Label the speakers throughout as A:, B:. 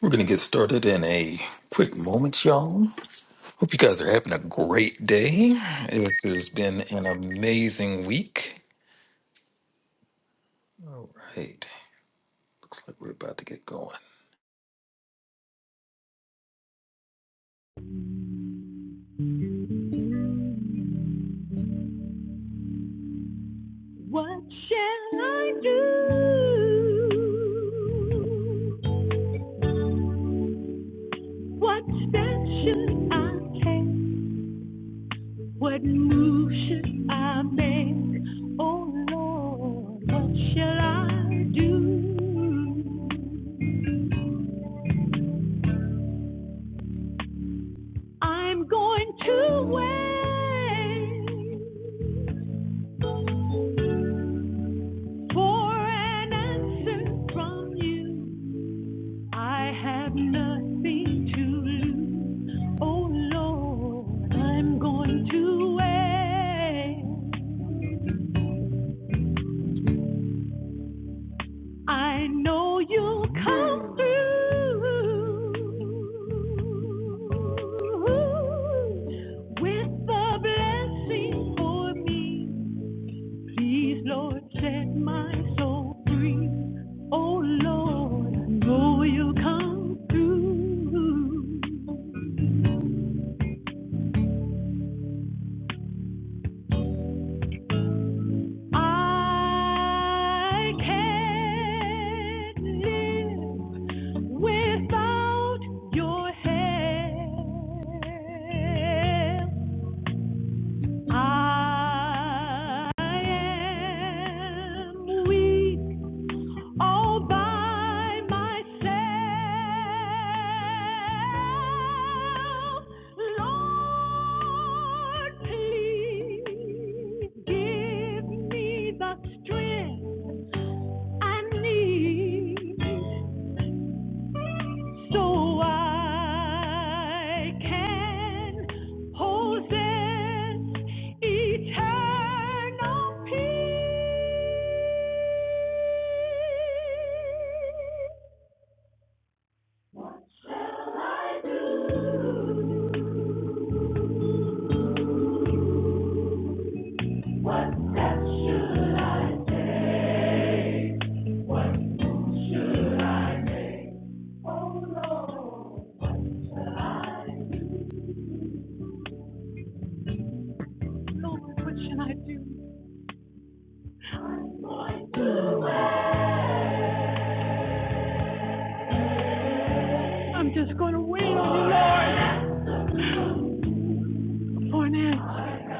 A: We're going to get started in a quick moment, y'all. Hope you guys are having a great day. It has been an amazing week. All right. Looks like we're about to get going.
B: What shall I do? What step should I take? What move should I make? Oh Lord, what shall I do? I'm going to wait for an answer from you. I have nothing to lose. Oh Lord, I'm going to wait. I know you'll come through with a blessing for me. Please, Lord, set my soul free. Oh Lord, I know you'll come through. I can't live without your help. I am weak all by myself. Lord, please give me the strength I need so I can possess eternal peace. What What shall I I do? What step should I take? Should I make? Lord, what should I do? I'm going to wait. I'm just going to wait on you, Lord, for an answer.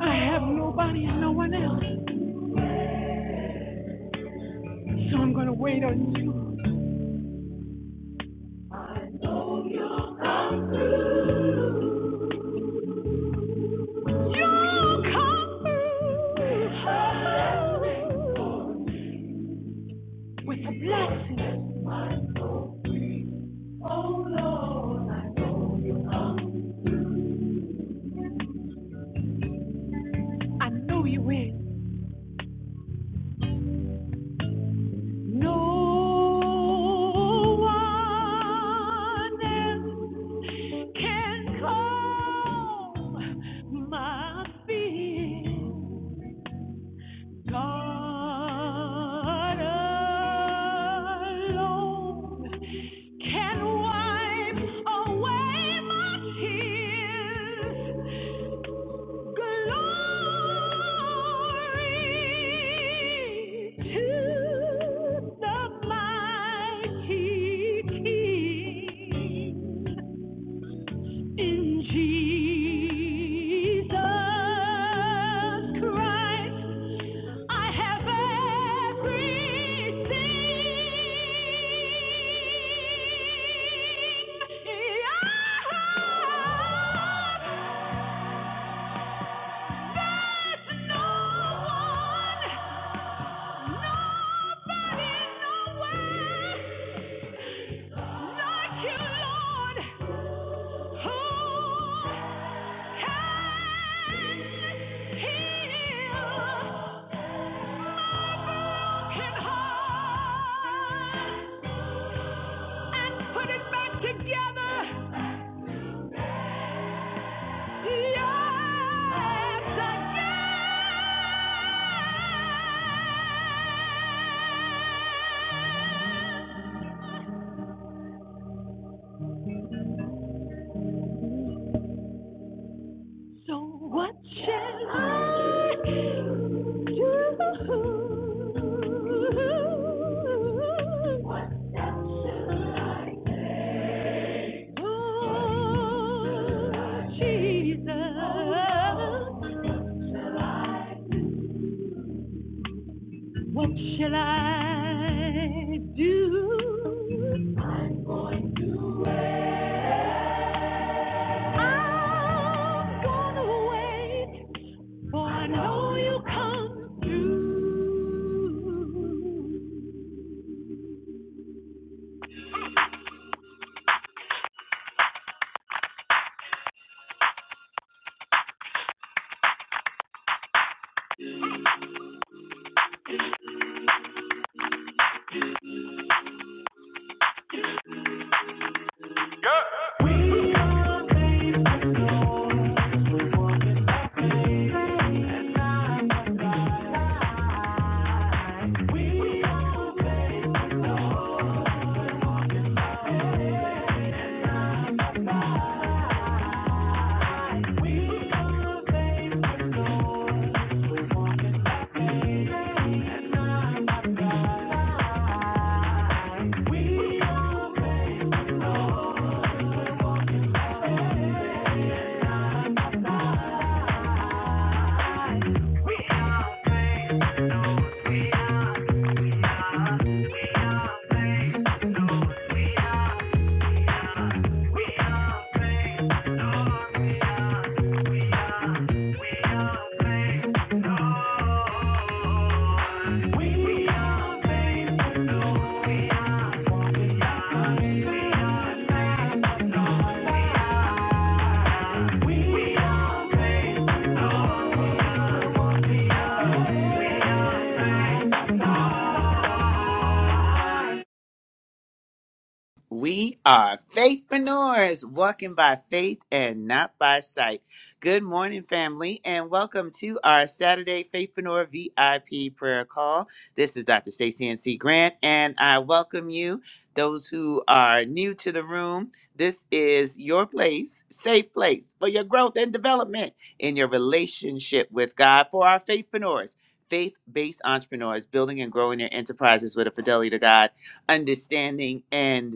B: I have nobody and no one else. So I'm gonna wait on you. You come through with a blessing. I know you will. No one else can calm my fears. God alone can wipe away my tears. Glory to the mighty King. In Jesus Christ, I have everything. I have no one. Nobody, nowhere, like you, Lord. So what shall I do? What shall I do? Oh, Jesus. What shall I do? I'm going to wait. I'm going to wait. For I know you come through. We are faithful, Lord. We're Walking by faith. We are faithful. We are
C: We are faithpreneurs, walking by faith and not by sight. Good morning, family, and welcome to our Saturday Faithpreneur VIP prayer call. This is Dr. Stacey N.C. Grant, and I welcome you, those who are new to the room. This is your place, safe place for your growth and development in your relationship with God for our faithpreneurs. Faith based entrepreneurs building and growing their enterprises with a fidelity to God understanding and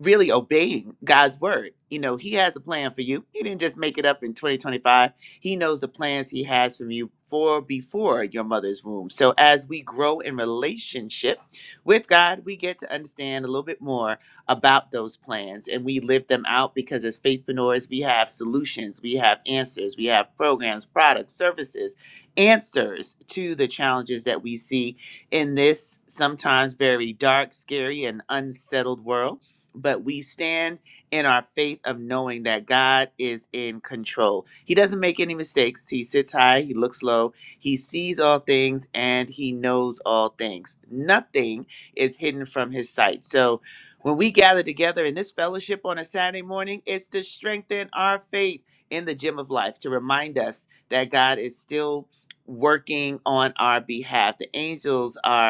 C: really obeying God's word. You know, He has a plan for you. He didn't just make it up in 2025. He knows the plans He has from you for before your mother's womb. So as we grow in relationship with God, we get to understand a little bit more about those plans and we live them out because as faithpreneurs, we have solutions, we have answers, we have programs, products, services, answers to the challenges that we see in this sometimes very dark, scary, and unsettled world but we stand in our faith of knowing that God is in control. He doesn't make any mistakes. He sits high, he looks low, he sees all things, and he knows all things. Nothing is hidden from his sight. So when we gather together in this fellowship on a Saturday morning, it's to strengthen our faith in the gym of life, to remind us that God is still working on our behalf. The angels are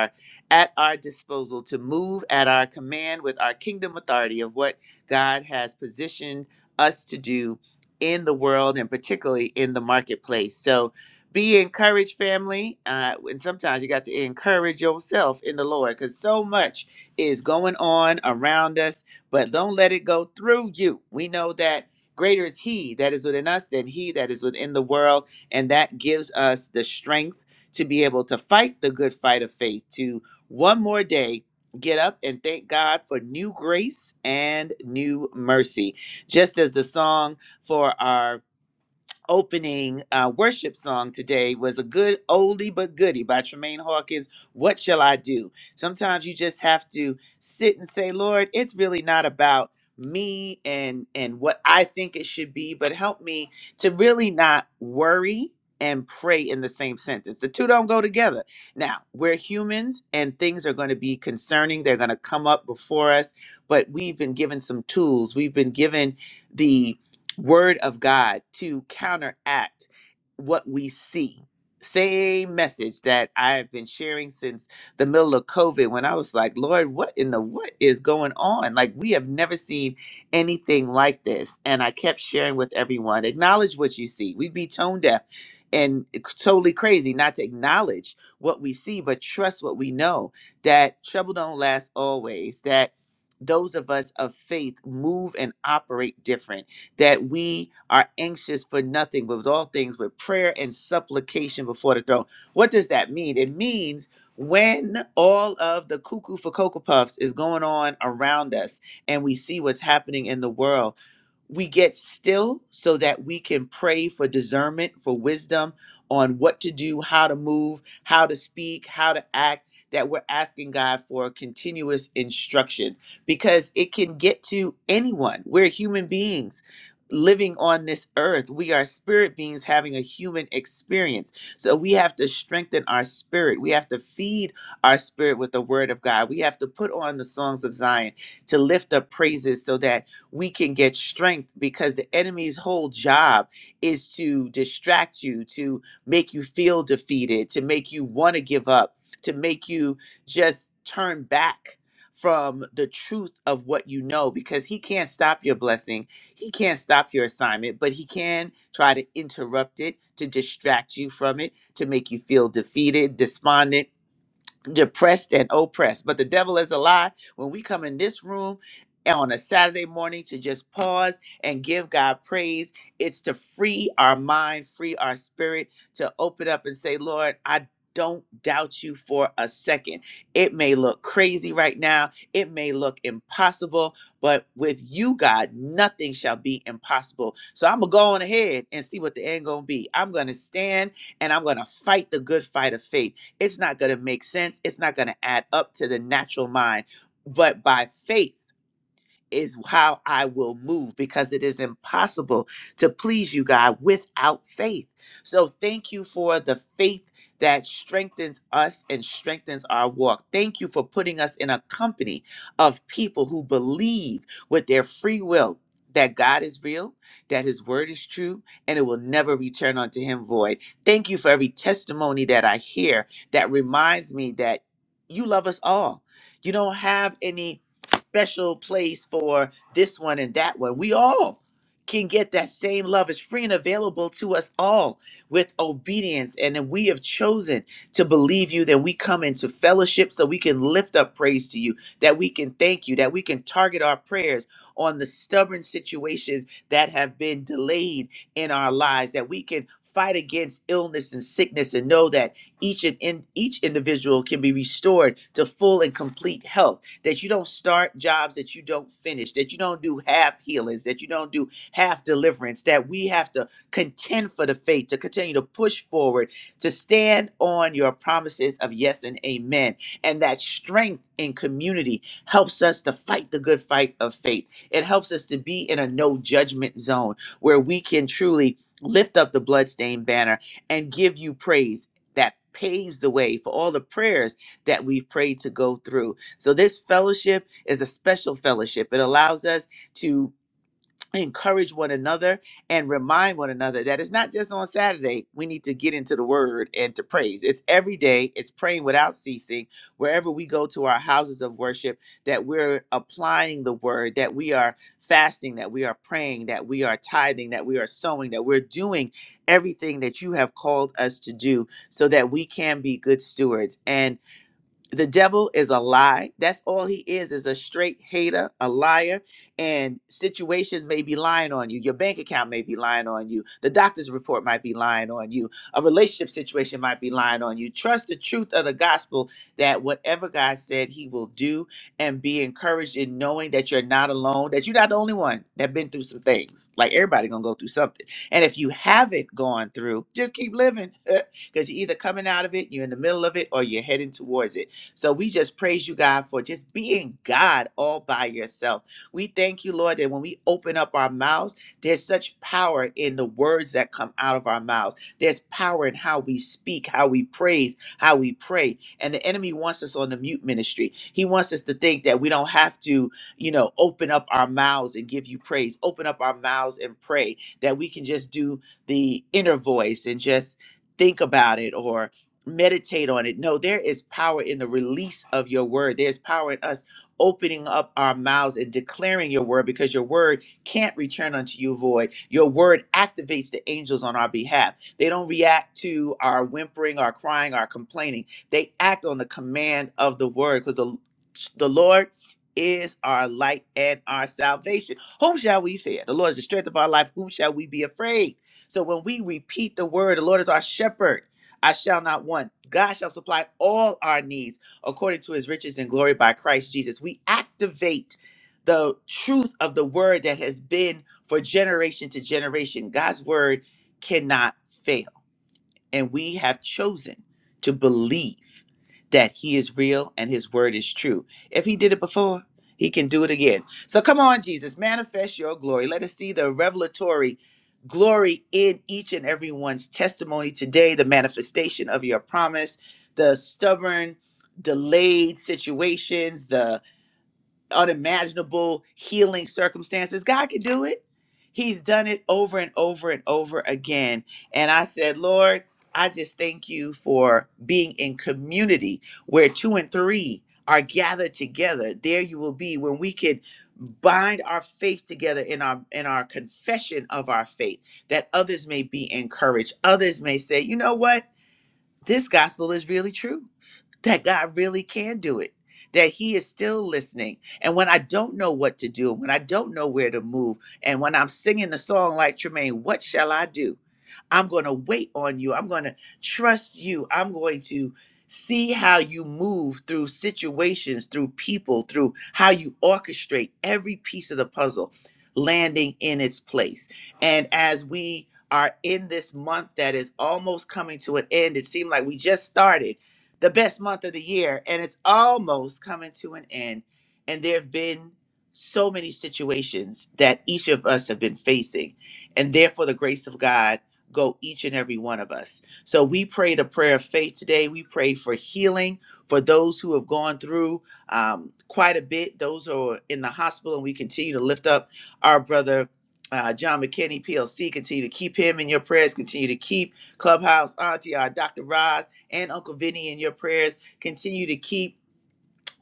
C: at our disposal to move at our command with our kingdom authority of what God has positioned us to do in the world and particularly in the marketplace. So be encouraged, family. Uh, and sometimes you got to encourage yourself in the Lord because so much is going on around us, but don't let it go through you. We know that greater is He that is within us than He that is within the world. And that gives us the strength to be able to fight the good fight of faith, to one more day. Get up and thank God for new grace and new mercy. Just as the song for our opening uh, worship song today was a good oldie but goodie by Tremaine Hawkins. What shall I do? Sometimes you just have to sit and say, Lord, it's really not about me and and what I think it should be, but help me to really not worry and pray in the same sentence. The two don't go together. Now, we're humans and things are going to be concerning. They're going to come up before us, but we've been given some tools. We've been given the word of God to counteract what we see. Same message that I have been sharing since the middle of COVID when I was like, Lord, what in the what is going on? Like, we have never seen anything like this. And I kept sharing with everyone acknowledge what you see. We'd be tone deaf and totally crazy not to acknowledge what we see, but trust what we know that trouble don't last always, that those of us of faith move and operate different that we are anxious for nothing, but with all things with prayer and supplication before the throne. What does that mean? It means when all of the cuckoo for Cocoa Puffs is going on around us and we see what's happening in the world we get still so that we can pray for discernment, for wisdom on what to do, how to move, how to speak, how to act, that we're asking God for continuous instructions because it can get to anyone. We're human beings living on this earth. We are spirit beings having a human experience. So we have to strengthen our spirit. We have to feed our spirit with the word of God. We have to put on the songs of Zion to lift up praises so that we can get strength because the enemy's whole job is to distract you, to make you feel defeated, to make you want to give up, to make you just turn back from the truth of what you know because he can't stop your blessing. He can't stop your assignment, but he can try to interrupt it, to distract you from it, to make you feel defeated, despondent depressed and oppressed. But the devil is a lie. When we come in this room on a Saturday morning to just pause and give God praise, it's to free our mind, free our spirit, to open up and say, Lord, I don't doubt you for a second. It may look crazy right now. It may look impossible, but with you, God, nothing shall be impossible. So I'm going to go on ahead and see what the end going to be. I'm going to stand and I'm going to fight the good fight of faith. It's not going to make sense. It's not going to add up to the natural mind. But by faith, is how I will move because it is impossible to please you, God, without faith. So thank you for the faith that strengthens us and strengthens our walk. Thank you for putting us in a company of people who believe with their free will that God is real, that his word is true, and it will never return unto him void. Thank you for every testimony that I hear that reminds me that you love us all. You don't have any special place for this one and that one. We all can get that same love. It's free and available to us all with obedience. And then we have chosen to believe you, that we come into fellowship so we can lift up praise to you, that we can thank you, that we can target our prayers on the stubborn situations that have been delayed in our lives, that we can fight against illness and sickness and know that each and in, each individual can be restored to full and complete health that you don't start jobs that you don't finish, that you don't do half healings, that you don't do half deliverance, that we have to contend for the faith, to continue to push forward, to stand on your promises of yes and amen. And that strength in community helps us to fight the good fight of faith. It helps us to be in a no judgment zone where we can truly lift up the bloodstained banner and give you praise that paves the way for all the prayers that we've prayed to go through so, this fellowship is a special fellowship. It allows us to encourage one another and remind one another that it's not just on Saturday. We need to get into the word and to praise. It's every day, it's praying without ceasing. Wherever we go to our houses of worship, that we're applying the word, that we are fasting, that we are praying, that we are tithing, that we are sowing, that we're doing everything that you have called us to do so that we can be good stewards. And the devil is a lie. That's all he is, is a straight hater, a liar, and situations may be lying on you. Your bank account may be lying on you. The doctor's report might be lying on you. A relationship situation might be lying on you. Trust the truth of the gospel that whatever God said he will do and be encouraged in knowing that you're not alone, that you're not the only one that been through some things. Like everybody gonna go through something. And if you haven't gone through, just keep living. Because you're either coming out of it, you're in the middle of it, or you're heading towards it so we just praise you, God, for just being God all by yourself. We thank you, Lord, that when we open up our mouths, there's such power in the words that come out of our mouths. There's power in how we speak, how we praise, how we pray. And the enemy wants us on the mute ministry. He wants us to think that we don't have to, you know, open up our mouths and give you praise, open up our mouths and pray, that we can just do the inner voice and just think about it or meditate on it. No, there is power in the release of your word. There's power in us opening up our mouths and declaring your word because your word can't return unto you void. Your word activates the angels on our behalf. They don't react to our whimpering, our crying, our complaining. They act on the command of the word because the, the Lord is our light and our salvation. Whom shall we fear? The Lord is the strength of our life. Whom shall we be afraid? So when we repeat the word, the Lord is our shepherd. I shall not want. God shall supply all our needs according to his riches and glory by Christ Jesus. We activate the truth of the word that has been for generation to generation. God's word cannot fail. And we have chosen to believe that he is real and his word is true. If he did it before, he can do it again. So come on, Jesus, manifest your glory. Let us see the revelatory glory in each and everyone's testimony today, the manifestation of your promise, the stubborn, delayed situations, The unimaginable healing circumstances. God can do it. He's done it over and over and over again. And I said, Lord, I just thank you for being in community where two and three are gathered together. There you will be when we can bind our faith together in our in our confession of our faith that others may be encouraged others may say you know what this gospel is really true that God really can do it, that He is still listening. And when I don't know what to do, when I don't know where to move, and when I'm singing the song like Tremaine, what shall I do? I'm going to wait on you. I'm going to trust you. I'm going to see how you move through situations, through people, through how you orchestrate every piece of the puzzle landing in its place. And as we are in this month that is almost coming to an end, it seemed like we just started the best month of the year and it's almost coming to an end. And there have been so many situations that each of us have been facing. And therefore, the grace of God go each and every one of us. So we prayed a prayer of faith today. We pray for healing for those who have gone through um, quite a bit, those who are in the hospital, and we continue to lift up our brother. Uh, John McKinney, PLC, continue to keep him in your prayers. Continue to keep Clubhouse, Auntie, our Dr. Roz, and Uncle Vinny in your prayers. Continue to keep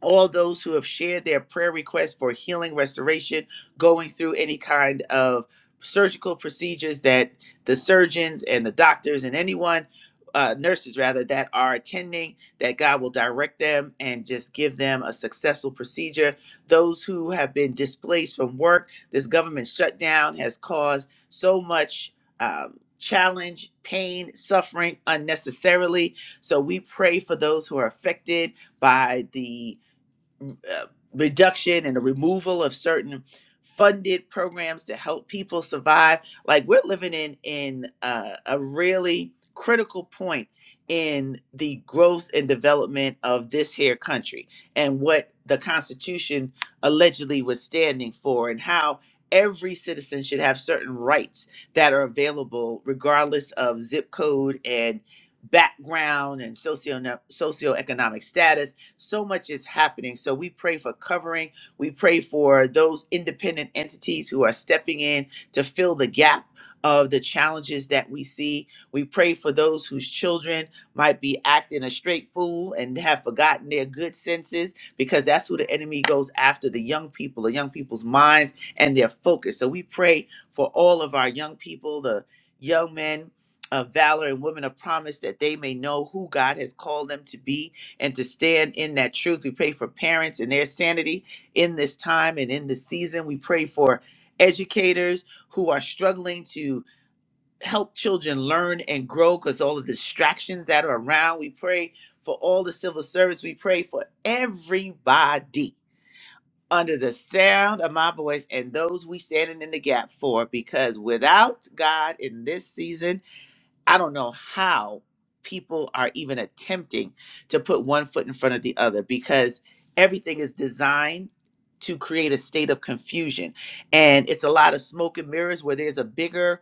C: all those who have shared their prayer requests for healing, restoration, going through any kind of surgical procedures that the surgeons and the doctors and anyone, uh, nurses rather, that are attending, that God will direct them and just give them a successful procedure. Those who have been displaced from work, this government shutdown has caused so much. Um, challenge pain suffering unnecessarily so we pray for those who are affected by the uh, reduction and the removal of certain funded programs to help people survive. Like we're living in in uh, a really critical point in the growth and development of this here country and what the Constitution allegedly was standing for and how every citizen should have certain rights that are available regardless of zip code and background and socio socioeconomic status so much is happening. So we pray for covering. We pray for those independent entities who are stepping in to fill the gap of the challenges that we see. We pray for those whose children might be acting a straight fool and have forgotten their good senses because that's who the enemy goes after the young people, the young people's minds and their focus. So we pray for all of our young people, the young men of valor and women of promise that they may know who God has called them to be and to stand in that truth. We pray for parents and their sanity in this time and in this season. We pray for educators who are struggling to help children learn and grow because all the distractions that are around. We pray for all the civil service. We pray for everybody under the sound of my voice and those we standing in the gap for because without God in this season, I don't know how people are even attempting to put one foot in front of the other because everything is designed to create a state of confusion. And it's a lot of smoke and mirrors where there's a bigger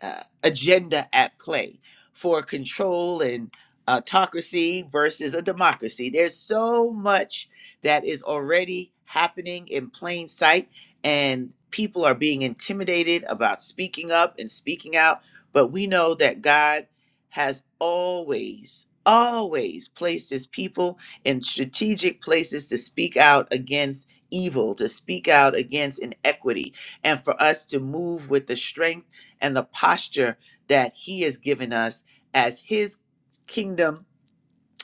C: uh, agenda at play for control and uh, autocracy versus a democracy. There's so much that is already happening in plain sight, and people are being intimidated about speaking up and speaking out. But we know that God has always, always placed his people in strategic places to speak out against evil, to speak out against inequity, and for us to move with the strength and the posture that He has given us as His kingdom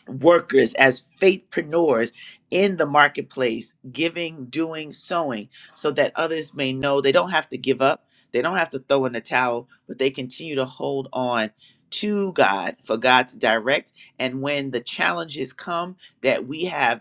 C: workers, as faithpreneurs in the marketplace, giving, doing, sowing, so that others may know they don't have to give up. They don't have to throw in the towel, but they continue to hold on to God for God to direct. And when the challenges come, that we have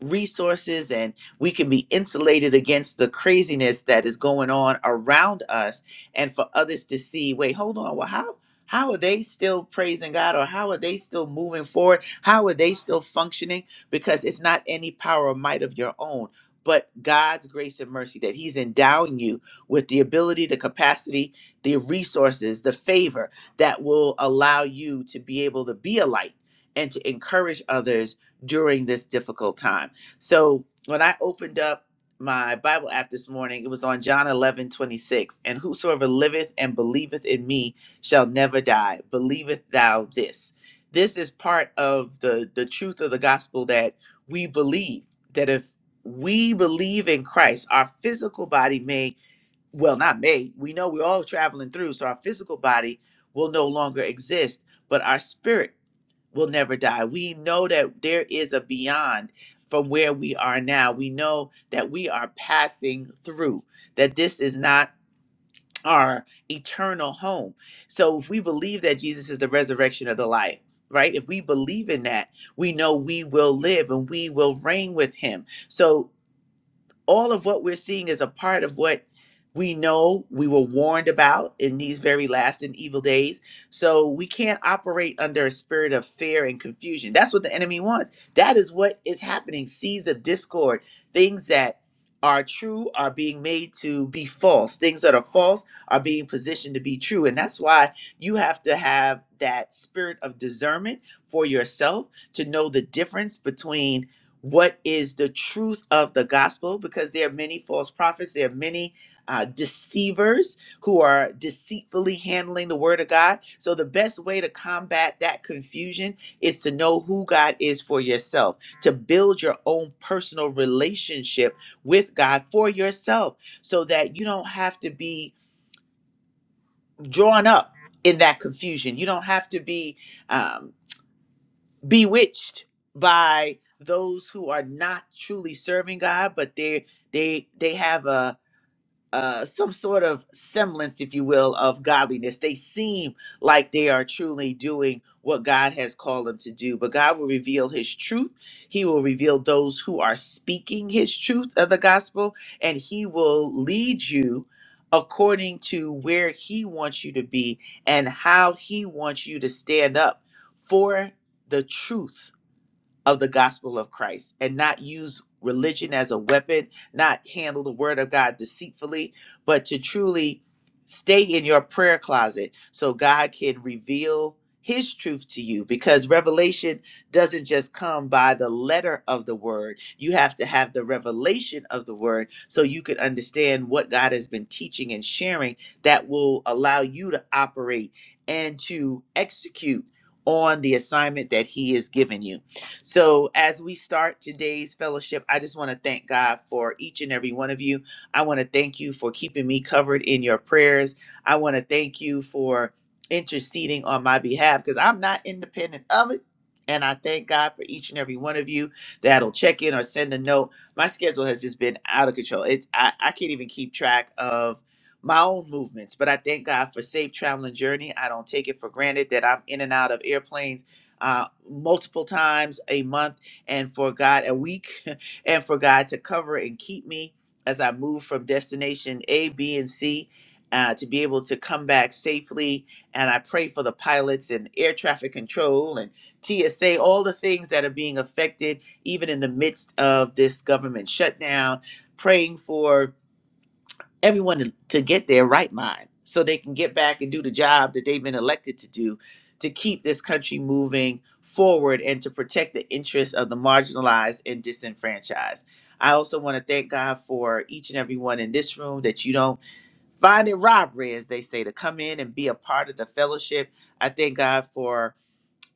C: resources and we can be insulated against the craziness that is going on around us and for others to see wait hold on well how how are they still praising God or how are they still moving forward how are they still functioning because it's not any power or might of your own but God's grace and mercy that he's endowing you with the ability the capacity the resources the favor that will allow you to be able to be a light and to encourage others during this difficult time so when I opened up my Bible app this morning, it was on John 11 26, And whosoever liveth and believeth in me shall never die. Believeth thou this. This is part of the, the truth of the gospel that we believe that if we believe in Christ, our physical body may, well, not may, we know we're all traveling through, so our physical body will no longer exist, but our spirit will never die. We know that there is a beyond from where we are now. We know that we are passing through, that this is not our eternal home. So if we believe that Jesus is the resurrection of the life, right? If we believe in that, we know we will live and we will reign with him. So all of what we're seeing is a part of what we know we were warned about in these very last and evil days. So we can't operate under a spirit of fear and confusion. That's what the enemy wants. That is what is happening. Seeds of discord, things that are true are being made to be false. Things that are false are being positioned to be true. And that's why you have to have that spirit of discernment for yourself to know the difference between what is the truth of the gospel because there are many false prophets there are many uh, deceivers who are deceitfully handling the word of god so the best way to combat that confusion is to know who god is for yourself to build your own personal relationship with god for yourself so that you don't have to be drawn up in that confusion you don't have to be um, bewitched by those who are not truly serving God, but they they they have a uh, some sort of semblance, if you will, of godliness. They seem like they are truly doing what God has called them to do, but God will reveal His truth. He will reveal those who are speaking His truth of the gospel, and He will lead you according to where He wants you to be and how He wants you to stand up for the truth of the gospel of Christ and not use religion as a weapon, not handle the word of God deceitfully, but to truly stay in your prayer closet so God can reveal his truth to you because revelation doesn't just come by the letter of the word you have to have the revelation of the word so you can understand what God has been teaching and sharing that will allow you to operate and to execute on the assignment that he has given you so, as we start today's fellowship, I just want to thank God for each and every one of you. I want to thank you for keeping me covered in your prayers. I want to thank you for interceding on my behalf because I'm not independent of it. And I thank God for each and every one of you that'll check in or send a note. My schedule has just been out of control. It's I, I can't even keep track of my own movements, but I thank God for safe traveling journey. I don't take it for granted that I'm in and out of airplanes uh, multiple times a month, and for God a week, and for God to cover and keep me as I move from destination A, B, and C. Uh, to be able to come back safely. And I pray for the pilots and air traffic control and TSA, all the things that are being affected, even in the midst of this government shutdown. Praying for everyone to, to get their right mind so they can get back and do the job that they've been elected to do to keep this country moving forward and to protect the interests of the marginalized and disenfranchised. I also want to thank God for each and everyone in this room that you don't find it robbery, as they say, to come in and be a part of the fellowship. I thank God for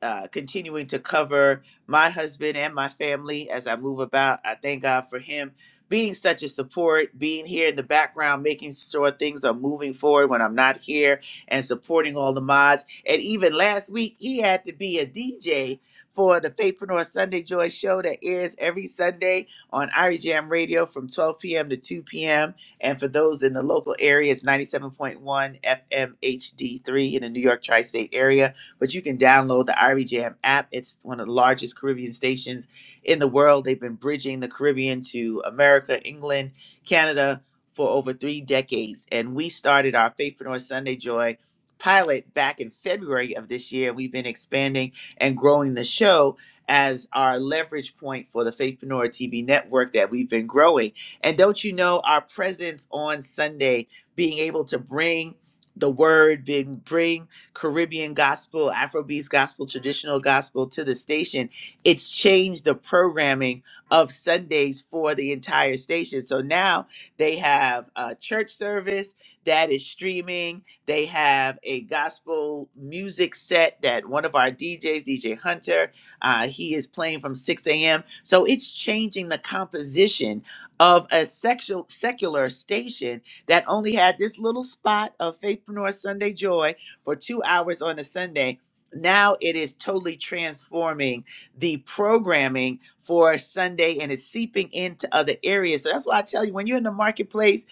C: uh, continuing to cover my husband and my family as I move about. I thank God for him being such a support, being here in the background, making sure things are moving forward when I'm not here, and supporting all the mods. And even last week, he had to be a DJ for the Faithpreneur Sunday Joy show that airs every Sunday on Irie Jam Radio from 12 p.m. to 2 p.m. And for those in the local area, it's 97.1 FM HD3 in the New York tri state area but you can download the Irie Jam app. It's one of the largest Caribbean stations in the world. They've been bridging the Caribbean to America, England, Canada for over three decades. And we started our Faithpreneur Sunday Joy pilot back in February of this year. We've been expanding and growing the show as our leverage point for the Faithpreneur TV network that we've been growing. And don't you know our presence on Sunday, being able to bring the word, being bring Caribbean gospel, Afrobeats gospel, traditional gospel to the station, it's changed the programming of Sundays for the entire station. So now they have a church service that is streaming. They have a gospel music set that one of our DJs, DJ Hunter, uh, he is playing from 6 a.m. So it's changing the composition of a sexual, secular station that only had this little spot of Faithpreneur Sunday Joy for two hours on a Sunday. Now it is totally transforming the programming for Sunday and it's seeping into other areas. So that's why I tell you when you're in the marketplace,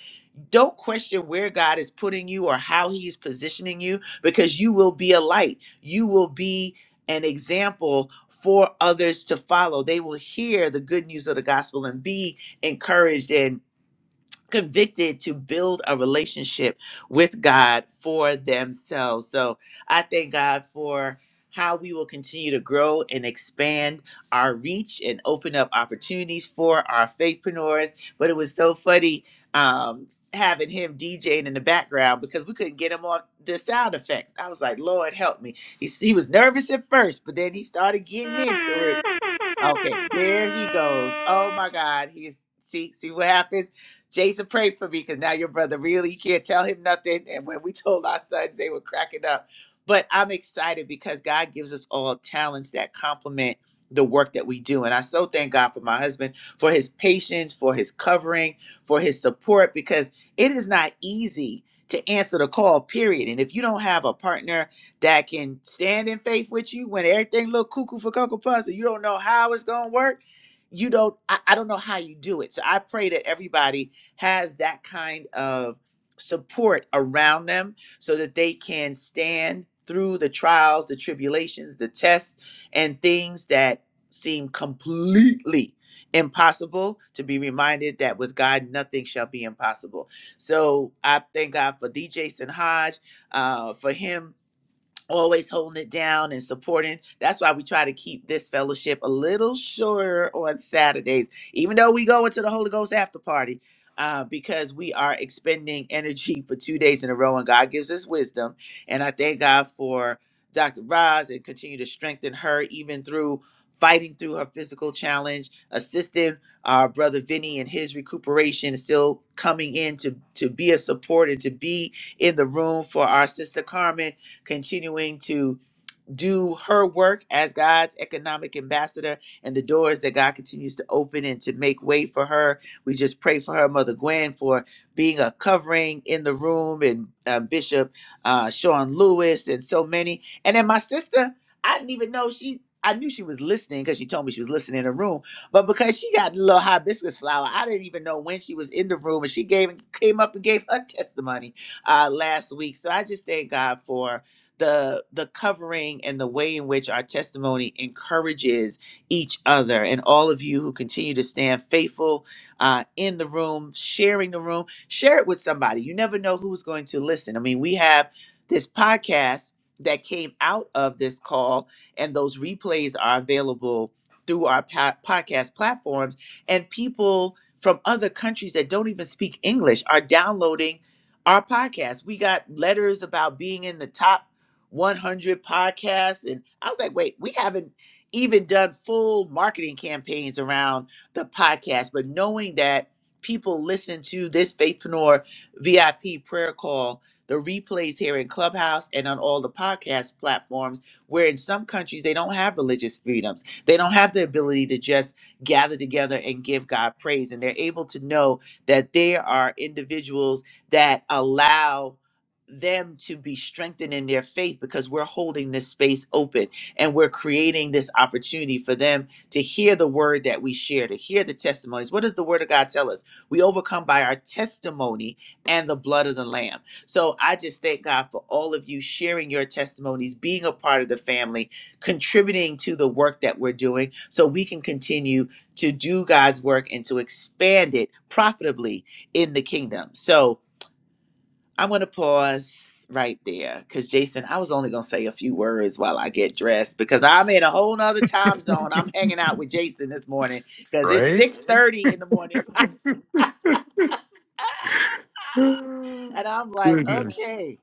C: don't question where God is putting you or how He's positioning you because you will be a light. You will be an example for others to follow. They will hear the good news of the gospel and be encouraged and convicted to build a relationship with God for themselves. So I thank God for how we will continue to grow and expand our reach and open up opportunities for our faithpreneurs. But it was so funny um, having him DJing in the background because we couldn't get him off the sound effects. I was like, Lord, help me. He, he was nervous at first, but then he started getting into it. Okay, there he goes. Oh my God, he's see see what happens. Jason, pray for me because now your brother really you can't tell him nothing. And when we told our sons, they were cracking up. But I'm excited because God gives us all talents that complement the work that we do. And I so thank God for my husband, for his patience, for his covering, for his support, because it is not easy to answer the call, period. And if you don't have a partner that can stand in faith with you when everything look cuckoo for cocoa puffs and you don't know how it's gonna work. You don't. I, I don't know how you do it. So I pray that everybody has that kind of support around them so that they can stand through the trials, the tribulations, the tests, and things that seem completely impossible to be reminded that with God nothing shall be impossible. So I thank God for DJ Sinhaj, uh, for him always holding it down and supporting. That's why we try to keep this fellowship a little shorter on Saturdays, even though we go into the Holy Ghost after party, uh, because we are expending energy for two days in a row, and God gives us wisdom. And I thank God for Dr. Roz and continue to strengthen her even through fighting through her physical challenge, assisting our brother Vinny in his recuperation, still coming in to to be a support and to be in the room for our sister Carmen continuing to do her work as God's economic ambassador and the doors that God continues to open and to make way for her. We just pray for her, Mother Gwen, for being a covering in the room, and uh, Bishop uh, Sean Lewis, and so many. And then my sister, I didn't even know she. I knew she was listening because she told me she was listening in the room, but because she got a little hibiscus flower, I didn't even know when she was in the room, and she gave came up and gave her testimony uh, last week. So I just thank God for the the covering and the way in which our testimony encourages each other and all of you who continue to stand faithful uh, in the room sharing the room share it with somebody you never know who's going to listen i mean we have this podcast that came out of this call and those replays are available through our pa- podcast platforms and people from other countries that don't even speak english are downloading our podcast we got letters about being in the top 100 podcasts. And I was like, wait, we haven't even done full marketing campaigns around the podcast. But knowing that people listen to this Faithpreneur VIP prayer call, the replays here in Clubhouse and on all the podcast platforms, where in some countries they don't have religious freedoms. They don't have the ability to just gather together and give God praise. And they're able to know that there are individuals that allow them to be strengthened in their faith because we're holding this space open and we're creating this opportunity for them to hear the word that we share, to hear the testimonies. What does the word of God tell us? We overcome by our testimony and the blood of the Lamb. So I just thank God for all of you sharing your testimonies, being a part of the family, contributing to the work that we're doing so we can continue to do God's work and to expand it profitably in the kingdom. So, I'm going to pause right there because Jason, I was only going to say a few words while I get dressed because I'm in a whole nother time zone. I'm hanging out with Jason this morning because it's
A: Right?
C: 6:30 in the morning. And I'm like,
A: Goodness.
C: okay,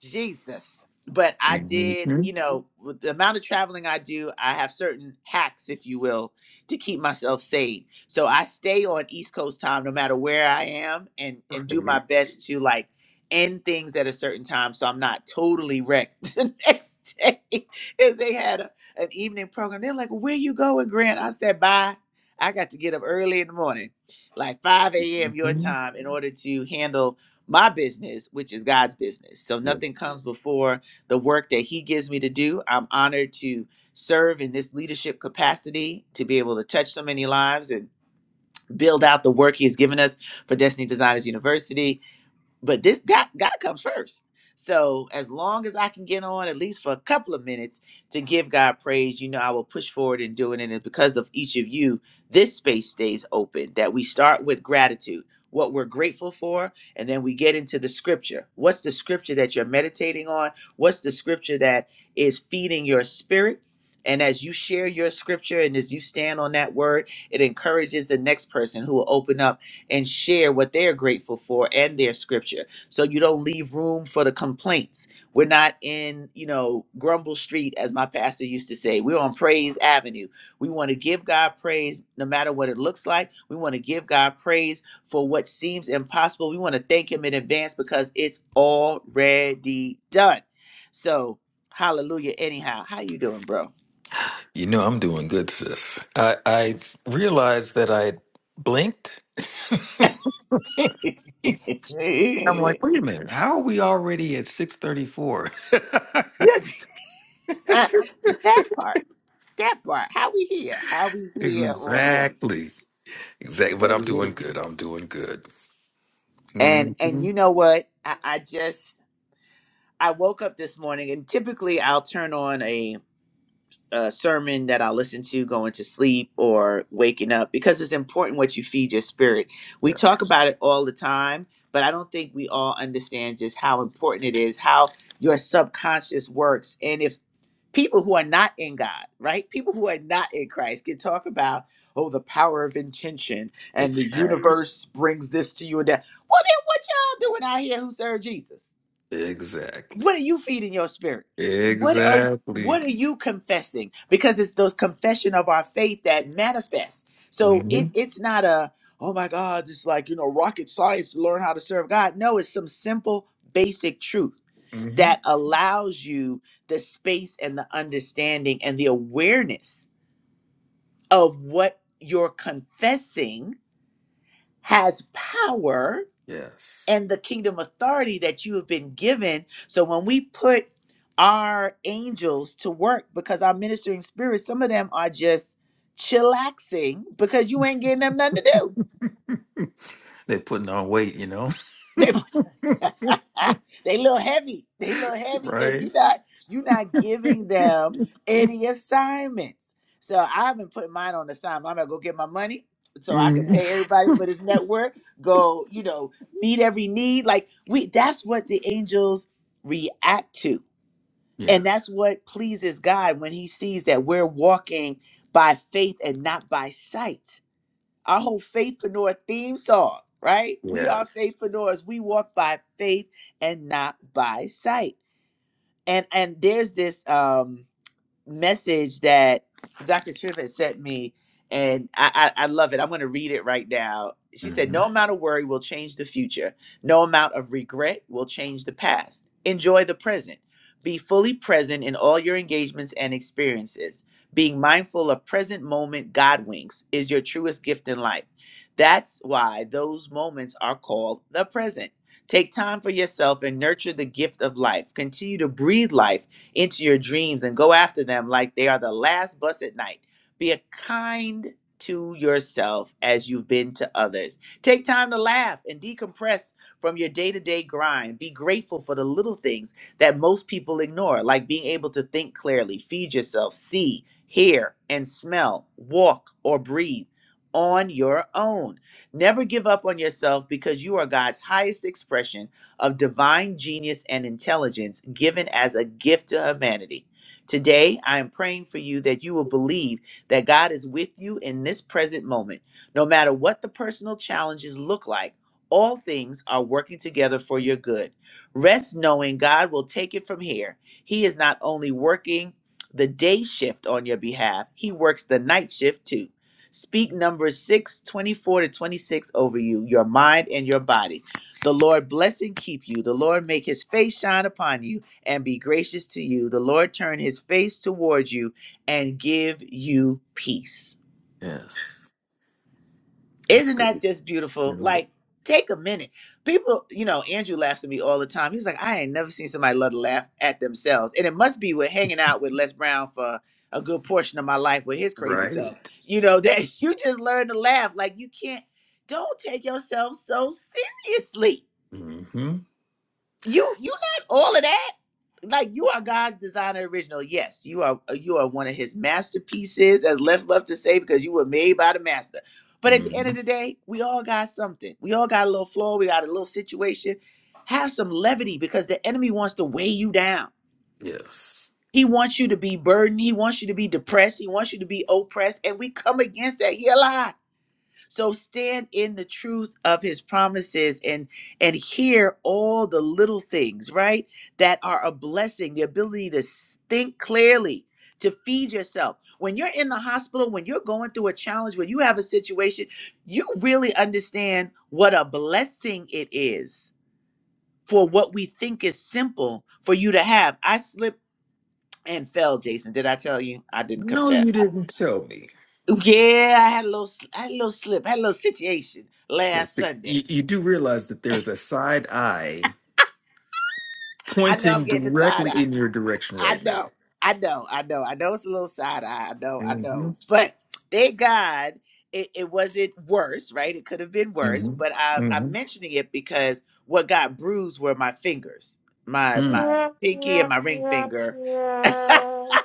C: Jesus. But I did,
A: Mhm.
C: you know, with the amount of traveling I do, I have certain hacks, if you will, to keep myself sane. So I stay on East Coast time no matter where I am and and do my
A: Right.
C: best to like end things at a certain time so I'm not totally wrecked the next day. Because they had a, an evening program. They're like, where you going, Grant? I said, bye. I got to get up early in the morning, like 5 a.m. your
A: Mhm.
C: time, in order to handle my business, which is God's business. So nothing comes
A: Yes.
C: before the work that He gives me to do. I'm honored to serve in this leadership capacity, to be able to touch so many lives and build out the work He has given us for Destiny Designers University but this God God comes first. So as long as I can get on at least for a couple of minutes to give God praise, you know I will push forward and do it. And it's because of each of you, this space stays open. That we start with gratitude, what we're grateful for, and then we get into the scripture. What's the scripture that you're meditating on? What's the scripture that is feeding your spirit? And as you share your scripture and as you stand on that word, it encourages the next person who will open up and share what they're grateful for and their scripture. So you don't leave room for the complaints. We're not in, you know, Grumble Street, as my pastor used to say. We're on Praise Avenue. We want to give God praise no matter what it looks like. We want to give God praise for what seems impossible. We want to thank Him in advance because it's already done. So, hallelujah. Anyhow, how you doing, bro?
A: You know, I'm doing good, sis. I, I realized that I blinked. I'm
C: that
A: like, wait a minute. How are we already at 634?
C: part. That part. How we here? How we here already?
A: Exactly. Exactly. But
C: But
A: I'm
C: it
A: doing
C: is.
A: good. I'm doing good.
C: And
A: hmm
C: and you know what? I, I just I woke up this morning and typically I'll turn on a, a sermon that I listen to going to sleep or waking up because it's important what you feed your spirit. We talk
A: Yes.
C: about it all the time, but I don't think we all understand just how important it is, how your subconscious works. And if people who are not in God, right? People who are not in Christ can talk about, oh, the power of intention and the
A: Exactly.
C: universe brings this to you and that. Well, then what y'all doing out here who serve Jesus?
A: Exactly.
C: What are you feeding your spirit? What are
A: Exactly.
C: what are you confessing? Because it's those confession of our faith that manifests. So
A: hmm
C: it, it's not a, oh my God, it's like, you know, rocket science to learn how to serve God. No, it's some simple basic truth
A: hmm
C: that allows you the space and the understanding and the awareness of what you're confessing has power
A: Yes.
C: and the kingdom authority that you have been given. So when we put our angels to work, because our ministering spirits, some of them are just chillaxing because you ain't getting them nothing to
A: They're putting on weight, you know?
C: do. they little heavy. They little heavy because
A: right?
C: you not you not giving them any assignments. So I've been putting mine on assignment. I'm gonna go get my money so I can
A: hmm
C: pay everybody for this network. Go, you know, meet every need. Like we, that's what the angels react to, and
A: Yes.
C: that's what pleases God when He sees that we're walking by faith and not by sight our whole Faithpreneur theme song, right? We are
A: Yes.
C: faithpreneurs. We walk by faith and not by sight. And and there's this. um message that Dr. Tripp had sent me, and I, I, I love it. I'm going to read it right now. She said,
A: hmm
C: No amount of worry will change the future, no amount of regret will change the past. Enjoy the present. Be fully present in all your engagements and experiences. Being mindful of present moment God winks is your truest gift in life. That's why those moments are called the present. Take time for yourself and nurture the gift of life. Continue to breathe life into your dreams and go after them like they are the last bus at night. Be a kind to yourself as you've been to others. Take time to laugh and decompress from your day to day grind. Be grateful for the little things that most people ignore, like being able to think clearly, feed yourself, see, hear, and smell, walk, or breathe on your own. Never give up on yourself because you are God's highest expression of divine genius and intelligence given as a gift to humanity. Today, I am praying for you that you will believe that God is with you in this present moment. No matter what the personal challenges look like, all things are working together for your good. Rest knowing God will take it from here. He is not only working the day shift on your behalf, He works the night shift too. Speak numbers 6 24 to 26 over you, your mind and your body. The Lord bless and keep you. The Lord make his face shine upon you and be gracious to you. The Lord turn his face towards you and give you peace.
A: Yes. That's
C: Isn't
A: good.
C: that just beautiful?
A: Mhm.
C: Like, take a minute. People, you know, Andrew laughs at me all the time. He's like, I ain't never seen somebody love to laugh at themselves. And it must be with hanging out with Les Brown for a good portion of my life with his crazy
A: Right.
C: self. You know, that you just learn to laugh. Like, you can't, don't take yourself so seriously
A: hmm
C: you you not all of that like you are god's designer original yes you are uh, you are one of his masterpieces as les love to say because you were made by the master but at the end
A: hmm
C: of the day we all got something we all got a little flaw we got a little situation have some levity because the enemy wants to weigh you down
A: Yes.
C: he wants you to be burdened he wants you to be depressed he wants you to be oppressed and we come against that he alive so stand in the truth of his promises and and hear all the little things, right? That are a blessing, the ability to s- think clearly, to feed yourself. When you're in the hospital, when you're going through a challenge, when you have a situation, you really understand what a blessing it is for what we think is simple for you to have. I slipped and fell, Jason. Did I tell you? I didn't
A: No,
C: confess.
A: you didn't tell me.
C: Yeah, I had a little, s- I had a little slip, I had a little situation last
A: See, you,
C: Sunday
A: you do realize that there is a side eye
C: I know I'm
A: pointing
C: getting the side
A: directly
C: eye.
A: in your direction
C: I
A: right now.
C: know. I know. I know. I know it's a little side eye. I know. I
A: Mm-hmm.
C: know. But thank God it, it wasn't worse, right? It could have been worse. But
A: Mm-hmm.
C: I, I'm mentioning it because what got bruised were my fingers,
A: Mm-hmm.
C: my
A: Mm.
C: my
B: Yeah,
C: pinky
B: yeah,
C: and my ring
B: yeah,
C: finger. okay,
B: yeah.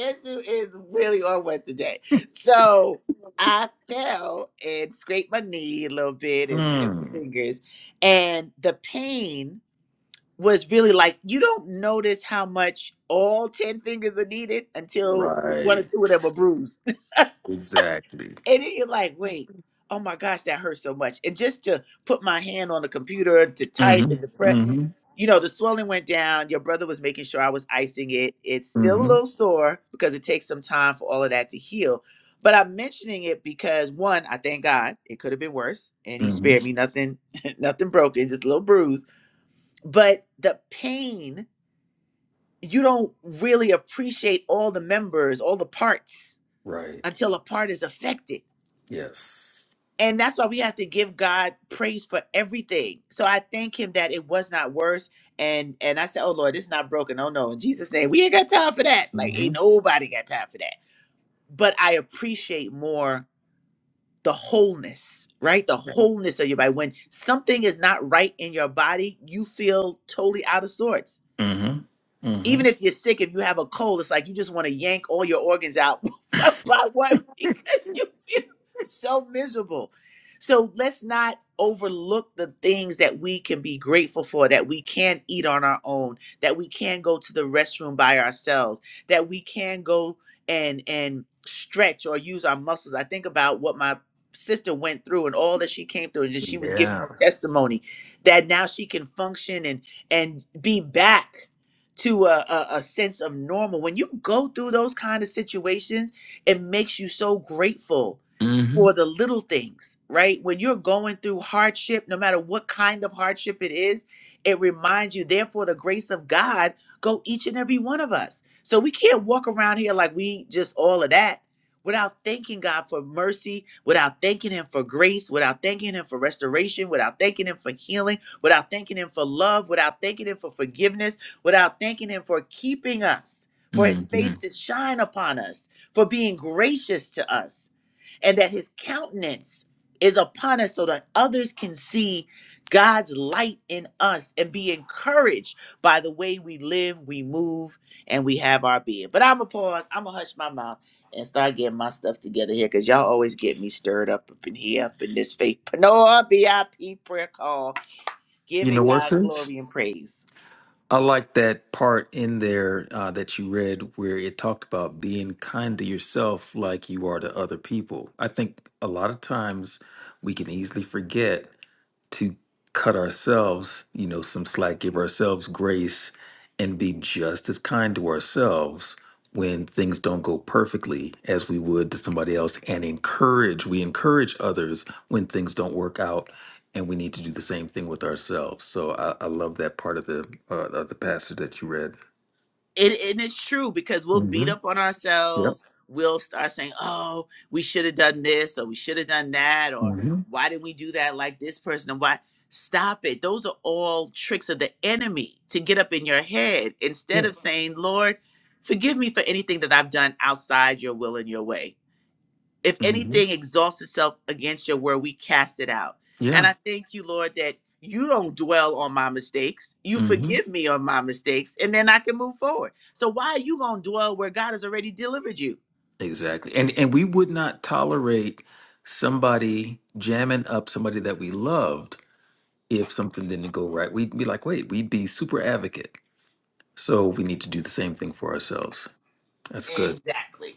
C: Andrew is really on one today. So I fell and scraped my knee a little bit and, and my
A: Mm.
C: fingers, and the pain was really like you don't notice how much all 10 fingers are needed until one or
A: Right.
C: two of them are bruised and
A: Exactly.
C: it- you're like wait oh my gosh that hurts so much and just to put my hand on the computer to type
A: Mm-hmm.
C: and to press
A: Mm-hmm.
C: you know the swelling went down your brother was making sure i was icing it it's still a
A: Mm-hmm.
C: little sore because it takes some time for all of that to heal but i'm mentioning it because one i thank god it could have been worse and he
A: Mm-hmm.
C: spared me nothing nothing broken just a little bruise but the pain you don't really appreciate all the members, all the parts
A: Right.
C: until a part is affected.
A: Yes.
C: And that's why we have to give God praise for everything. So I thank him that it was not worse. And and I said, Oh Lord, it's not broken. Oh no, in Jesus' name, we ain't got time for that. Like ain't
A: Mm-hmm.
C: nobody got time for that. But I appreciate more the wholeness, right? The wholeness of your body. When something is not right in your body, you feel totally out of sorts
A: Mm-hmm. Mm-hmm.
C: Even if you're sick, if you have a cold, it's like you just want to yank all your organs out one by one because you feel so miserable. So let's not overlook the things that we can be grateful for, that we can eat on our own, that we can go to the restroom by ourselves, that we can go and and stretch or use our muscles. I think about what my sister went through and all that she came through and that she was giving
A: Yeah.
C: her testimony that now she can function and and be back to a, a, a sense of normal. When you go through those kind of situations, it makes you so grateful
A: Mm-hmm.
C: for the little things, right? When you're going through hardship, no matter what kind of hardship it is, it reminds you, therefore, the grace of God go each and every one of us. So we can't walk around here like we just all of that without thanking God for mercy, without thanking Him for grace, without thanking Him for restoration, without thanking Him for healing, without thanking Him for love, without thanking Him for forgiveness without thanking Him for keeping us, for His
A: Mm-hmm.
C: face to shine upon us, for being gracious to us, and that His countenance is upon us so that others can see God's light in us and be encouraged by the way we live, we move, and we have our being. But I'm going to pause, I'm going to hush my mouth and start getting my stuff together here because y'all always get me stirred up up in here, up in this faith. Panoa BIP prayer call,
A: You
C: giving
A: know what,
C: God
A: sis?
C: glory and praise.
A: I like that part in there uh, that you read where it talked about being kind to yourself like you are to other people. I think a lot of times we can easily forget to cut ourselves, you know, some slack, give ourselves grace, and be just as kind to ourselves when things don't go perfectly as we would to somebody else and encourage we encourage others when things don't work out and we need to do the same thing with ourselves so i, I love that part of the uh, of the passage that you read
C: it and it's true because we'll beat
A: mm-hmm.
C: up on
A: yep
C: ourselves. We'll start saying, "Oh, we should have done this, or we should have done that, or
A: mm-hmm.
C: why didn't we do that like this person?" And why? Stop it. Those are all tricks of the enemy to get up in your head instead
A: yeah
C: of saying, "Lord, forgive me for anything that I've done outside your will and your way." if
A: mm-hmm.
C: anything exhausts itself against your word, we cast it out. And
A: yeah
C: I thank you, Lord, that you don't dwell on my mistakes. You forgive me on my mistakes, and then I can move forward. So why are you gonna dwell where God has already delivered you?
A: Exactly. And and we would not tolerate somebody jamming up somebody that we loved if something didn't go right. We'd be like, wait, we'd be super advocate. So we need to do the same thing for ourselves. That's good.
C: Exactly.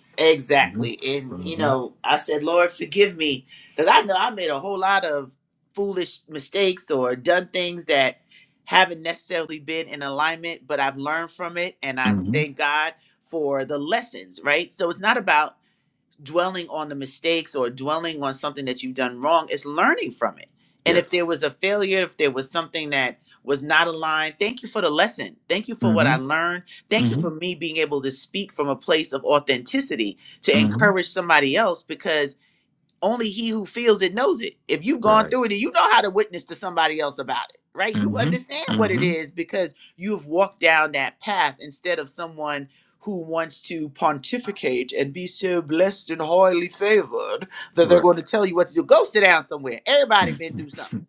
A: hmm
C: Exactly. And you
A: hmm
C: know, I said, Lord, forgive me. Because I know I made a whole lot of foolish mistakes or done things that haven't necessarily been in alignment, but I've learned from it and I
A: hmm
C: thank God for the lessons, right? So it's not about dwelling on the mistakes or dwelling on something that you've done wrong. It's learning from it. And
A: Yes.
C: if there was a failure, if there was something that was not aligned, thank you for the lesson. Thank you for
A: Mm-hmm.
C: what I learned. Thank you
A: hmm
C: for me being able to speak from a place of authenticity to
A: hmm
C: encourage somebody else because only he who feels it knows it. If you've gone
A: Right.
C: through it, you know how to witness to somebody else about it, right? You
A: hmm
C: understand what it
A: hmm
C: is because you've walked down that path instead of someone who wants to pontificate and be so blessed and highly favored that they're
A: Right.
C: going to tell you what to do. Go sit down somewhere. Everybody been
A: Mhm.
C: through something.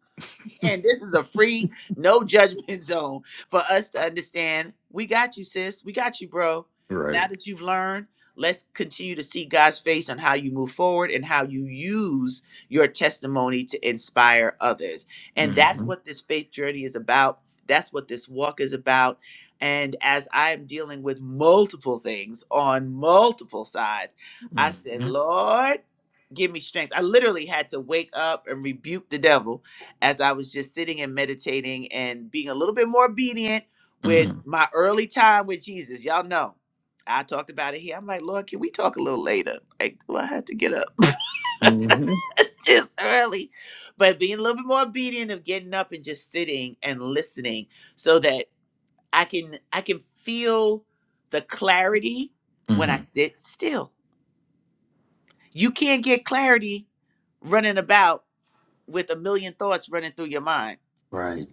C: And this is a free, no judgment zone for us to understand. We got you, sis. We got you, bro. Now
A: right.
C: that you've learned, let's continue to see God's face on how you move forward and how you use your testimony to inspire others. And that's
A: Mm-hmm.
C: what this faith journey is about. That's what this walk is about. And as I am dealing with multiple things on multiple sides, I said,
A: hmm
C: Lord give me strength. I literally had to wake up and rebuke the devil as I was just sitting and meditating and being a little bit more obedient with
A: hmm
C: my early time with Jesus. Y'all know I talked about it here. I'm like, Lord, can we talk a little later? Like, do I have to get up?
A: hmm
C: just early, but being a little bit more obedient of getting up and just sitting and listening so that I can I can feel the clarity when
A: hmm
C: I sit still. You can't get clarity running about with a million thoughts running through your mind
A: Right.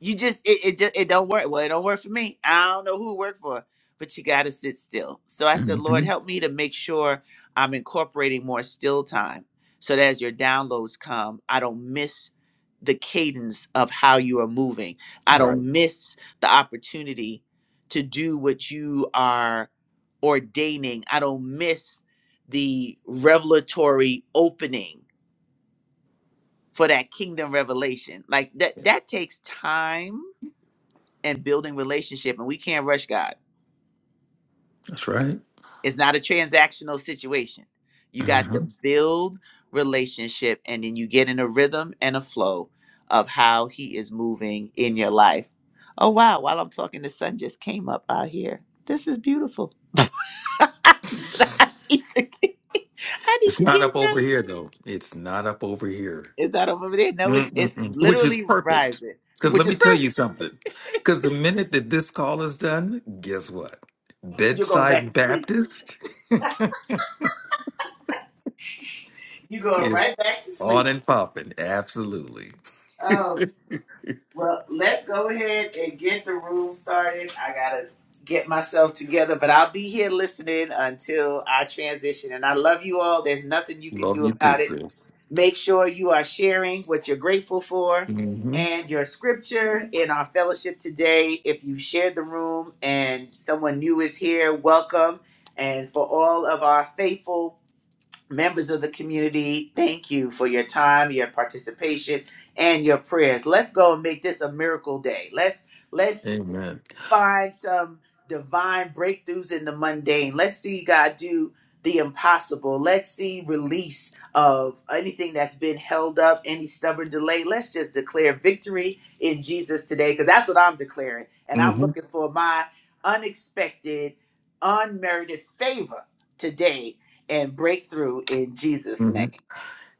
C: you just it, it just it don't work well it don't work for me i don't know who it worked for but you gotta sit still so i
A: hmm
C: said lord help me to make sure i'm incorporating more still time so that as your downloads come i don't miss the cadence of how you are moving i
A: Right.
C: don't miss the opportunity to do what you are ordaining i don't miss the revelatory opening for that kingdom revelation like that that takes time and building relationship and we can't rush god
A: That's right.
C: it's not a transactional situation you got
A: Mm-hmm.
C: to build relationship and then you get in a rhythm and a flow of how he is moving in your life oh wow while i'm talking the sun just came up out here this is beautiful I need to get I need
A: It's
C: to
A: not
C: get
A: up over
C: rest.
A: here, though. It's not up over here,
C: It's not over there? No, it's it's
A: Mm-mm-mm. which is
C: literally
A: perfect.
C: rising,
A: Because
C: which
A: let
C: is
A: me tell you
C: perfect.
A: something. Because the minute that this call is done, guess what?
C: You're going back
A: Bedside
C: to sleep.
A: Baptist
C: You're going right
A: is
C: back to
A: on
C: sleep.
A: and popping. Absolutely.
C: Oh. Well, let's go ahead and get the room started. I gotta get myself together, but I'll be here listening until I transition. And I love you all. There's nothing you can
A: Love
C: do
A: you too,
C: about it.
A: sis.
C: Make sure you are sharing what you're grateful for
A: hmm
C: and your scripture in our fellowship today. If you shared the room and someone new is here, welcome. And for all of our faithful members of the community, thank you for your time, your participation, and your prayers. Let's go and make this a miracle day. Let's let's
A: Amen.
C: find some divine breakthroughs in the mundane. Let's see God do the impossible. Let's see release of anything that's been held up, any stubborn delay. Let's just declare victory in Jesus today because that's what I'm declaring. And I'm
A: hmm
C: looking for my unexpected, unmerited favor today and breakthrough in Jesus'
A: hmm
C: name.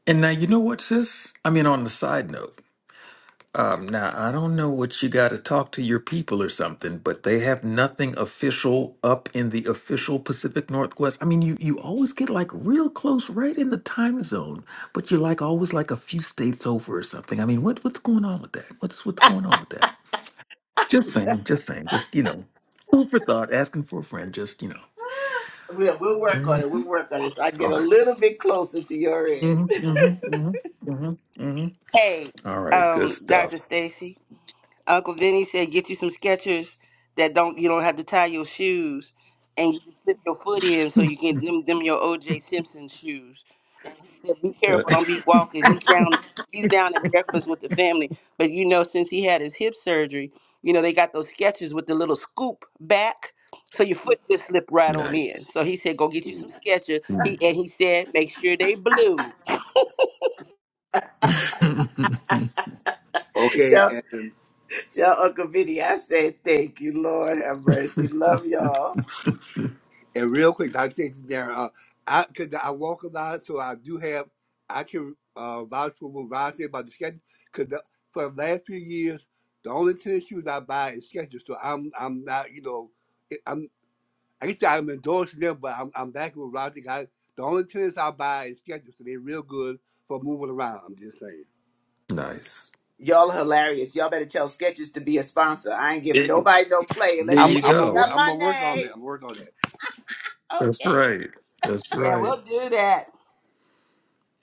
A: And now, you know what, sis? I mean, on the side note. Um, now, I don't know what you got to talk to your people or something, but they have nothing official up in the official Pacific Northwest. I mean, you you always get like real close, right in the time zone, but you're like always like a few states over or something. I mean, what what's going on with that? What's what's going on with that? Just saying, just saying, just you know, food for thought, asking for a friend, just you know.
C: We'll, we'll work on it.
A: Mhm.
C: We'll work on it. So I get
A: All
C: a
A: right.
C: little bit closer to your end.
A: Mm-hmm, mm-hmm, mm-hmm, mm-hmm, mm-hmm.
D: Hey,
A: All right, good
D: um, Dr.
A: stuff.
D: Stacy, Uncle Vinny said get you some Skechers that don't you don't have to tie your shoes and you can slip your foot in so you can them, them your OJ Simpson shoes. And he said be
A: Uh,
D: careful, don't be walking. He's down he's down at breakfast with the family. But you know, since he had his hip surgery, you know, they got those Skechers with the little scoop back. So your foot just slip right on in.
A: nice.
D: So he said, "Go get you some Skechers."
A: Hmm.
D: He and he said, "Make sure they blue."
E: Okay,
C: Tell,
E: and
C: tell Uncle Vinny I say thank you, Lord have mercy. Love y'all.
E: and real quick, Dr. Stacy Darren, uh, I because I walk a lot, so I do have I can uh vouch for what Ron said about the schedule. Because the, for the last few years, the only tennis shoes I buy is Skechers, so I'm I'm not you know it- I'm I guess I'm endorsing them, but I'm I'm back with Ron. I, the only tennis I buy is Skechers, so they're real good for moving around. I'm just saying.
A: nice.
C: Y'all hilarious. Y'all better tell Sketches to be a sponsor. I ain't giving
A: There
C: nobody no play
A: there
C: unless
E: I'm
C: they
A: you
C: give
E: I'm
C: me
E: gonna work
A: go.
C: some
E: I'm gonna work on that. I'm
C: money.
E: gonna work on that.
A: That's
C: Okay.
A: right. That's
D: Yeah,
A: right.
D: we'll do that.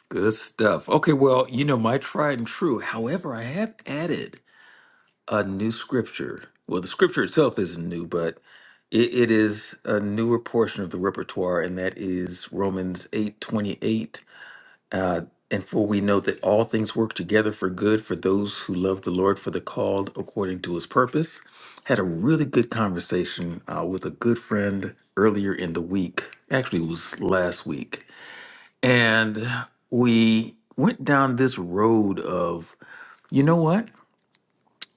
A: Good stuff. Okay, well, you know, my tried and true. However, I have added a new scripture. Well, the scripture itself isn't new, but it, it is a newer portion of the repertoire, and that is Romans eight twenty eight. Uh, and for we know that all things work together for good for those who love the Lord, for the called according to his purpose. Had a really good conversation uh, with a good friend earlier in the week. Actually, it was last week. And we went down this road of, you know what?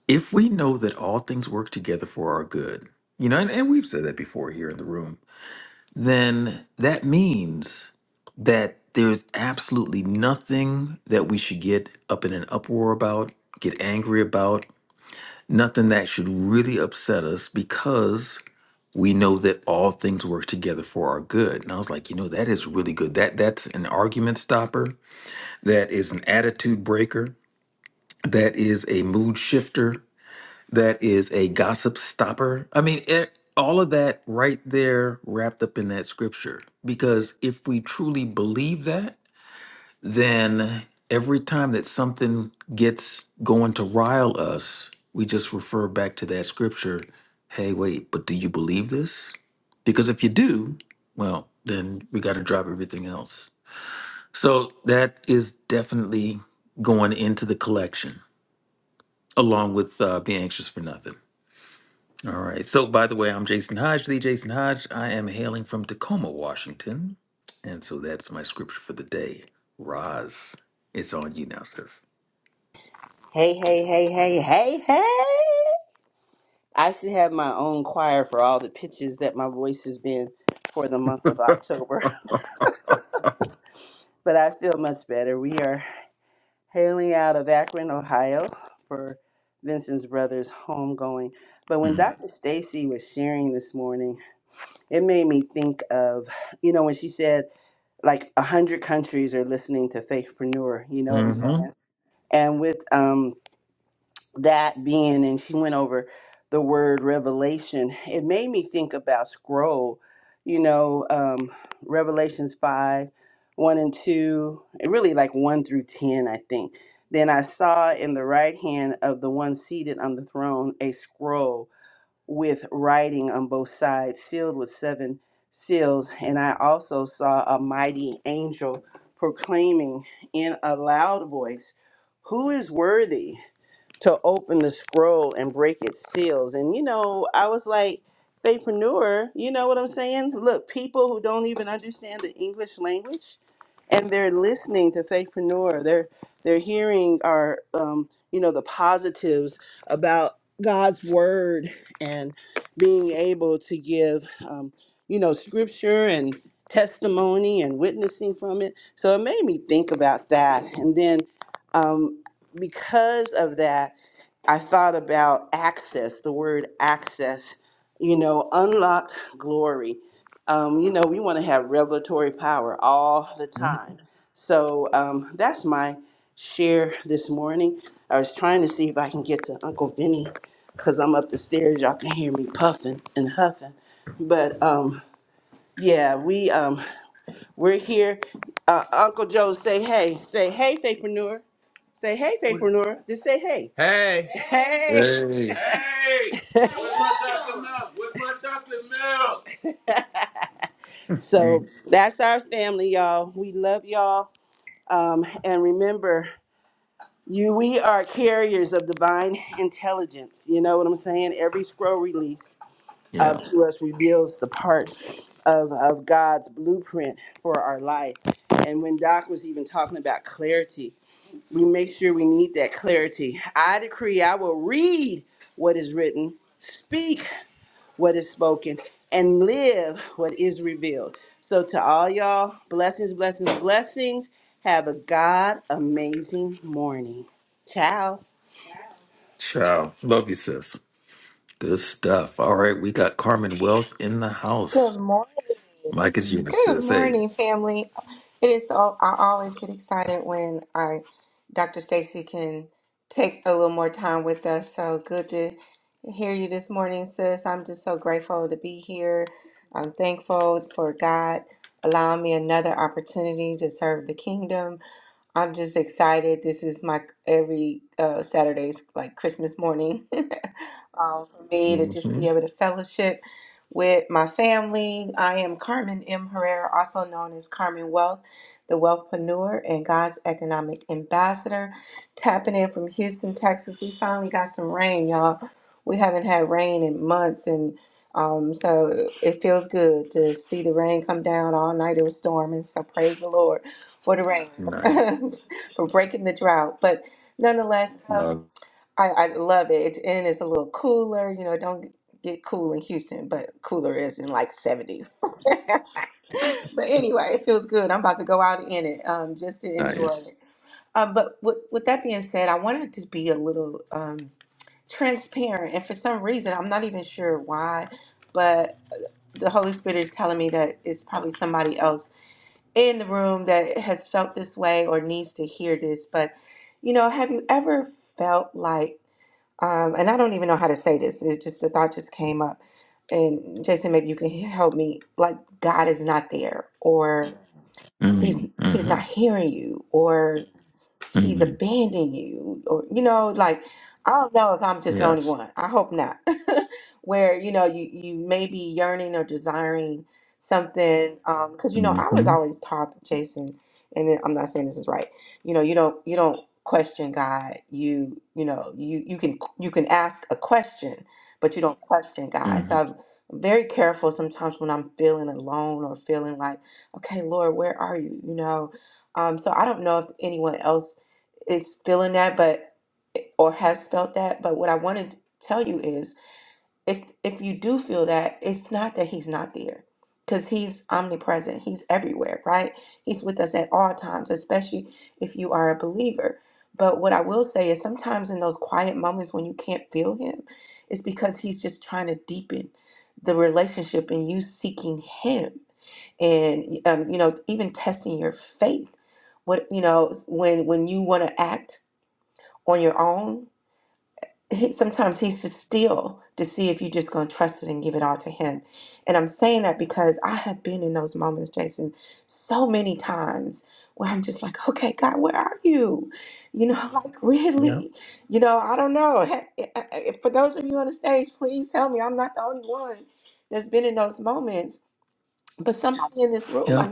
A: If we know that all things work together for our good, you know, and, and we've said that before here in the room, then that means that there's absolutely nothing that we should get up in an uproar about, get angry about, nothing that should really upset us because we know that all things work together for our good. And I was like, you know, that is really good. That that's an argument stopper, that is an attitude breaker, that is a mood shifter, that is a gossip stopper. I mean, it, all of that right there wrapped up in that scripture. Because if we truly believe that, then every time that something gets going to rile us, we just refer back to that scripture. Hey, wait, but do you believe this? Because if you do, well, then we got to drop everything else. So that is definitely going into the collection, along with uh, Be Anxious for Nothing. All right. So, by the way, I'm Jason Hodge, the Jason Hodge. I am hailing from Tacoma, Washington. And so that's my scripture for the day. Roz, it's on you now, sis.
D: Hey, hey, hey, hey, hey, hey. I should have my own choir for all the pitches that my voice has been for the month of October, but I feel much better. We are hailing out of Akron, Ohio for Vincent's brother's homegoing. But when Dr. Stacy was sharing this morning, it made me think of, you know, when she said like a 100 countries are listening to Faithpreneur, you know what I'm
A: Mm-hmm.
D: saying? And with um that being, and she went over the word revelation, it made me think about scroll, you know, um, Revelations 5, 1 and 2, and really like 1 through 10, I think. Then I saw in the right hand of the one seated on the throne a scroll with writing on both sides, sealed with seven seals. And I also saw a mighty angel proclaiming in a loud voice, Who is worthy? to open the scroll and break its seals. And you know, I was like, Faithpreneur, you know what I'm saying? Look, people who don't even understand the English language and they're listening to Faithpreneur, they're they're hearing our um, you know, the positives about God's word and being able to give um, you know, scripture and testimony and witnessing from it. So it made me think about that. And then um, because of that, I thought about access, the word access, you know, unlocked glory. Um, you know, we want to have revelatory power all the time. So um, that's my share this morning. I was trying to see if I can get to Uncle Vinny because I'm up the stairs. Y'all can hear me puffing and huffing. But um, yeah, we. Um, we're here. Uh, Uncle Joe, say hey. Say hey, Faithpreneur. Say hey, Faithpreneur. Just say hey. Hey. Hey.
A: Hey.
D: Hey. Where's my chocolate milk? Where's my chocolate milk? So
A: Mm.
D: that's our family, y'all. We love y'all. Um, and remember, you we are carriers of divine intelligence. You know what I'm saying? Every scroll release. uh,
A: Yeah.
D: to us reveals the part of, of God's blueprint for our life. And when Doc was even talking about clarity, we make sure we need that clarity. I decree I will read what is written, speak what is spoken, and live what is revealed. So, to all y'all, blessings, blessings, blessings. Have a God amazing morning. Ciao.
A: Ciao. Love you, sis. Good stuff. All right. We got Carmen Wealth in the
F: Good
A: house.
F: morning.
A: Mike is yours,
F: Good
A: sis. Hey.
F: morning, family. It is so I always get excited when I Dr. Stacy can take a little more time with us. So good to hear you this morning, sis. I'm just so grateful to be here. I'm thankful for God allowing me another opportunity to serve the kingdom I'm just excited. This is my every uh, Saturday's like Christmas morning um, for me to just
A: hmm
F: be able to fellowship with my family. I am Carmen M. Herrera, also known as Carmen Wealth, the wealthpreneur and God's economic ambassador. Tapping in from Houston, Texas. We finally got some rain, y'all. We haven't had rain in months, and um, so it feels good to see the rain come down all night. It was storming, so praise the Lord for the
A: Nice.
F: rain, for breaking the drought. But nonetheless, uh,
A: Love.
F: I, I love it. And it's a little cooler. You know, it don't get cool in Houston, but cooler is in like 70s. but anyway, it feels good. I'm about to go out in it um, just to enjoy
A: Nice.
F: it. Um, but with, with that being said, I wanted to be a little um, transparent. And for some reason, I'm not even sure why, but the Holy Spirit is telling me that it's probably somebody else in the room that has felt this way or needs to hear this, but you know, have you ever felt like, um, and I don't even know how to say this, it's just the thought just came up. And Jason, maybe you can he- help me. Like God is not there, or
A: Mm-hmm.
F: He's He's not
A: Mm-hmm.
F: hearing you, or he's
A: Mm-hmm.
F: abandoning you or you know like i don't know if i'm just the only
A: Yes.
F: one i hope not where you know you you may be yearning or desiring something um because you know i was
A: Mm-hmm.
F: always taught jason and then- i'm not saying this is right you know you don't you don't question god you you know you you can you can ask a question but you don't question god so
A: Mm-hmm.
F: i'm very careful sometimes when i'm feeling alone or feeling like okay lord where are you you know um, so I don't know if anyone else is feeling that, but or has felt that. But what I want to tell you is if if you do feel that it's not that he's not there because he's omnipresent he's everywhere right he's with us at all times especially if you are a believer but what i will say is sometimes in those quiet moments when you can't feel him it's because he's just trying to deepen the relationship and you seeking him and um, you know even testing your faith what you know when when you want to act on your own he, sometimes he's just still to see if you're just going to trust it and give it all to him. And I'm saying that because I have been in those moments, Jason, so many times where I'm just like, okay, God, where are you? You know, like
A: Yeah.
F: really, you know, I don't know. He- I- I- For those of you on the stage, please help me. I'm not the only one that's been in those moments, but somebody in this room,
A: Yep.
F: I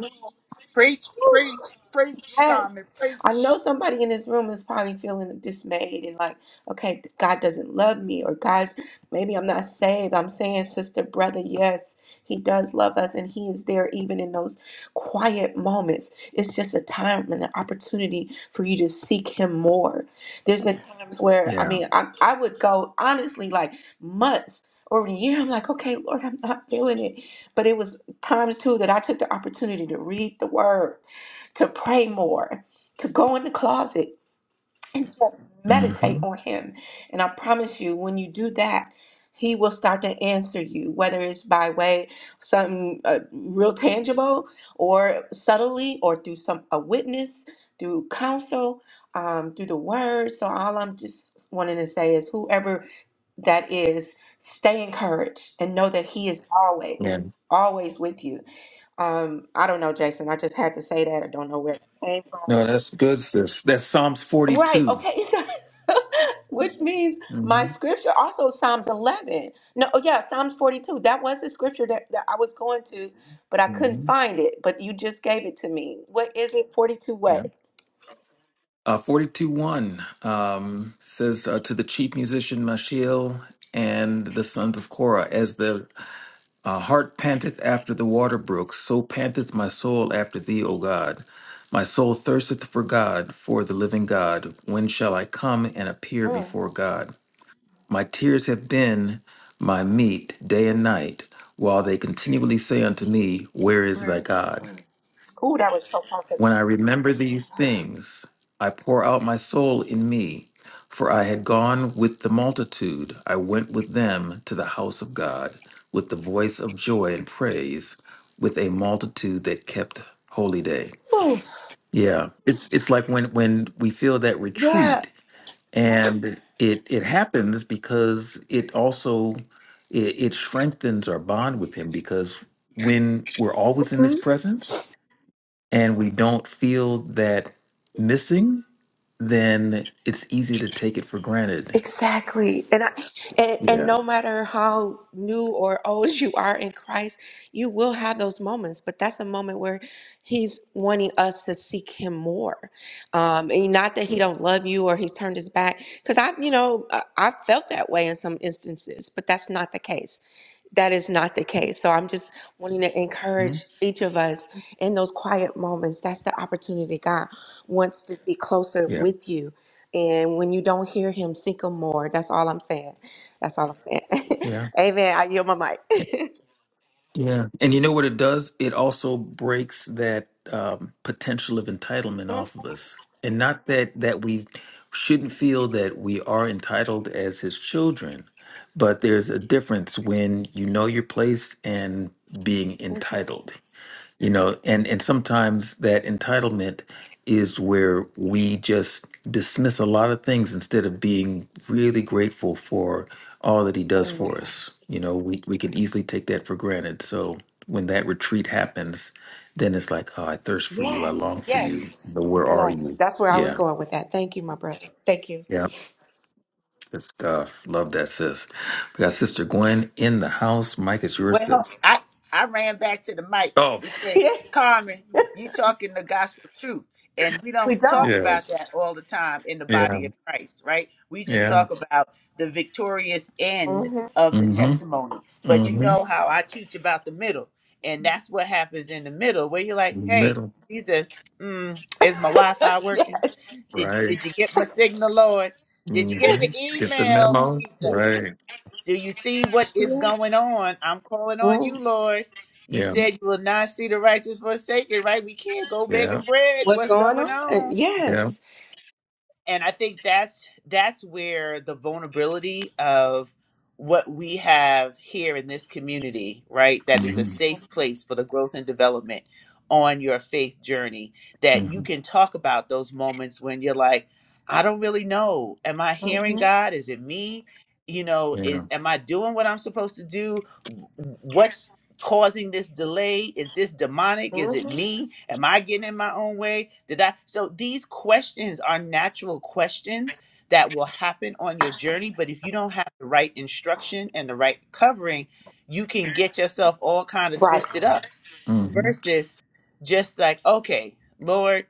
C: Preach,
F: know.
C: preach, preach, Carmen,
F: Yes. I know
C: preach.
F: somebody in this room is probably feeling dismayed and like, okay, God doesn't love me, or God's maybe I'm not saved. I'm saying, sister, brother, yes, He does love us, and He is there even in those quiet moments. It's just a time and an opportunity for you to seek Him more. There's been times where, I
A: Yeah.
F: mean, I, I would go honestly like months. Or a year, I'm like, okay, Lord, I'm not feeling it. But it was times too that I took the opportunity to read the word to pray more, to go in the closet and just meditate
A: hmm
F: on Him. And I promise you, when you do that, He will start to answer you, whether it's by way something uh, real tangible, or subtly, or through some a witness, through counsel, um, through the Word. So all I'm just wanting to say is, whoever that is, stay encouraged and know that He is
A: Yeah.
F: always, always with you um, I don't know, Jason. I just had to say that. I don't know where it came from.
A: No, that's good, sis. That's Psalms
F: Right.
A: 42.
F: Okay. Which means my
A: hmm
F: scripture also Psalms 11. No, oh yeah, Psalms 42. That was the scripture that, that I was going to, but I couldn't
A: hmm
F: find it. But you just gave it to me. What is it? 42
A: Yeah.
F: what?
A: Uh, 42 1 um, says uh, to the chief musician Mashiel and the sons of Korah, as the uh, heart panteth after the water brooks, so panteth my soul after thee, O God. My soul thirsteth for God, for the living God. When shall I come and appear
F: Mm,
A: before God? My tears have been my meat day and night, while they continually say unto me, Where is thy
F: where is it?
A: God?
F: Mm. Ooh, that was so perfect.
A: When I remember these things, I pour out my soul in me, for I had gone with the multitude, I went with them to the house of God, with the voice of joy and praise, with a multitude that kept holy day.
F: Ooh,
A: Yeah, it's it's like when when we feel that
F: yeah.
A: retreat and it it happens because it also it, it strengthens our bond with him because when we're always in his presence and we don't feel that missing then it's easy to take it for granted
F: Exactly. And I and, and
A: yeah
F: no matter how new or old you are in Christ, you will have those moments, but that's a moment where he's wanting us to seek him more. Um and not that he
A: yeah
F: don't love you or he's turned his back cuz I, you know, I- I've felt that way in some instances, but that's not the case that is not the case. So I'm just wanting to
A: Mhm.
F: encourage each of us in those quiet moments. That's the opportunity God wants to be closer
A: yeah
F: with you. And when you don't hear him, seek him more. That's all I'm saying. That's all I'm saying.
A: yeah
F: Amen. I yield my mic.
A: Yeah. And you know what it does? It also breaks that um, potential of entitlement off of us. And not that that we shouldn't feel that we are entitled as his children, but there's a difference when you know your place and being
F: Mhm.
A: entitled you know and and sometimes that entitlement is where we just dismiss a lot of things instead of being really grateful for all that he does
F: Amen.
A: for us you know we, we can easily take that for granted so when that retreat happens then it's like oh i thirst for you i long
F: Yes.
A: for
F: Yes.
A: you but where are
F: Yes.
A: you
F: That's where I was
A: yeah
F: going with that. Thank you, my brother. Thank you.
A: yeah good stuff love that sis we got sister gwen in the house mike it's your
C: Well,
A: sis
C: I I ran back to the mic
A: oh
C: to say,
F: Yeah,
C: Carmen, you talking the gospel truth, and we
F: we
C: don't talk
F: don't.
C: about
A: yes
C: that all the time in the
A: yeah
C: body of Christ, right? We just
A: yeah
C: talk about the victorious end
F: hmm
C: of the
A: mm-hmm
C: testimony, but you
A: mm-hmm
C: know how I teach about the middle, and that's what happens in the middle, where you're like, hey,
A: Middle,
C: Jesus, mm, is my Wi-Fi working?
F: yes.
C: Did
A: right?
C: did you get my signal, Lord? Did you get the
A: hmm Get the
C: email,
A: memo,
C: Jesus?
A: right?
C: Do you see what is
F: Yeah.
C: going on? I'm calling on you,
F: Mm.
C: Lord. You
A: Yeah,
C: said you will not see the righteous forsaken, right? We can't go
A: yeah,
C: begging bread.
F: What's
C: What's
F: going
C: going
F: on?
C: on?
A: yeah.
F: Yes.
C: and i think that's that's where the vulnerability of what we have here in this community right that is a
A: hmm
C: safe place for the growth and development on your faith journey that you
A: hmm
C: can talk about those moments when you're like i don't really know am i
F: hmm
C: hearing god is it me you know
A: Yeah.
C: is am i doing what i'm supposed to do What's causing this delay? Is this demonic? Is it
F: hmm
C: me? Am I getting in my own way? Did I? So these questions are natural questions that will happen on your journey. But if you don't have the right instruction and the right covering, you can get yourself all kind of
F: Right.
C: twisted up
A: hmm
C: versus just like, okay, Lord,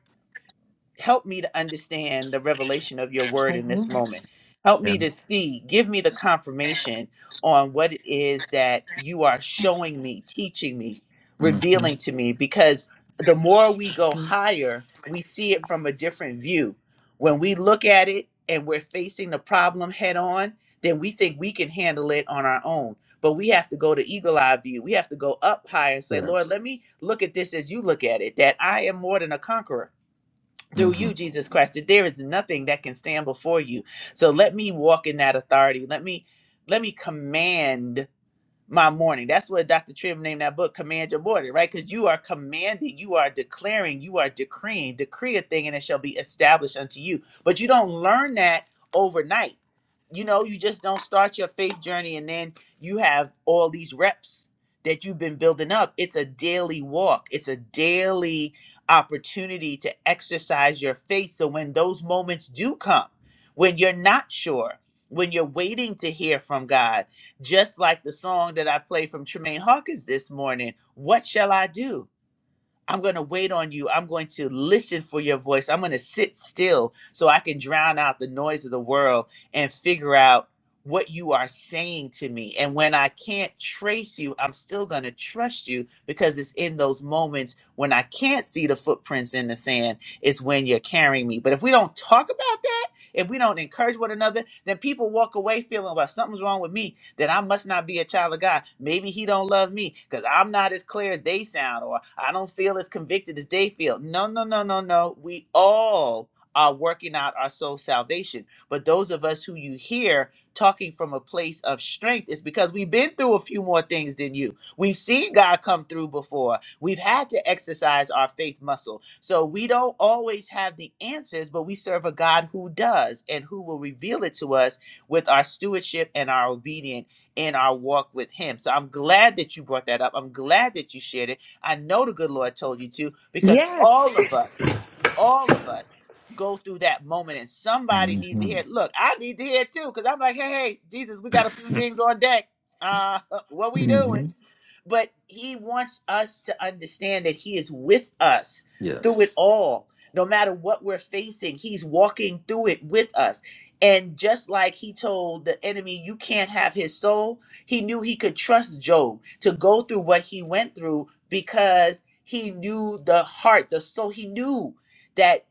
C: help me to understand the revelation of your word in
F: hmm
C: this moment. Help
A: Yeah.
C: me to see, give me the confirmation on what it is that you are showing me, teaching me,
A: hmm
C: revealing to me, because the more we go higher, we see it from a different view. When we look at it and we're facing the problem head on, then we think we can handle it on our own. But we have to go to eagle eye view. We have to go up higher and say, Lord,
A: Yes.
C: let me look at this as you look at it, that I am more than a conqueror through
A: hmm
C: you, Jesus Christ, that there is nothing that can stand before you. So let me walk in that authority. Let me let me command my morning. That's what Dr. Trim named that book, Command Your Morning, right? Because you are commanding, you are declaring, you are decreeing, decree a thing and it shall be established unto you. But you don't learn that overnight. You know, you just don't start your faith journey and then you have all these reps that you've been building up. It's a daily walk, it's a daily opportunity to exercise your faith. So when those moments do come, when you're not sure, when you're waiting to hear from God, just like the song that I played from Tremaine Hawkins this morning, What Shall I Do? I'm going to wait on you. I'm going to listen for your voice. I'm going to sit still so I can drown out the noise of the world and figure out what you are saying to me. And when I can't trace you, I'm still going to trust you because it's in those moments when I can't see the footprints in the sand, it's when you're carrying me. But if we don't talk about that, if we don't encourage one another, then people walk away feeling about something's wrong with me that I must not be a child of God. Maybe he don't love me because I'm not as clear as they sound, or I don't feel as convicted as they feel. No, no, no, no, no. We all are working out our soul salvation. But those of us who you hear talking from a place of strength is because we've been through a few more things than you. We've seen God come through before. We've had to exercise our faith muscle. So we don't always have the answers, but we serve a God who does and who will reveal it to us with our stewardship and our obedience in our walk with Him. So I'm glad that you brought that up. I'm glad that you shared it. I know the good Lord told you to because
F: Yes.
C: all of us, all of us go through that moment and somebody needs to hear
A: hmm
C: it. Look, I need to hear it too because I'm like, hey, hey, Jesus, we got a few things on deck. Uh, what we doing?
A: hmm
C: but he wants us to understand that he is with us through it
A: Yes.
C: all no matter what we're facing he's walking through it with us and just like he told the enemy, you can't have his soul, he knew he could trust Job to go through what he went through because he knew the heart, the soul. He knew that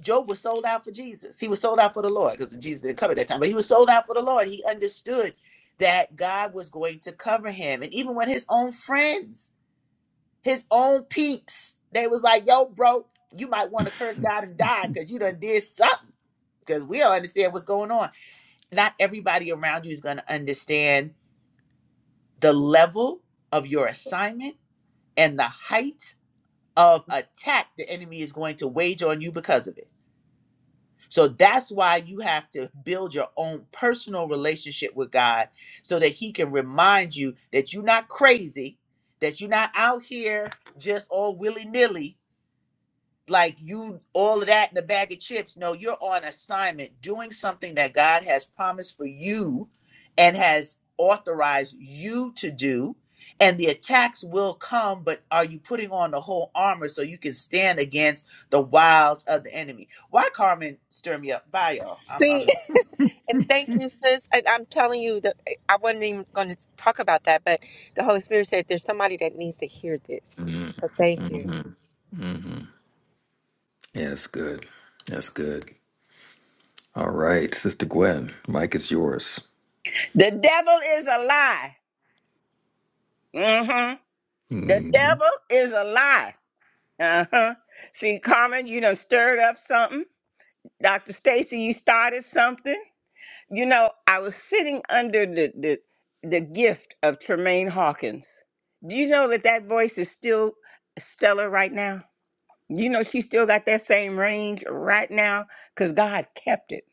C: Job was sold out for Jesus. He was sold out for the Lord because Jesus didn't cover at that time, but he was sold out for the Lord. He understood that God was going to cover him. And even when his own friends, his own peeps, they was like, yo, bro, you might want to curse God and die because you done did something because we don't understand what's going on not everybody around you is going to understand the level of your assignment and the height of attack the enemy is going to wage on you because of it. So that's why you have to build your own personal relationship with God so that He can remind you that you're not crazy, that you're not out here just all willy nilly, like you all of that in the bag of chips no you're on assignment doing something that god has promised for you and has authorized you to do and the attacks will come but are you putting on the whole armor so you can stand against the wiles of the enemy why carmen stir me up bye y'all i'm,
F: See,
C: I'm
F: and thank you, sis. And I'm telling you that eh, I wasn't even going to talk about that, but the Holy Spirit said there's somebody that needs to hear this.
A: hmm
F: So thank you.
A: hmm hmm Yeah, that's good. That's good. All right, Sister Gwen, Mike is yours.
G: The devil is a lie. hmm The
A: hmm
G: devil is a lie. Uh-huh. See, Carmen, you done stirred up something. Dr. Stacy, you started something. You know, I was sitting under the, the the gift of Tremaine Hawkins. Do you know that that voice is still stellar right now? You know, she still got that same range right now because God kept it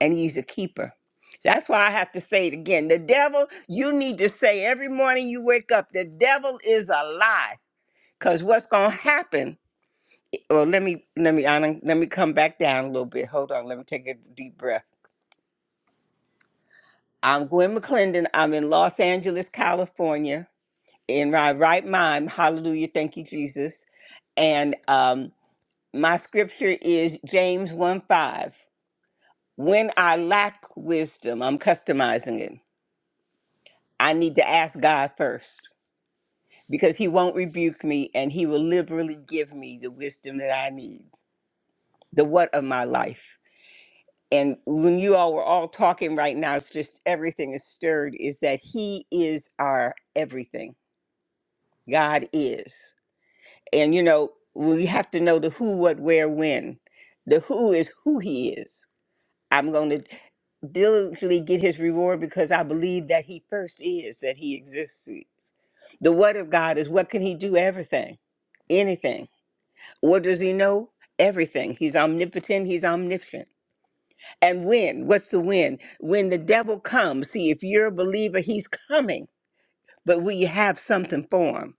G: and He's a keeper. So That's why I have to say it again. The devil, you need to say every morning you wake up, the devil is a lie. Cause what's gonna happen? Well, let me let me I done- let me come back down a little bit. Hold on, let me take a deep breath. I'm Gwen McClendon. I'm in Los Angeles, California, in my right mind. Hallelujah, thank you, Jesus. And um, my scripture is James one five. When I lack wisdom, I'm customizing it. I need to ask God first because He won't rebuke me and He will liberally give me the wisdom that I need, the what of my life. And when you all were all talking right now, it's just everything is stirred is that He is our everything. God is. And you know, we have to know the who, what, where, when. The who is who He is. I'm going to. diligently get his reward because I believe that he first is, that he exists. The what of God is what can he do? Everything, anything. What does he know? Everything. He's omnipotent, he's omniscient. And when? What's the when? When the devil comes, see, if you're a believer, he's coming, but will you have something for him?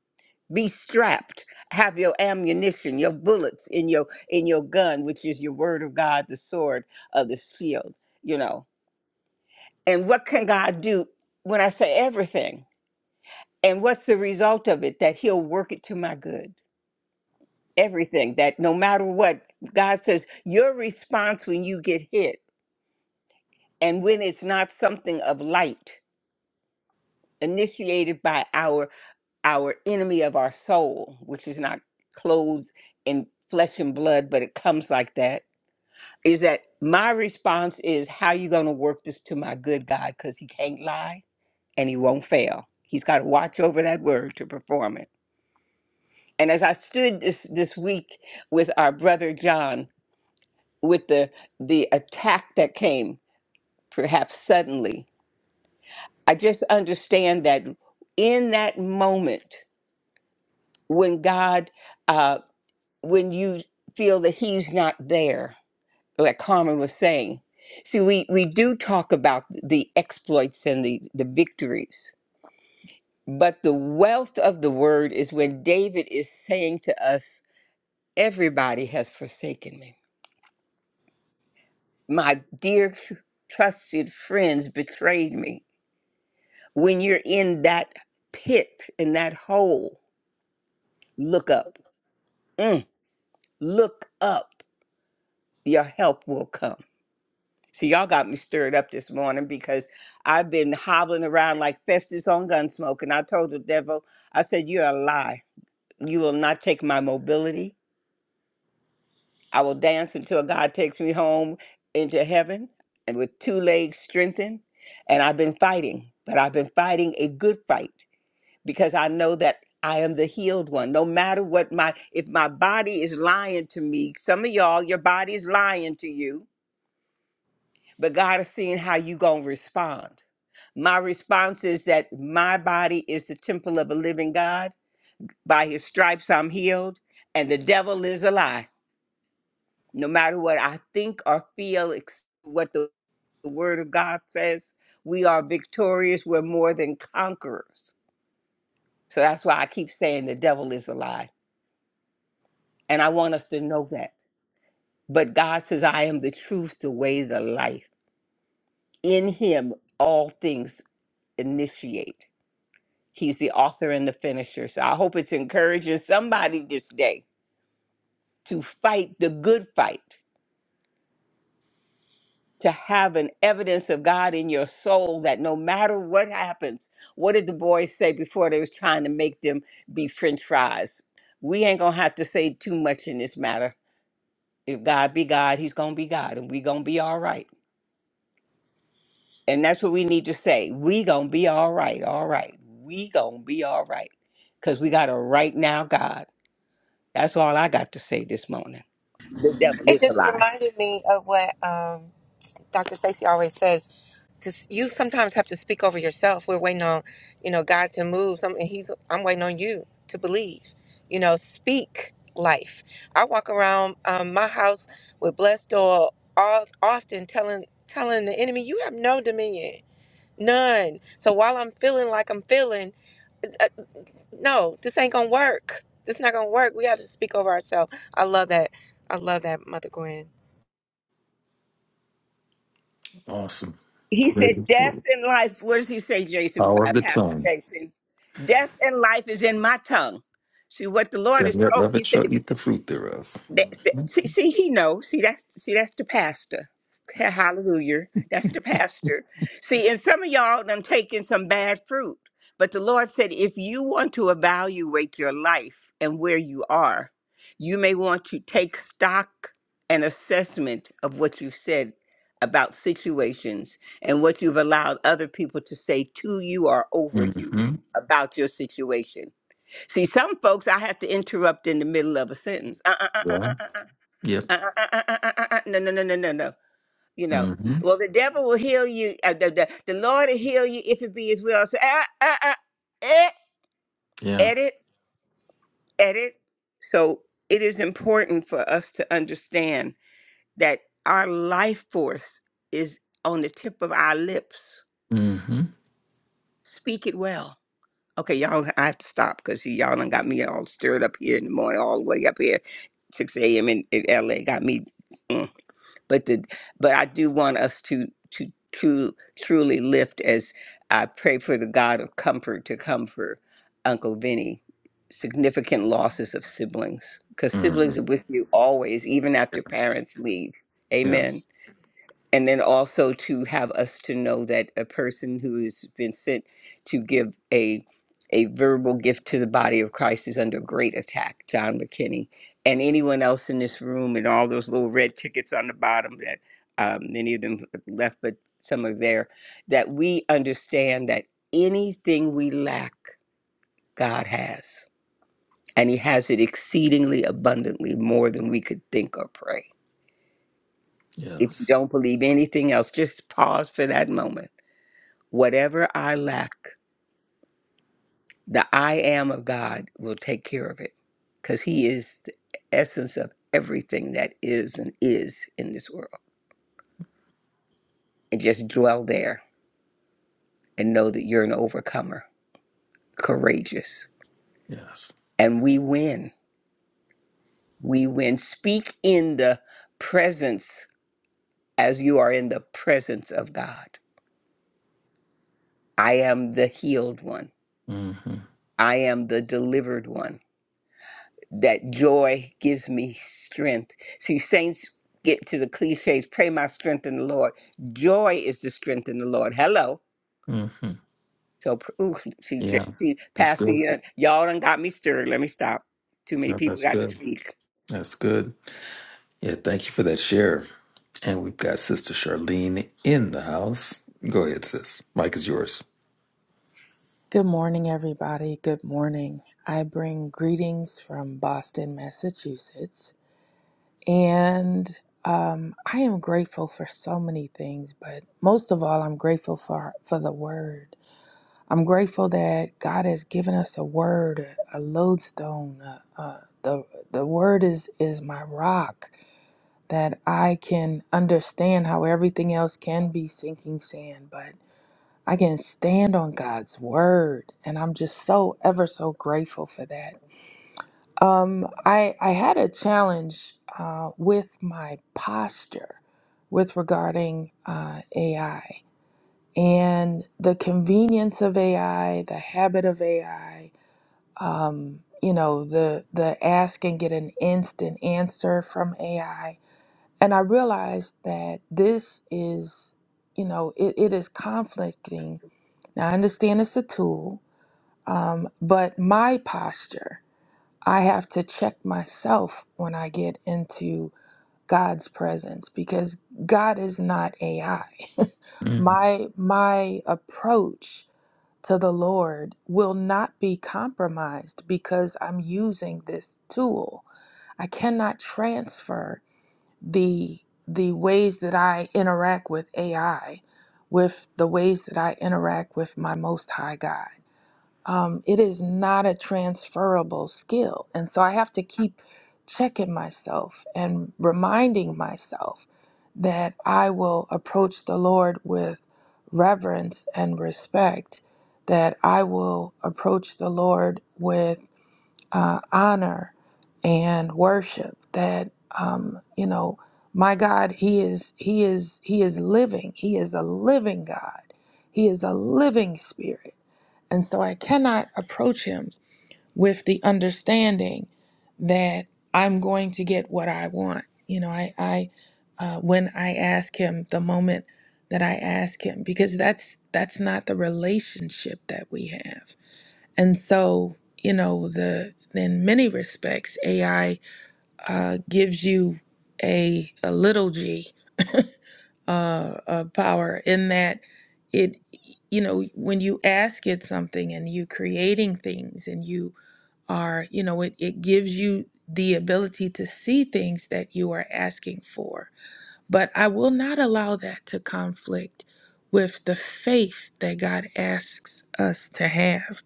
G: Be strapped. Have your ammunition, your bullets in your in your gun, which is your word of God, the sword of the shield, you know And what can God do when I say everything? And what's the result of it? That He'll work it to my good. Everything that no matter what, God says, your response when you get hit and when it's not something of light initiated by our our enemy of our soul, which is not clothed in flesh and blood, but it comes like that, is that my response is how you gonna work this to my good God, because he can't lie and he won't fail. He's got to watch over that word to perform it. And as I stood this this week with our brother John with the the attack that came perhaps suddenly, I just understand that in that moment when God uh when you feel that he's not there, like Carmen was saying. See, we, we do talk about the exploits and the, the victories, But the wealth of the word is when David is saying to us, Everybody has forsaken me. My dear tr- trusted friends betrayed me. When you're in that pit, in that hole, look up. Mm, look up. Your help will come. So, y'all got me stirred up this morning because I've been hobbling around like Festus on Gunsmoke. And I told the devil, I said, You're a lie. You will not take my mobility. I will dance until God takes me home into heaven and with two legs strengthened. And I've been fighting, but I've been fighting a good fight because I know that I am the healed one. No matter what my, if my body is lying to me, some of y'all, your body is lying to you, but God is seeing how you going to respond. My response is that my body is the temple of a living God. By his stripes, I'm healed, and the devil is alive. no matter what I think or feel, ex- what the, the Word of God says, we are victorious. We're more than conquerors. So that's why I keep saying the devil is a lie. And I want us to know that. But God says, I am the truth, the way, the life. In Him, all things initiate. He's the author and the finisher. So I hope it's encouraging somebody this day to fight the good fight to have an evidence of God in your soul that no matter what happens, what did the boys say before they was trying to make them be french fries? We ain't gonna have to say too much in this matter. If God be God, he's gonna be God and we gonna be all right. And that's what we need to say. We gonna be all right, all right. We gonna be all right. Cause we got a right now God. That's all I got to say this morning. The devil
F: It
G: is a
F: just
G: lie.
F: reminded me of what. Um, Dr. Stacy always says, because you sometimes have to speak over yourself. We're waiting on, you know, God to move. Some, and he's, I'm waiting on you to believe. You know, speak life. I walk around um, my house with blessed door, all, often telling telling the enemy, you have no dominion, none. So while I'm feeling like I'm feeling, uh, no, this ain't gonna work. This not gonna work. We have to speak over ourselves. I love that. I love that, Mother Gwen.
A: Awesome.
G: He said,
A: Praise the
G: "Death
A: Lord.
G: and life." What does he say, Jason?
A: Power of
G: Uh,
A: the
G: Pastor
A: tongue.
G: Jason, death and life is in my tongue. See what the Lord has
A: Them that
G: told me.
A: love
G: He
A: it
G: said, "If
A: shall eat the fruit thereof.
G: that,
A: Mm-hmm.
G: that- see, see, he knows. See, that's see, that's the pastor. Ha- Hallelujah. That's the pastor. See, and some of y'all done taking some bad fruit. But the Lord said, if you want to evaluate your life and where you are, you may want to take stock and assessment of what you've said about situations and what you've allowed other people to say to you or over you
A: Mm-hmm.
G: about your situation. See, some folks I have to interrupt in the middle of a sentence. Uh, uh, uh, uh,
A: Yeah.
G: uh, uh,
A: Yep.
G: uh, uh, uh, uh, uh, uh, uh, No, no, no, no, no, no. You know,
A: Mm-hmm.
G: well, the devil will heal you. Uh, the, the, the Lord will heal you if it be His will. So, uh, uh, uh, eh,
A: Yeah.
G: edit, edit. So it is important for us to understand that our life force is on the tip of our lips.
A: Mm-hmm.
G: Speak it well Okay, y'all, I have to stop because y'all done got me all stirred up here in the morning, all the way up here, 6 a.m. In, in LA. Got me, mm. but the but I do want us to to to truly lift as I pray for the God of comfort to come for Uncle Vinny. Significant losses of siblings because
A: Mm-hmm.
G: siblings are with you always, even after
A: Yes.
G: parents leave. Amen
A: Yes.
G: and then also to have us to know that a person who has been sent to give a a verbal gift to the body of Christ is under great attack, John McKinney, and anyone else in this room, and all those little red tickets on the bottom that um, many of them left, but some are there. That we understand that anything we lack, God has, and He has it exceedingly abundantly, more than we could think or pray. If you
A: Yes.
G: don't believe anything else, just pause for that moment Whatever I lack, the I am of God will take care of it because He is the essence of everything that is and is in this world. And just dwell there and know that you're an overcomer, courageous.
A: Yes.
G: And we win. We win. Speak in the presence as you are in the presence of God. I am the healed one,
A: Mm-hmm.
G: I am the delivered one. that joy gives me strength. See, saints get to the cliches, pray my strength in the Lord. Joy is the strength in the Lord. Hello.
A: Mm-hmm.
G: So, pr- ooh, see,
A: Yeah.
G: J- see,
A: That's
G: Pastor,
A: good.
G: y- y'all done got me stirred. Let me stop. Too many
A: Yeah,
G: people
A: That's
G: got to
A: good.
G: speak.
A: That's good. Yeah. Thank you for that share. And we've got Sister Charlene in the house. Go ahead, sis. Mike is yours.
H: Good morning, everybody. Good morning. I bring greetings from Boston, Massachusetts. And um, I am grateful for so many things, but most of all, I'm grateful for, for the word. I'm grateful that God has given us a word, a a lodestone. Uh, uh, the, the word is, is my rock that I can understand how everything else can be sinking sand, but I can stand on God's word, and I'm just so ever so grateful for that. Um, I I had a challenge uh, with my posture with regarding uh, AI and the convenience of AI, the habit of AI. Um, you know, the the ask and get an instant answer from AI, and I realized that this is, you know, it, it is conflicting now, I understand it's a tool, um, but my posture, I have to check myself when I get into God's presence because God is not AI.
A: Mm.
H: my my approach to the Lord will not be compromised because I'm using this tool. I cannot transfer the the ways that I interact with AI with the ways that I interact with my most high God um, it is not a transferable skill. And so I have to keep checking myself and reminding myself that I will approach the Lord with reverence and respect, that I will approach the Lord with uh, honor and worship, that, um, you know, my God, he is he is he is living. He is a living God. He is a living spirit. And so I cannot approach him with the understanding that I'm going to get what I want. You know, I, I uh, when I ask him, the moment that I ask him, because that's that's not the relationship that we have. And so, you know, the in many respects, AI uh, gives you a a little g uh, uh, power in that it you know when you ask it something and you creating things and you are you know it, it gives you the ability to see things that you are asking for but i will not allow that to conflict with the faith that god asks us to have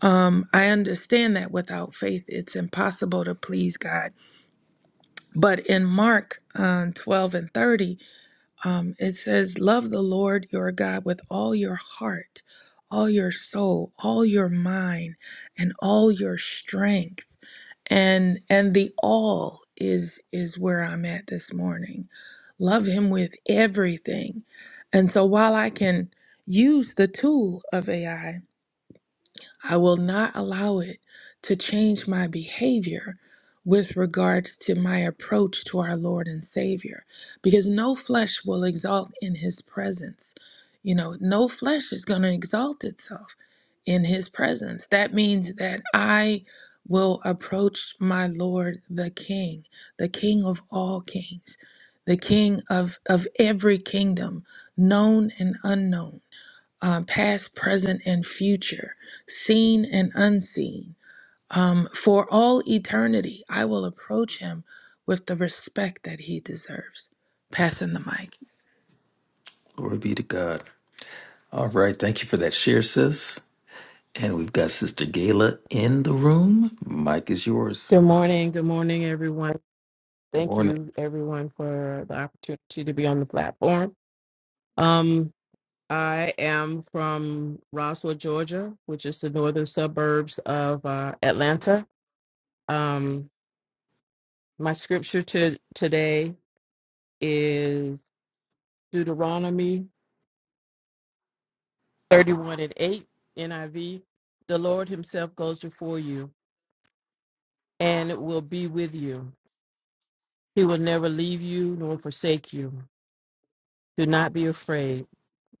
H: um, i understand that without faith it's impossible to please god but in mark uh, 12 and 30 um, it says, Love the Lord your God with all your heart, all your soul, all your mind, and all your strength. And and the all is is where I'm at this morning. Love him with everything. And so while I can use the tool of AI, I will not allow it to change my behavior with regards to my approach to our Lord and Savior, because no flesh will exalt in His presence. You know, no flesh is going to exalt itself in His presence. That means that I will approach my Lord, the King, the King of all kings, the King of, of every kingdom, known and unknown um, past, present, and future, seen and unseen. Um, for all eternity, I will approach him with the respect that he deserves. Passing the mic.
A: Glory be to God. All right. Thank you for that share, sis. And we've got Sister Gayla in the room. Mike is yours.
I: Good morning. Good morning, everyone. Thank
A: Morning.
I: you, everyone, for the opportunity to be on the platform. Um, I am from Roswell, Georgia, which is the northern suburbs of uh, Atlanta. Um, my scripture to today is Deuteronomy 31 and 8, NIV. The Lord Himself goes before you and will be with you. He will never leave you nor forsake you. Do not be afraid.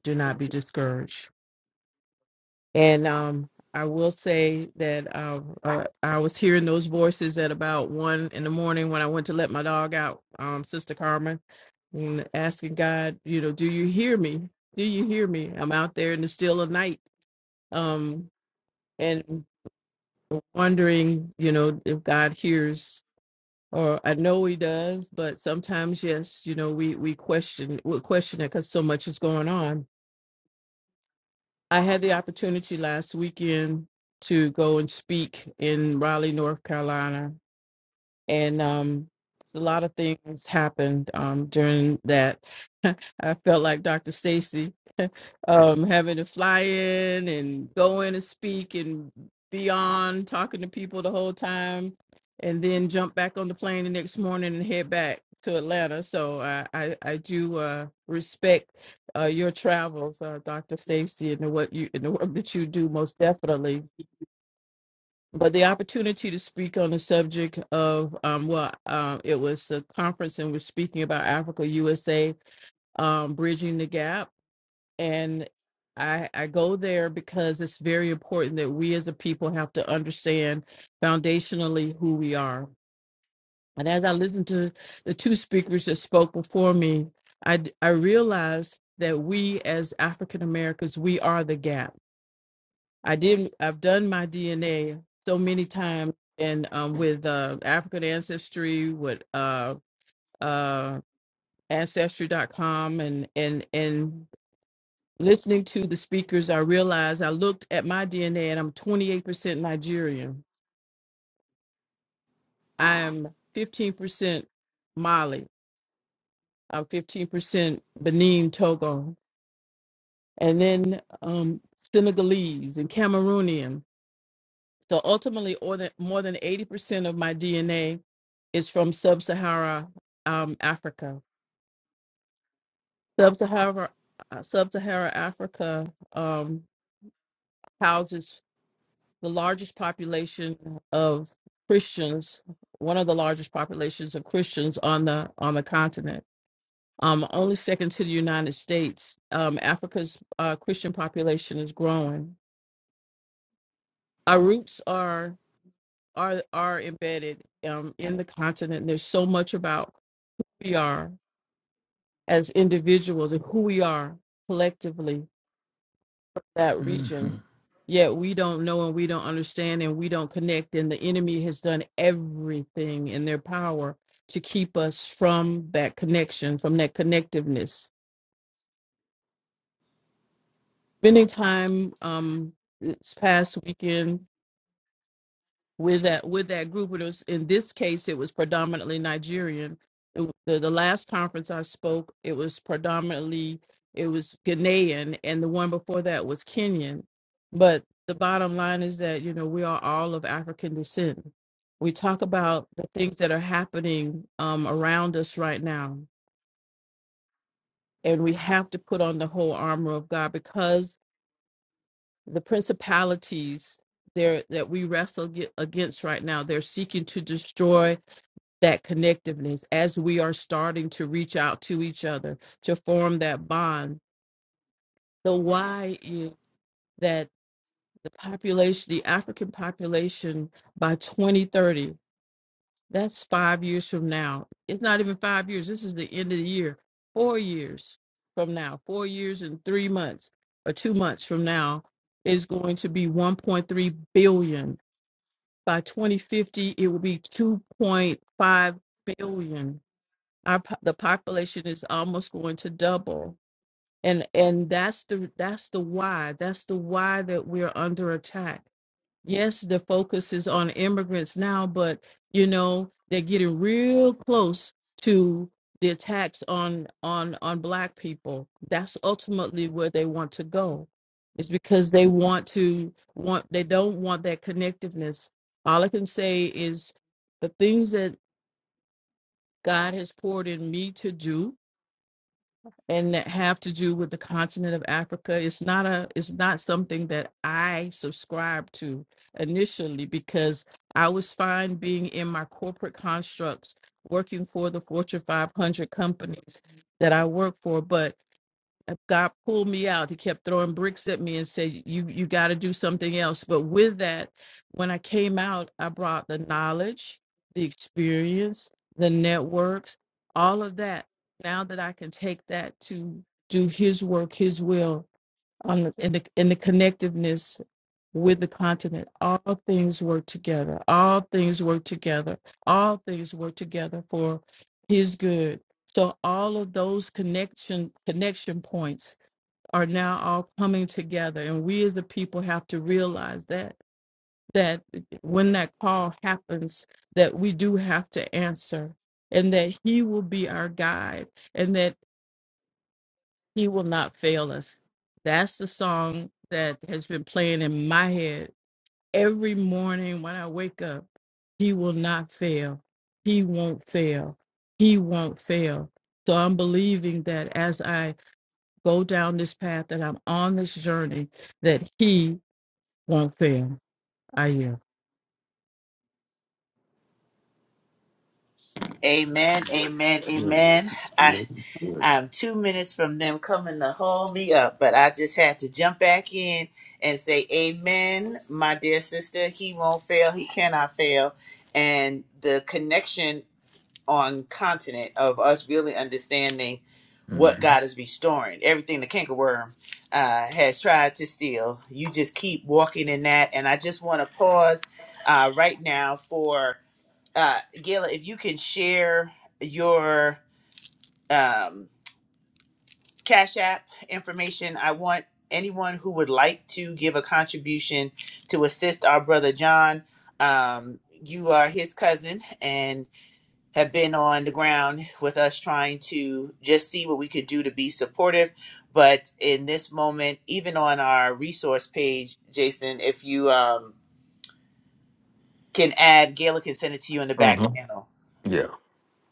I: Do not be discouraged. And um, I will say that uh, uh, I was hearing those voices at about one in the morning when I went to let my dog out, um, Sister Carmen, and asking God, you know, do you hear me? Do you hear me? I'm out there in the still of night, um, and wondering, you know, if God hears. Or I know he does, but sometimes yes, you know, we we question we question it because so much is going on I had the opportunity last weekend to go and speak in Raleigh, North Carolina, and um, a lot of things happened um, during that I felt like Dr. Stacy, um, having to fly in and go in and speak and be on talking to people the whole time, and then jump back on the plane the next morning and head back to Atlanta. So I I, I do uh, respect uh, your travels, uh, Dr. Stacy, and the what you and the work that you do most definitely. But the opportunity to speak on the subject of um, well, uh, it was a conference and we're speaking about Africa USA um, bridging the gap and I, I go there because it's very important that we as a people have to understand foundationally who we are. And as I listened to the two speakers that spoke before me, I I realized that we as African Americans, we are the gap. I didn't, I've done my DNA so many times and um, with uh, African ancestry, with uh, uh, ancestry dot com and, and, and Listening to the speakers, I realized I looked at my DNA and I'm 28% Nigerian. I'm 15% Mali. I'm 15% Benin, Togo, and then um, Senegalese and Cameroonian. So ultimately, more than more than 80% of my DNA is from Sub-Sahara um, Africa. Sub-Sahara uh, Sub-Sahara Africa um, houses the largest population of Christians, one of the largest populations of Christians on the on the continent. Um, only second to the United States. Um, Africa's uh, Christian population is growing. Our roots are are are embedded um, in the continent. There's so much about who we are as individuals and who we are collectively that region yet we don't know and we don't understand and we don't connect and the enemy has done everything in their power to keep us from that connection from that connectiveness spending time um this past weekend with that with that group. And it was, in this case, it was predominantly Nigerian. It the, the last conference I spoke, it was predominantly it was Ghanaian, and the one before that was Kenyan. But the bottom line is that you know we are all of African descent. We talk about the things that are happening um, around us right now, and we have to put on the whole armor of God because the principalities there that we wrestle ag- against right now they're seeking to destroy that connectiveness as we are starting to reach out to each other to form that bond. The why is that the population, the African population by 2030, that's five years from now. It's not even five years. This is the end of the year, four years from now, four years and three months or two months from now is going to be 1.3 billion. By 2050, it will be 2.5 billion our po- the population is almost going to double and and that's the that's the why that's the why that we're under attack yes the focus is on immigrants now but you know they're getting real close to the attacks on on on black people that's ultimately where they want to go it's because they want to want they don't want that connectiveness all i can say is the things that god has poured in me to do and that have to do with the continent of Africa. It's not a it's not something that I subscribe to initially because I was fine being in my corporate constructs working for the Fortune 500 companies that I work for, but uh, God pulled me out. He kept throwing bricks at me and said, "You you got to do something else." But with that, when I came out, I brought the knowledge, the experience, the networks, all of that. Now that I can take that to do His work, His will, on the, in the in the connectiveness with the continent. All things work together. All things work together. All things work together for his good. So all of those connection connection points are now all coming together. And we as a people have to realize that that when that call happens, that we do have to answer and that he will be our guide and that he will not fail us. That's the song that has been playing in my head every morning when I wake up. He will not fail. He won't fail. He won't fail. So I'm believing that as I go down this path that I'm on this journey, that he won't fail. I am.
C: amen
A: It's
C: amen
A: good.
C: amen
A: It's
C: I
A: good. It's good.
C: I'm two minutes from them coming to haul me up, but I just had to jump back in and say, Amen, my dear sister. He won't fail. He cannot fail. And the connection on continent of us really understanding what God
A: Mm-hmm.
C: is restoring, everything the cankerworm uh, has tried to steal. You just keep walking in that. And I just want to pause uh, right now for uh, Gayla, if you can share your. Um, Cash App information. I want anyone who would like to give a contribution to assist our brother John. Um, you are his cousin and have been on the ground with us trying to just see what we could do to be supportive. But in this moment, even on our resource page, Jason, if you um, can add, Gayla can send it to you in the back
A: hmm
C: channel
A: Yeah.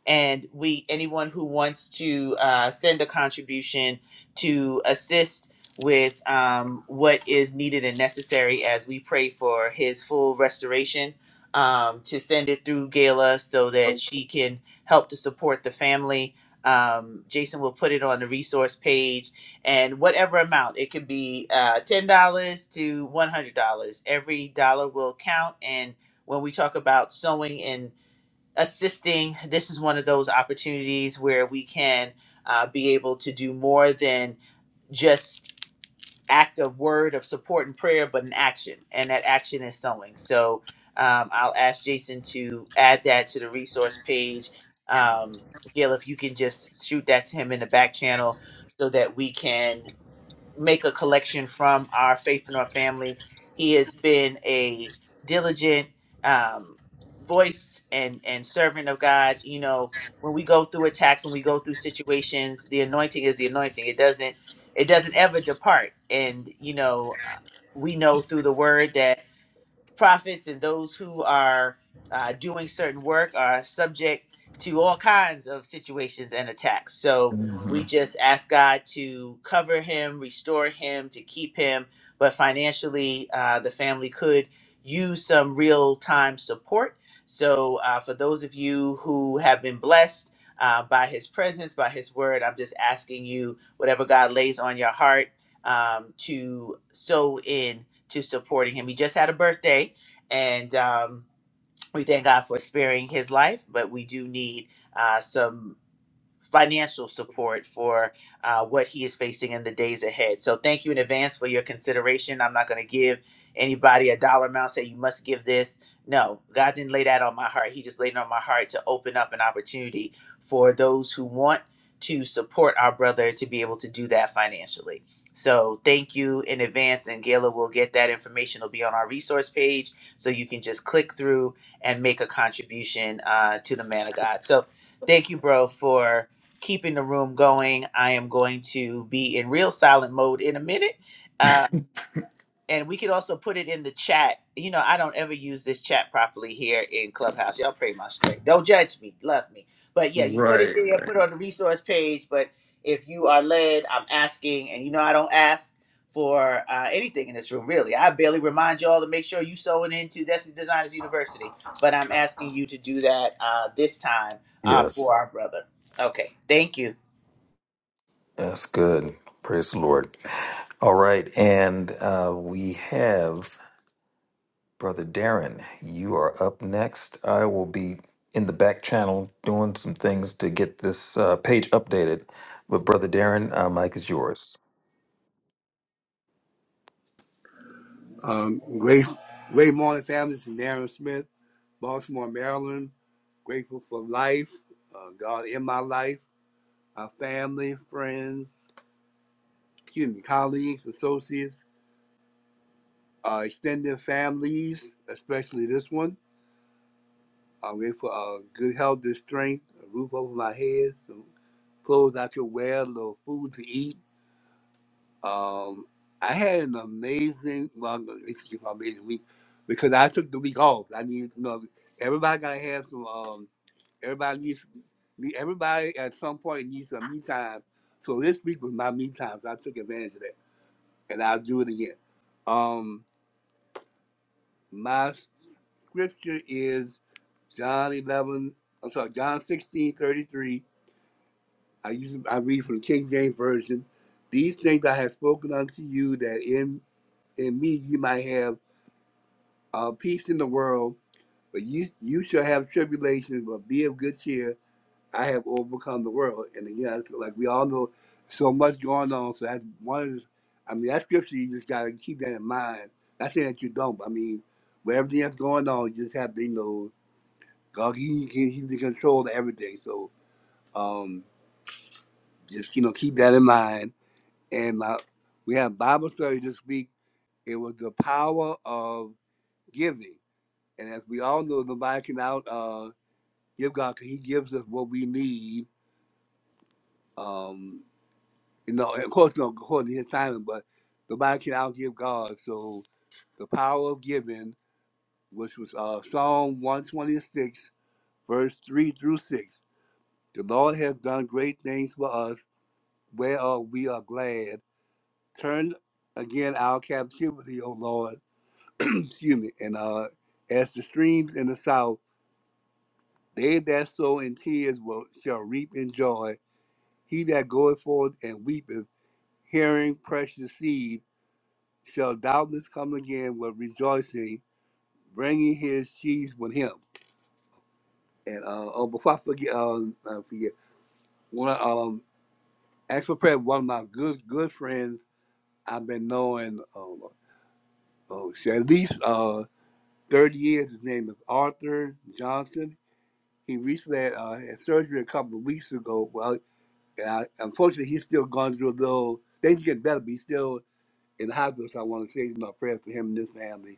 C: and we anyone who wants to uh, send a contribution to assist with um, what is needed and necessary as we pray for his full restoration um, to send it through gala so that she can help to support the family um, jason will put it on the resource page and whatever amount it could be uh, $10 to $100 every dollar will count and when we talk about sewing and assisting, this is one of those opportunities where we can uh, be able to do more than just act of word of support and prayer, but an action, and that action is sewing. So um, I'll ask Jason to add that to the resource page. Um, Gail, if you can just shoot that to him in the back channel so that we can make a collection from our faithpreneur family. He has been a diligent um, voice and and servant of God. You know, when we go through attacks and we go through situations, the anointing is the anointing. It doesn't it doesn't ever depart. And you know, uh, we know through the Word that prophets and those who are uh, doing certain work are subject to all kinds of situations and attacks. So
A: hmm
C: we just ask God to cover him, restore him, to keep him. But financially, uh, the family could use some real time support. So uh, for those of you who have been blessed, uh, by his presence, by his word, I'm just asking you, whatever God lays on your heart, um, to sow in to supporting him. He just had a birthday, and um, we thank God for sparing his life, but we do need uh, some financial support for uh, what he is facing in the days ahead. So thank you in advance for your consideration. I'm not going to give anybody a dollar amount, say you must give this. No, God didn't lay that on my heart. He just laid it on my heart to open up an opportunity for those who want to support our brother to be able to do that financially. So thank you in advance, and Gayla will get that information. It'll be on our resource page, so you can just click through and make a contribution uh, to the man of God. So thank you, bro, for keeping the room going. I am going to be in real silent mode in a minute. Uh, and we could also put it in the chat. You know, I don't ever use this chat properly here in Clubhouse. Y'all pray my strength. Don't judge me. Love me. But yeah, you put it
A: Right,
C: there,
A: right.
C: put it on the resource page. But if you are led, I'm asking, and you know, I don't ask for uh, anything in this room, really. I barely remind y'all to make sure you sewing into Destiny Designers University. But I'm asking you to do that uh, this time uh,
A: Yes.
C: for our brother. Okay, thank you.
A: That's good. Praise the Lord. All right. And uh, we have Brother Darren. You are up next. I will be in the back channel doing some things to get this uh, page updated. But Brother Darren, uh, Mike is yours.
E: Um, great great morning, families. And Darren Smith, Baltimore, Maryland. Grateful for life, uh, God in my life, my family, friends, excuse me, colleagues, associates, uh, extended families, especially this one. I'm grateful for uh, good health and strength, a roof over my head, some clothes I could wear, a little food to eat. Um, I had an amazing, well, I'm gonna- excuse my amazing week because I took the week off. I needed, to know, everybody got to have some. Um, Everybody needs me. Everybody at some point needs some me time. So this week was my me time. So I took advantage of that, and I'll do it again. Um, my scripture is John eleven. I'm sorry, John sixteen thirty three. I use I read from the King James version. These things I have spoken unto you, that in in me you might have uh, peace in the world, but you you shall have tribulation. But be of good cheer I have overcome the world. And again, like we all know so much going on. So that's one of the, I mean, that scripture, you just got to keep that in mind. Not saying that you don't, but I mean, with everything that's going on, you just have to, you know, God, he, he, he's in control of everything. So um, just, you know, keep that in mind. And my, we have Bible study this week. It was the power of giving. And as we all know, nobody can out uh, give cause he gives us what we need. Um, you know, of course, no, according to his timing, but nobody can outgive God. So the power of giving, which was uh, Psalm 126, verse 3 through 6. The Lord has done great things for us, whereof we are glad. Turn again our captivity, O Lord, excuse me, and uh, as the streams in the south, they that sow in tears will shall reap in joy. He that goeth forth and weepeth, hearing precious seed, shall doubtless come again with rejoicing, bringing his sheaves with him. And uh, oh, before I forget, uh, I forget one of- um, ask for prayer. One of my good good friends I've been knowing um, oh, shit, at least uh, thirty years. His name is Arthur Johnson. He recently had, uh, had surgery a couple of weeks ago. Well, and I, unfortunately, he's still going through a little. Things get better, but he's still in the hospital. So I want to say, you know, prayers for him and his family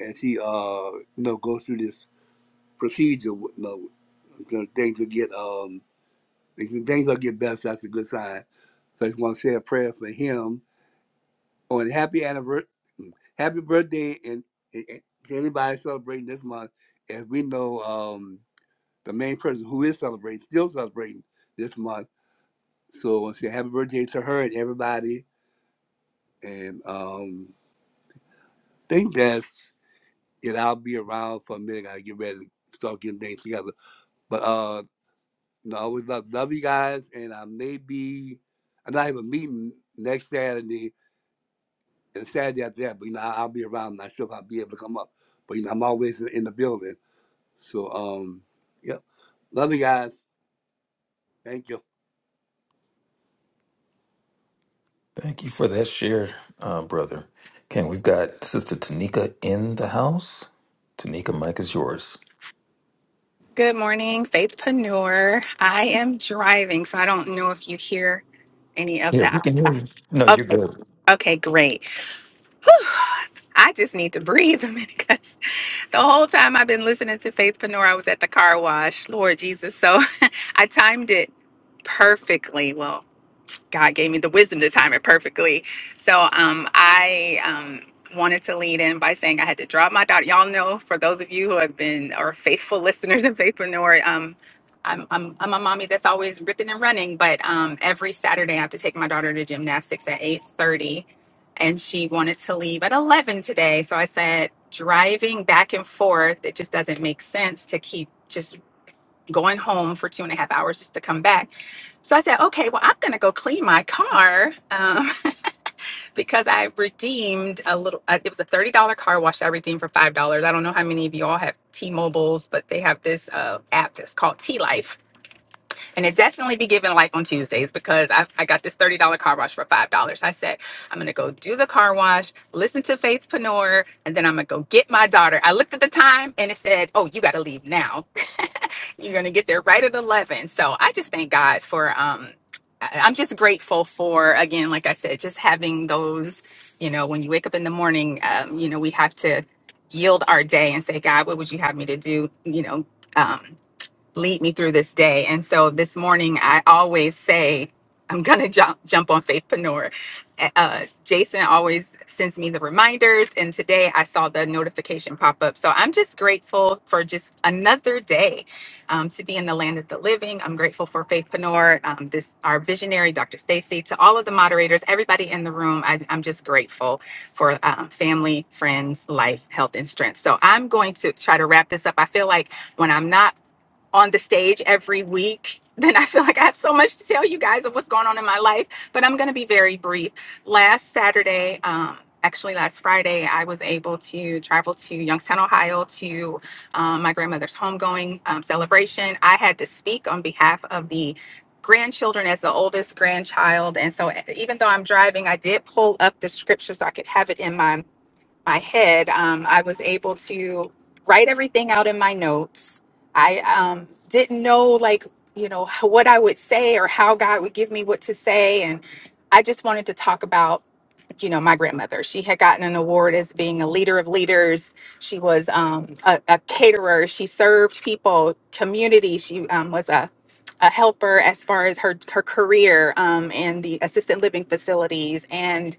E: as he uh, you know, goes through this procedure with low. Until things will get um until things will get better. So that's a good sign. So I just want to say a prayer for him on happy anniversary, happy birthday, and, and, and to anybody celebrating this month. As we know, um, the main person who is celebrating still celebrating this month. So I want to say happy birthday to her and everybody. And um, think that's it. I'll be around for a minute. I gotta get ready to start getting things together. But uh, No, I always love love you guys, and I may be I might have a meeting next Saturday and Saturday after that, but you know I, I'll be around. I'm not sure if I'll be able to come up, but you know I'm always in, in the building. So um, yep, love you guys. Thank you.
A: Thank you for that share, uh, brother. Okay, we've got Sister Tanika in the house. Tanika, Mike is yours.
J: Good morning, Faithpreneur. I am driving, so I don't know if you hear any of
A: Yeah, we
J: that.
A: can hear you. No, you're
J: Okay,
A: good.
J: okay, great. I just need to breathe a minute because the whole time I've been listening to Faithpreneur, I was at the car wash. Lord Jesus, so I timed it perfectly. Well. God gave me the wisdom to time it perfectly. So um, I um, wanted to lead in by saying I had to drop my daughter. Y'all know, for those of you who have been or faithful listeners and faithpreneur, um, I'm, I'm, I'm a mommy that's always ripping and running, but um, every Saturday I have to take my daughter to gymnastics at 8.30 and she wanted to leave at 11 today. So I said, driving back and forth, it just doesn't make sense to keep just going home for two and a half hours just to come back. So I said, okay, well, I'm going to go clean my car um, because I redeemed a little, uh, it was a $30 car wash I redeemed for $5. I don't know how many of you all have T-Mobiles, but they have this uh, app that's called T-Life. And it definitely be giving life on Tuesdays because I, I got this $30 car wash for $5. I said, I'm going to go do the car wash, listen to Faith Panor, and then I'm going to go get my daughter. I looked at the time and it said, oh, you got to leave now. You're going to get there right at 11. So I just thank God for, um, I- I'm just grateful for, again, like I said, just having those, you know, when you wake up in the morning, um, you know, we have to yield our day and say, God, what would you have me to do? You know, um, lead me through this day. And so this morning, I always say, I'm going to jump, jump on Faithpreneur. Uh, Jason always sends me the reminders. And today I saw the notification pop up. So I'm just grateful for just another day um, to be in the land of the living. I'm grateful for Faithpreneur, um, this, our visionary, Dr. Stacy, to all of the moderators, everybody in the room. I, I'm just grateful for um, family, friends, life, health, and strength. So I'm going to try to wrap this up. I feel like when I'm not on the stage every week, then I feel like I have so much to tell you guys of what's going on in my life, but I'm going to be very brief. Last Saturday, um, actually last Friday, I was able to travel to Youngstown, Ohio to um, my grandmother's homegoing um, celebration. I had to speak on behalf of the grandchildren as the oldest grandchild and so even though i'm driving i did pull up the scripture so i could have it in my my head, um, I was able to write everything out in my notes. I um, didn't know, like, you know, h- what I would say or how God would give me what to say. And I just wanted to talk about, you know, my grandmother. She had gotten an award as being a leader of leaders. She was um, a, a caterer. She served people, community. She um, was a a helper as far as her her career um, in the assisted living facilities, and.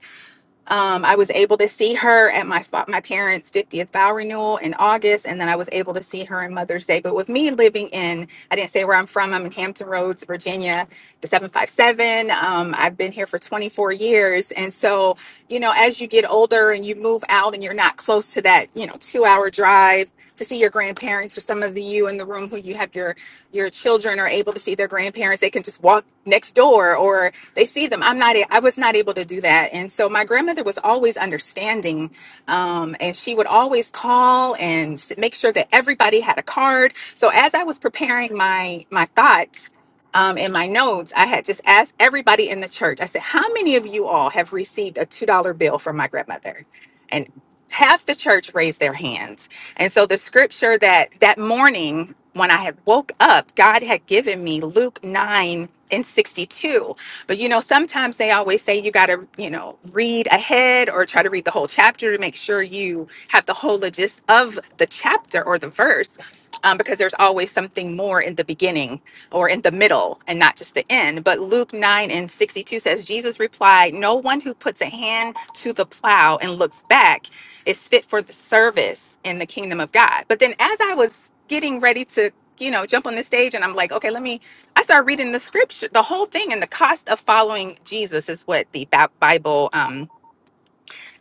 J: Um, I was able to see her at my fa- my parents' 50th vow renewal in August, and then I was able to see her on Mother's Day. But with me living in, I didn't say where I'm from. I'm in Hampton Roads, Virginia, the 757. Um, I've been here for 24 years, and so you know, as you get older and you move out, and you're not close to that, you know, two hour drive to see your grandparents or some of the you in the room who you have your your children are able to see their grandparents they can just walk next door or they see them i'm not a- i am not I was not able to do that and so my grandmother was always understanding um, and she would always call and make sure that everybody had a card so as i was preparing my my thoughts um, in my notes i had just asked everybody in the church i said how many of you all have received a $2 bill from my grandmother and half the church raised their hands and so the scripture that that morning when I had woke up, God had given me Luke 9 and 62. But you know, sometimes they always say you got to, you know, read ahead or try to read the whole chapter to make sure you have the whole gist of the chapter or the verse. Um, because there's always something more in the beginning or in the middle and not just the end. But Luke 9 and 62 says, Jesus replied, No one who puts a hand to the plow and looks back is fit for the service in the kingdom of God. But then as I was getting ready to, you know, jump on the stage and I'm like, okay, let me, I started reading the scripture, the whole thing. And the cost of following Jesus is what the Ba- Bible, um,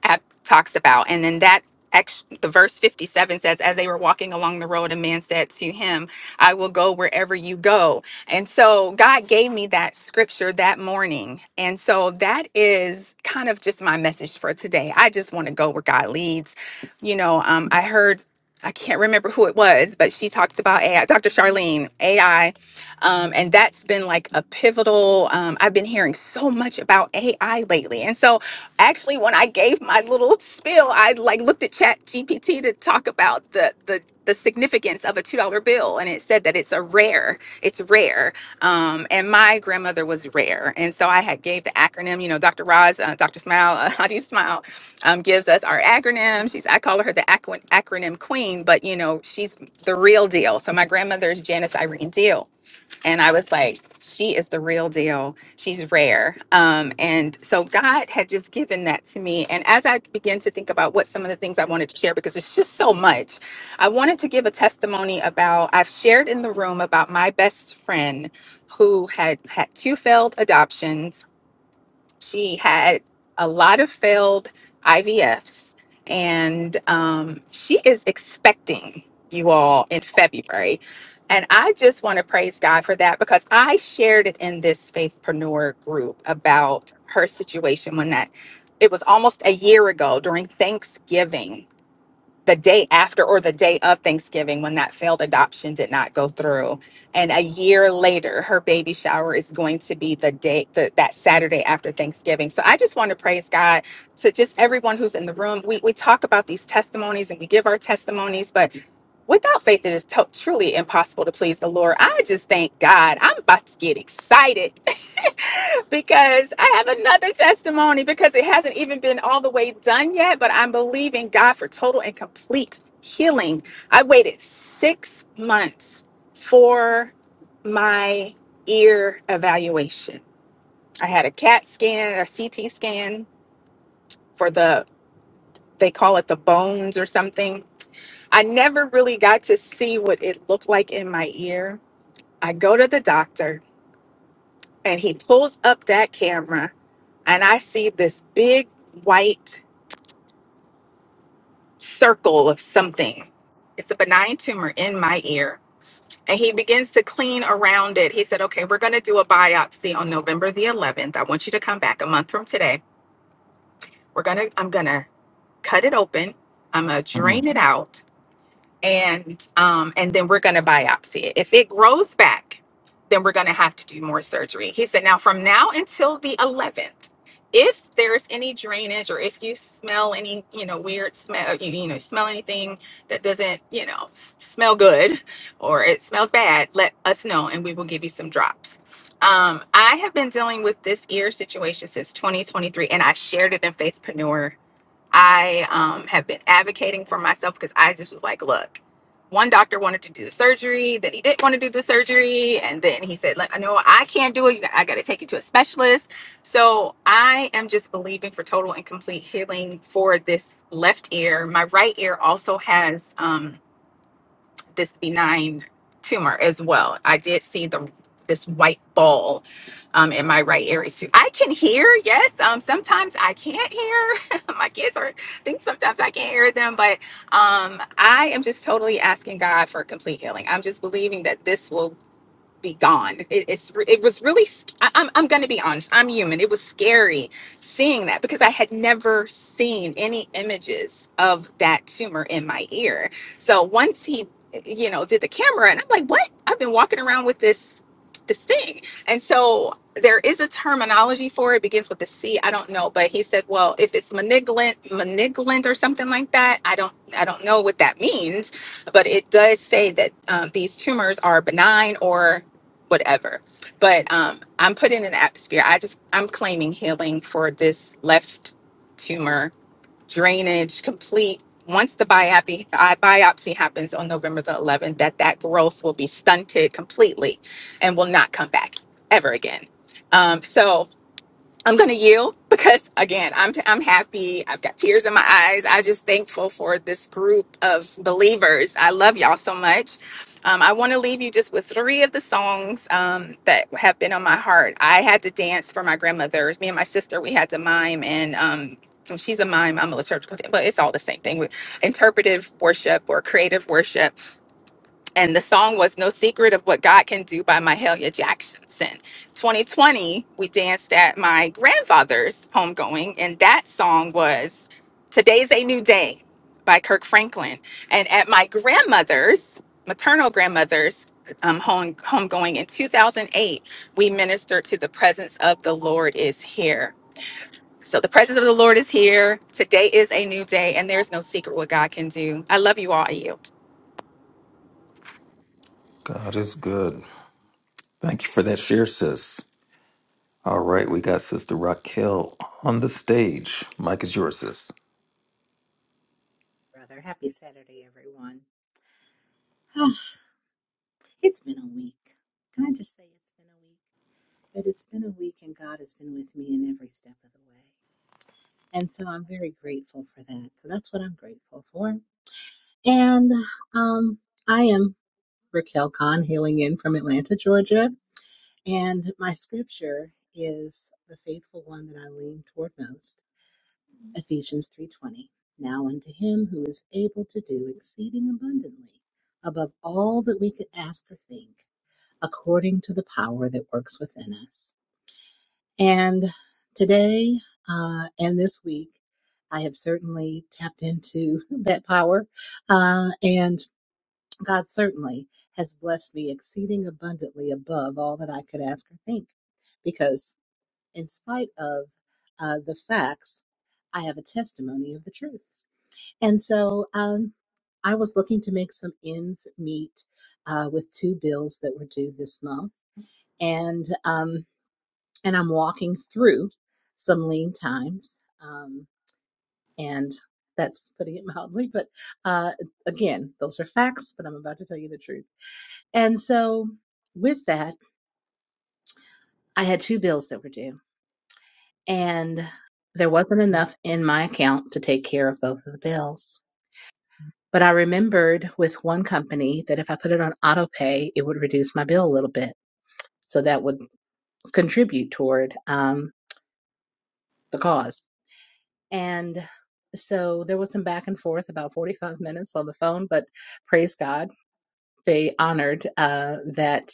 J: app talks about. And then that ex- the verse 57 says, As they were walking along the road, a man said to him, I will go wherever you go. And so God gave me that scripture that morning. And so that is kind of just my message for today. I just want to go where God leads. You know, um, I heard. I can't remember who it was, but she talked about AI. Dr. Charlene, AI um, and that's been like a pivotal. Um, I've been hearing so much about AI lately. And so, actually, when I gave my little spiel, I like looked at Chat GPT to talk about the, the, the significance of a $2 bill. And it said that it's a rare, it's rare. Um, and my grandmother was rare. And so I had gave the acronym, you know, Dr. Roz, uh, Dr. Smile, uh, Hadi Smile, um, gives us our acronym. She's I call her the acro- acronym queen, but you know she's the real deal. So my grandmother is Janice Irene Deal, and I was like, she is the real deal. She's rare. Um, and so God had just given that to me. And as I began to think about what some of the things I wanted to share, because it's just so much, I wanted to give a testimony about I've shared in the room about my best friend who had had two failed adoptions she had a lot of failed IVFs, and um, she is expecting you all in February. And I just want to praise God for that because I shared it in this faithpreneur group about her situation when that it was almost a year ago during Thanksgiving the day after or the day of Thanksgiving when that failed adoption did not go through. And a year later, her baby shower is going to be the day the, that Saturday after Thanksgiving. So I just want to praise God to just everyone who's in the room. We, we talk about these testimonies and we give our testimonies, but without faith, it is to- truly impossible to please the Lord. I just thank God. I'm about to get excited because I have another testimony because it hasn't even been all the way done yet, but I'm believing God for total and complete healing. I waited six months for my ear evaluation. I had a CAT scan, a CT scan for the, they call it the bones or something. I never really got to see what it looked like in my ear. I go to the doctor and he pulls up that camera and I see this big white circle of something. It's a benign tumor in my ear. And he begins to clean around it. He said, Okay, we're gonna do a biopsy on November the 11th. I want you to come back a month from today. We're gonna, I'm gonna cut it open. I'm gonna
A: Mm.
J: drain it out and um, and then we're going to biopsy it. If it grows back, then we're going to have to do more surgery. He said, now from now until the 11th, if there's any drainage or if you smell any, you know, weird smell, you, you know, smell anything that doesn't, you know, s- smell good or it smells bad, let us know and we will give you some drops. Um, I have been dealing with this ear situation since 2023 and I shared it in Faithpreneur I um, have been advocating for myself because I just was like, look, one doctor wanted to do the surgery, then he didn't want to do the surgery, and then he said, like, no, I can't do it. You- I got to take you to a specialist. So I am just believing for total and complete healing for this left ear. My right ear also has. Um, this benign tumor as well. I did see the this white ball um, in my right area too. I can hear, yes. Um, sometimes I can't hear. my kids are I think sometimes I can't hear them, but um, I am just totally asking God for complete healing. I'm just believing that this will be gone. It, it's it was really sc- I, I'm I'm going to be honest. I'm human. It was scary seeing that because I had never seen any images of that tumor in my ear. So once he you know did the camera and I'm like, "What? I've been walking around with this this thing." And so there is a terminology for it begins with a C. I don't know, but he said, "Well, if it's malignant malignant or something like that, I don't I don't know what that means." but it does say that um, these tumors are benign or whatever. But um, I'm put in an atmosphere. I just I'm claiming healing for this left tumor drainage complete. Once the biopsy uh, biopsy happens on November the 11th, that that growth will be stunted completely, and will not come back ever again. Um, so I'm going to yield because again, I'm I'm happy. I've got tears in my eyes. I just thankful for this group of believers. I love y'all so much. Um, I want to leave you just with three of the songs um, that have been on my heart. I had to dance for my grandmother's. Me and my sister, we had to mime and. Um, so she's a mime. I'm a liturgical, dan- but it's all the same thing. We- Interpretive worship or creative worship and the song was No Secret of What God Can Do by Mahalia Jackson. 2020, we danced at my grandfather's homegoing, and that song was Today's a New Day by Kirk Franklin. And at my grandmother's, maternal grandmother's, um, home homegoing in 2008, we ministered to the presence of the Lord is here. So the presence of the Lord is here. Today is a new day, and there's no secret what God can do. I love you all. I yield.
A: God is good. Thank you for that share, sis. All right, we got Sister Raquel on the stage. Mike is yours, sis.
K: brother. Happy Saturday, everyone. Oh, it's been a week. Can I just say it's been a week? But it's been a week, and God has been with me in every step of the way. And so I'm very grateful for that. So that's what I'm grateful for. And um, I am Raquel Kahn, hailing in from Atlanta, Georgia. And my scripture is the faithful one that I lean toward most. Ephesians 3:20 Now unto him who is able to do exceeding abundantly above all that we could ask or think according to the power that works within us. And today uh, and this week I have certainly tapped into that power uh, and God certainly has blessed me exceeding abundantly above all that I could ask or think because in spite of uh, the facts I have a testimony of the truth and so um, I was looking to make some ends meet uh, with two bills that were due this month, and um, and I'm walking through some lean times, um, and that's putting it mildly. But uh, again, those are facts, but I'm about to tell you the truth. And so with that, I had two bills that were due, and there wasn't enough in my account to take care of both of the bills. But I remembered with one company that if I put it on auto pay, it would reduce my bill a little bit. So that would contribute toward um, the cause. And so there was some back and forth about 45 minutes on the phone, but praise God, they honored uh, that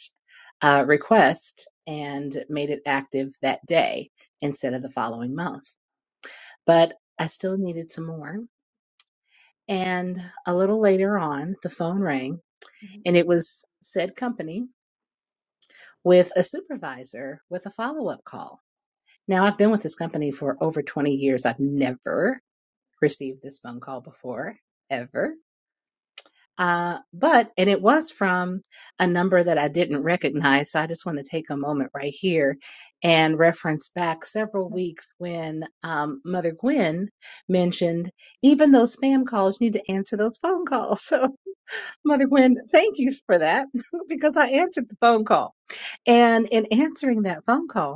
K: uh, request and made it active that day instead of the following month. But I still needed some more. And a little later on, the phone rang and it was said company with a supervisor with a follow up call. Now, I've been with this company for over 20 years. I've never received this phone call before, ever. Uh, but, and it was from a number that I didn't recognize. So I just want to take a moment right here and reference back several weeks when um, Mother Gwen mentioned even those spam calls, you need to answer those phone calls. So, Mother Gwen, thank you for that because I answered the phone call. And in answering that phone call,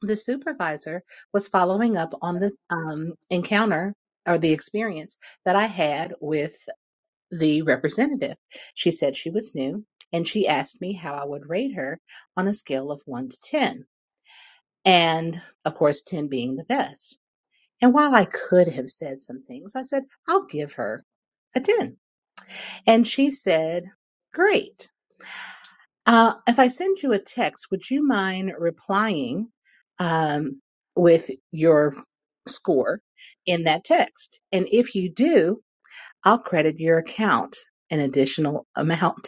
K: The supervisor was following up on the um, encounter or the experience that I had with the representative. She said she was new and she asked me how I would rate her on a scale of 1 to 10. And of course, 10 being the best. And while I could have said some things, I said, I'll give her a 10. And she said, Great. Uh, if I send you a text, would you mind replying um, with your score in that text? And if you do, I'll credit your account an additional amount.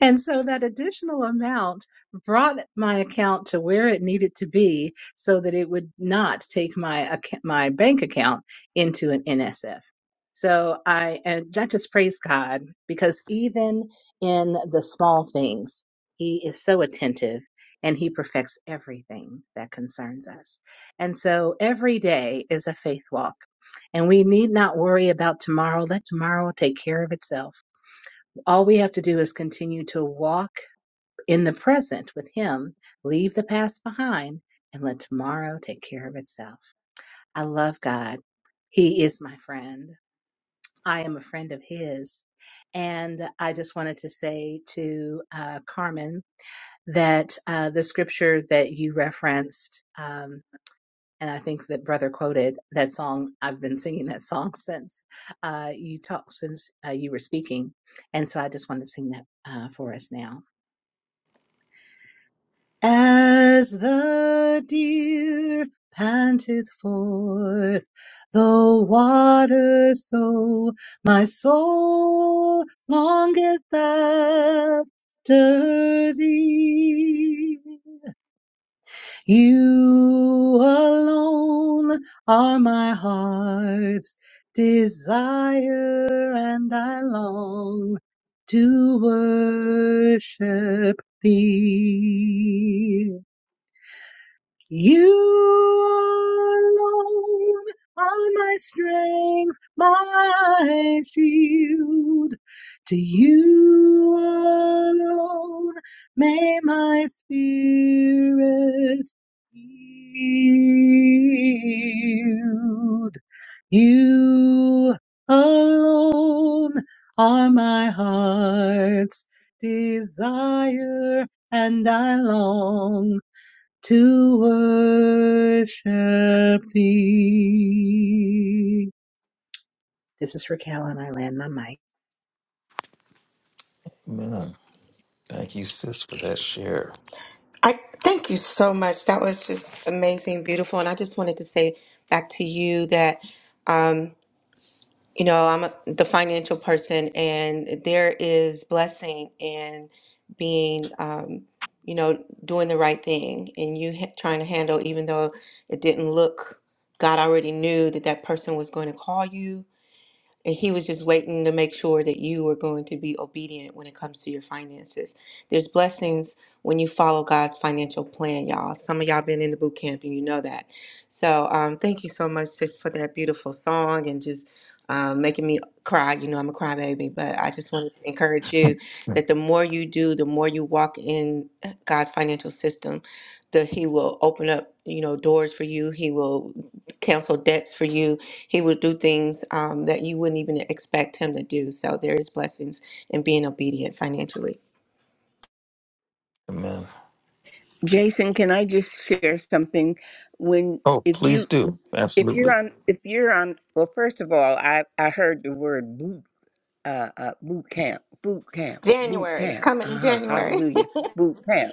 K: And so that additional amount brought my account to where it needed to be so that it would not take my acc- my bank account into an NSF. So I and I just praise God because even in the small things, he is so attentive and he perfects everything that concerns us. And so every day is a faith walk. And we need not worry about tomorrow. Let tomorrow take care of itself all we have to do is continue to walk in the present with Him, leave the past behind, and let tomorrow take care of itself. I love God. He is my friend. I am a friend of His. And I just wanted to say to uh, Carmen that uh, the scripture that you referenced, um, and I think that brother quoted that song. I've been singing that song since uh, you talked, since uh, you were speaking. And so I just wanted to sing that uh, for us now. As the deer panteth forth the water, so my soul longeth after thee. You alone are my heart's desire, and I long to worship thee. You alone are my strength, my shield. To you alone may my spirit yield. You alone are my heart's desire, and I long to worship thee. This is Raquel, and I land my mic.
A: Amen. Thank you, sis, for that share.
F: I thank you so much. That was just amazing, beautiful. And I just wanted to say back to you that, um, you know, I'm a, the financial person, and there is blessing in being, um, you know, doing the right thing, and you ha- trying to handle, even though it didn't look. God already knew that that person was going to call you and he was just waiting to make sure that you are going to be obedient when it comes to your finances. There's blessings when you follow God's financial plan, y'all. Some of y'all been in the boot camp and you know that. So um, thank you so much sis, for that beautiful song and just um, making me cry. You know, I'm a crybaby, but I just wanted to encourage you that the more you do, the more you walk in uh, God's financial system, that He will open up, you know, doors for you. He will cancel debts for you he would do things um, that you wouldn't even expect him to do. So there is blessings in being obedient financially.
A: Amen.
G: Jason, can I just share something? When
A: Oh,
G: if
A: please
G: you
A: do.
G: if you're
A: Absolutely.
G: on if you're on well, first of all, I I heard the word boot uh, uh boot camp, boot camp, boot
F: January, it's
G: camp. Uh
F: coming in
G: huh.
F: January.
G: Hallelujah, boot camp.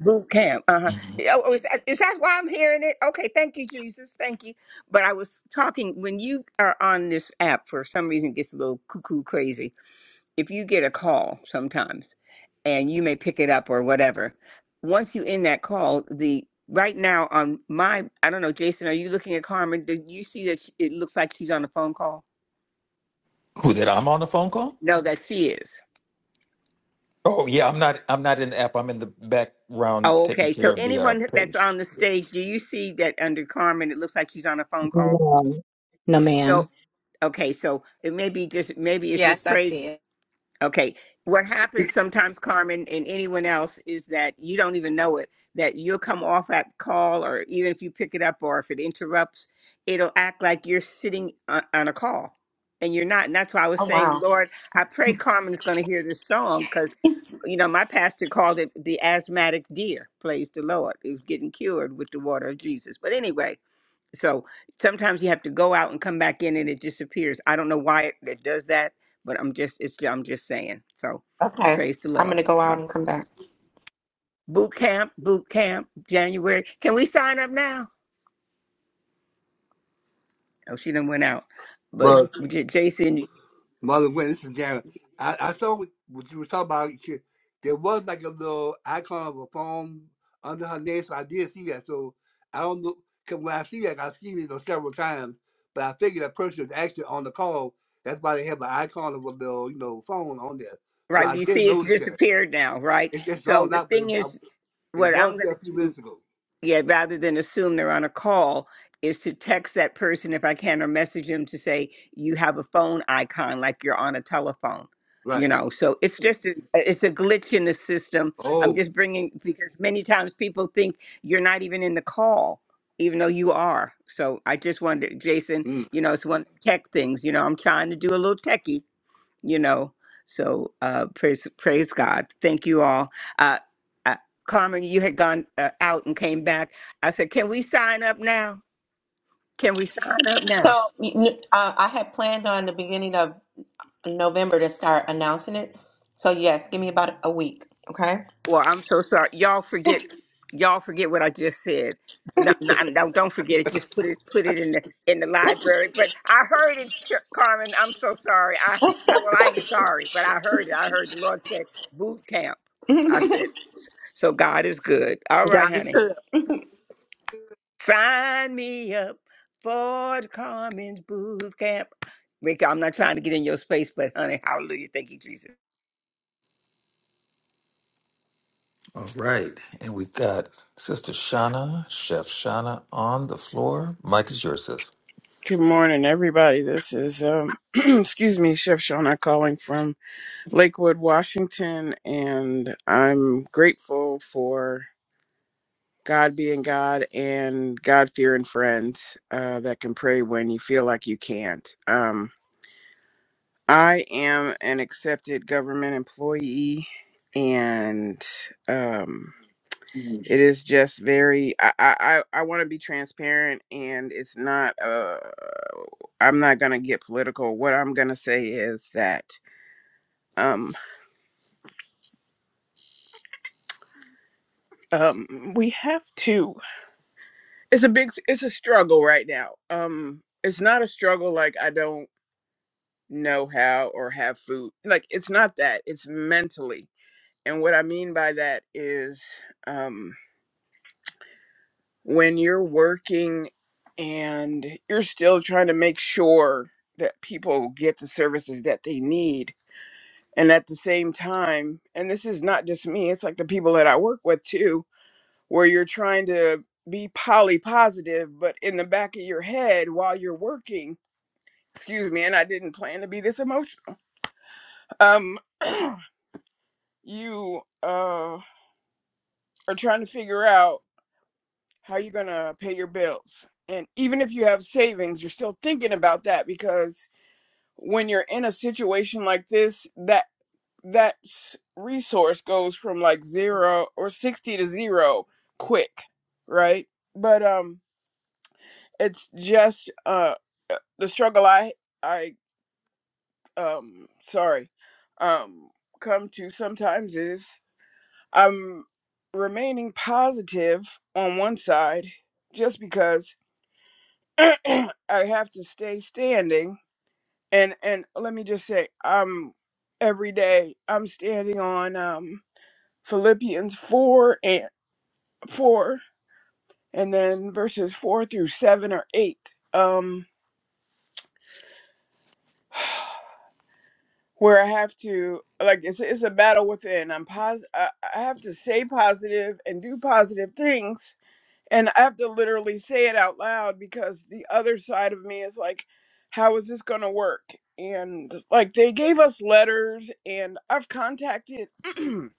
G: Boot camp. Uh huh.
A: Who
G: Oh, is that, is that why I'm hearing it? Okay, thank you, Jesus. Thank you. But I was talking when you are on this app for some reason it gets a little cuckoo crazy. If you get a call sometimes, and you may pick it up or whatever, once you end that call, the right now on my I don't know, Jason, are you looking at Carmen? Do you see that she, it looks like she's on a phone call?
A: that I'm on the phone call?
G: No, that she is.
A: Oh yeah, I'm not I'm not in the app. I'm in the background
G: Oh,
A: taking
G: okay. So
A: care of the uh,
G: anyone that's
A: page.
G: on the stage, do you see that under Carmen? It looks like she's on a phone call.
K: No, no
G: So
K: ma'am.
G: Okay, so it may be just maybe it's just
J: Yes, I
G: crazy.
J: see it.
G: Okay, what happens sometimes, Carmen, and anyone else is that you don't even know it. That you'll come off that call, or even if you pick it up, or if it interrupts, it'll act like you're sitting on, on a call, and you're not. And that's why I was
F: oh,
G: saying,
F: wow.
G: Lord, I pray Carmen is going to hear this song because, you know, my pastor called it the asthmatic deer. Praise the Lord, who's getting cured with the water of Jesus. But anyway, so sometimes you have to go out and come back in and it disappears. I don't know why it, it does that, but I'm just it's I'm just saying. So
F: Okay.
G: praise the
F: I'm going
G: Lord.
F: to go
G: Uh,
F: out and come back.
G: Boot camp, boot camp, January. Can we sign up now? Oh, she done went out. But
E: But
G: J- Jason,
E: Marlon Wayne, this is Darren. I, I saw what, what you were talking about. She- There was like a little icon of a phone under her name, so I did see that. So I don't know, because when I see that, I've seen it on several times, but I figured that person was actually on the call. That's why they have an icon of a little, you know, phone on there. So
G: right?
E: I
G: You
E: did
G: see, it's
E: notice that.
G: disappeared now, right?
E: It's just
G: So
E: gone
G: the
E: out, but it,
G: thing
E: I,
G: is,
E: it
G: what I'm
E: was
G: gonna
E: there a few
G: do
E: minutes ago.
G: yeah, rather than assume they're on a call, is to text that person if I can or message them to say you have a phone icon like you're on a telephone. You
E: Right.
G: know, so it's just a, it's a glitch in the system. I'm
E: Oh,
G: just bringing because many times people think you're not even in the call, even though you are. So I just wanted, Jason,
E: mm.
G: you know, it's one of the tech things. You know, I'm trying to do a little techie, you know. So uh, praise praise God. Thank you all. Uh, uh, Carmen, you had gone uh, out and came back. I said, "Can we sign up now? Can we sign up now?"
F: So you kn- uh, I had planned on the beginning of November to start announcing it. So, yes, give me about a week. Okay.
G: Well, I'm so sorry. Y'all forget. Y'all forget what I just said. No, no, no, don't forget it. Just put it put it in the in the library. But I heard it, Ch- Carmen. I'm so sorry. I, I well, I ain't sorry, but I heard it. I heard the Lord said boot camp. I said,
F: God
G: so God is good. All right,
F: is
G: honey.
F: good.
G: Sign me up for the Carmen's boot camp. Rick, I'm not trying to get in your space, but honey, hallelujah. Thank you, Jesus.
A: All right. And we've got Sister Shauna, Chef Shauna on the floor. Mike is yours, sis.
L: Good morning, everybody. This is, um, excuse me, Chef Shauna calling from Lakewood, Washington, and I'm grateful for God being God and God fearing friends uh, that can pray when you feel like you can't. Um, I am an accepted government employee, and um, it is just very i i i want to be transparent and it's not uh i'm not gonna get political what i'm gonna say is that um um we have to it's a big it's a struggle right now um it's not a struggle like i don't know how or have food like it's not that it's mentally and what i mean by that is Um. when you're working and you're still trying to make sure that people get the services that they need. And at the same time, and this is not just me, it's like the people that I work with too, where you're trying to be poly positive, but in the back of your head while you're working, excuse me, and I didn't plan to be this emotional. Um, you uh, are trying to figure out how you're going to pay your bills. And even if you have savings, you're still thinking about that because when you're in a situation like this, that that resource goes from like 0 or 60 to 0 quick, right? But um it's just uh uh, the struggle I I um sorry um come to sometimes is I'm remaining positive on one side just because I have to stay standing. And and let me just say, um, every day I'm standing on um Philippians four and four, and then verses four through seven or eight. Um, where I have to like it's it's a battle within. I'm pos I, I have to say positive and do positive things And I have to literally say it out loud because the other side of me is like, how is this going to work? And like they gave us letters, and I've contacted,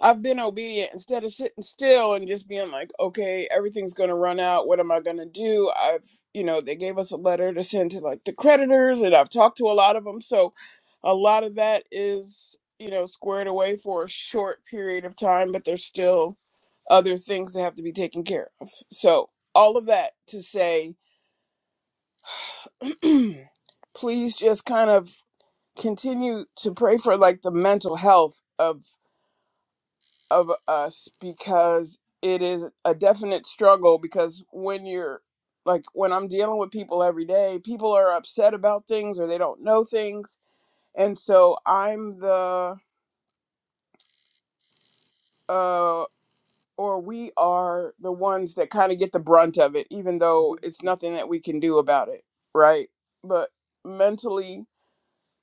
L: I've been obedient instead of sitting still and just being like, okay, everything's going to run out. What am I going to do? I've, you know, they gave us a letter to send to like the creditors, and I've talked to a lot of them. So a lot of that is, you know, squared away for a short period of time, but there's still other things that have to be taken care of. So, all of that to say, please just kind of continue to pray for like the mental health of of us because it is a definite struggle because when you're like when I'm dealing with people every day, people are upset about things or they don't know things. And so I'm the uh. or we are the ones that kind of get the brunt of it, even though it's nothing that we can do about it, right? But mentally,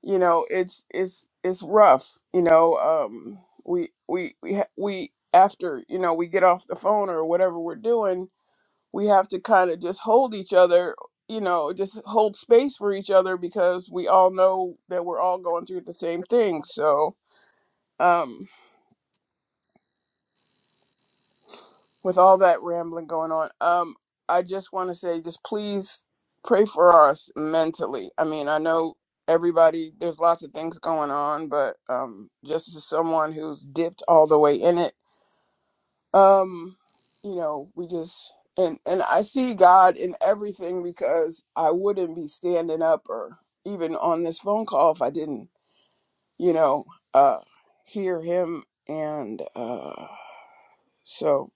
L: you know, it's it's it's rough. You know, um, we we we ha- we after you know we get off the phone or whatever we're doing, we have to kind of just hold each other. You know, just hold space for each other because we all know that we're all going through the same thing. So, um, with all that rambling going on, um, I just want to say, just please pray for us mentally. I mean, I know everybody, there's lots of things going on, but um, just as someone who's dipped all the way in it, um, you know, we just and and I see God in everything because I wouldn't be standing up or even on this phone call if I didn't, you know, uh, hear Him. And uh, so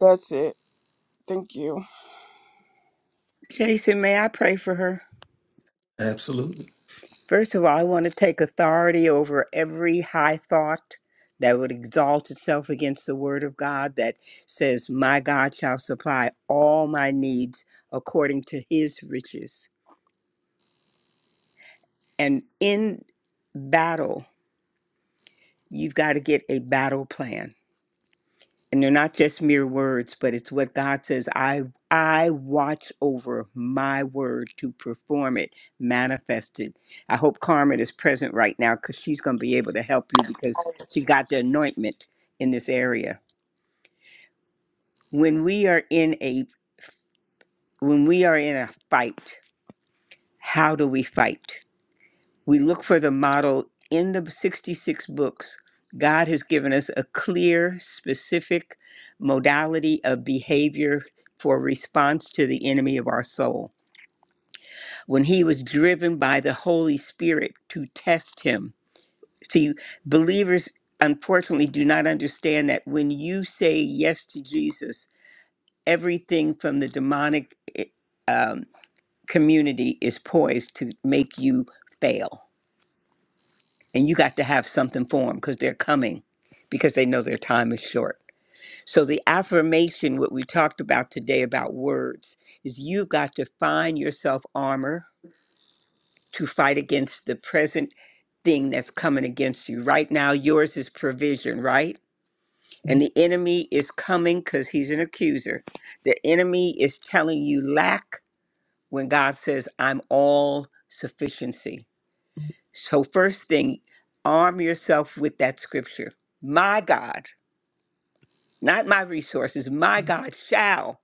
L: that's it. Thank you.
G: Jason, may I pray for her?
A: Absolutely.
G: First of all, I want to take authority over every high thought that would exalt itself against the word of God that says, My God shall supply all my needs according to his riches. And in battle, you've got to get a battle plan and they're not just mere words but it's what god says i i watch over my word to perform it manifest it i hope carmen is present right now because she's going to be able to help you because she got the anointment in this area when we are in a when we are in a fight how do we fight We look for the model in the 66 books. God has given us a clear, specific modality of behavior for response to the enemy of our soul. When he was driven by the Holy Spirit to test him. See, believers unfortunately do not understand that when you say yes to Jesus, everything from the demonic eh, um, community is poised to make you fail and you got to have something for them because they're coming because they know their time is short. So, the affirmation, what we talked about today about words, is you've got to find yourself armor to fight against the present thing that's coming against you. Right now, yours is provision, right? And the enemy is coming because he's an accuser. The enemy is telling you lack when God says, I'm all sufficiency. So, first thing, arm yourself with that scripture. My God, not my resources, my God shall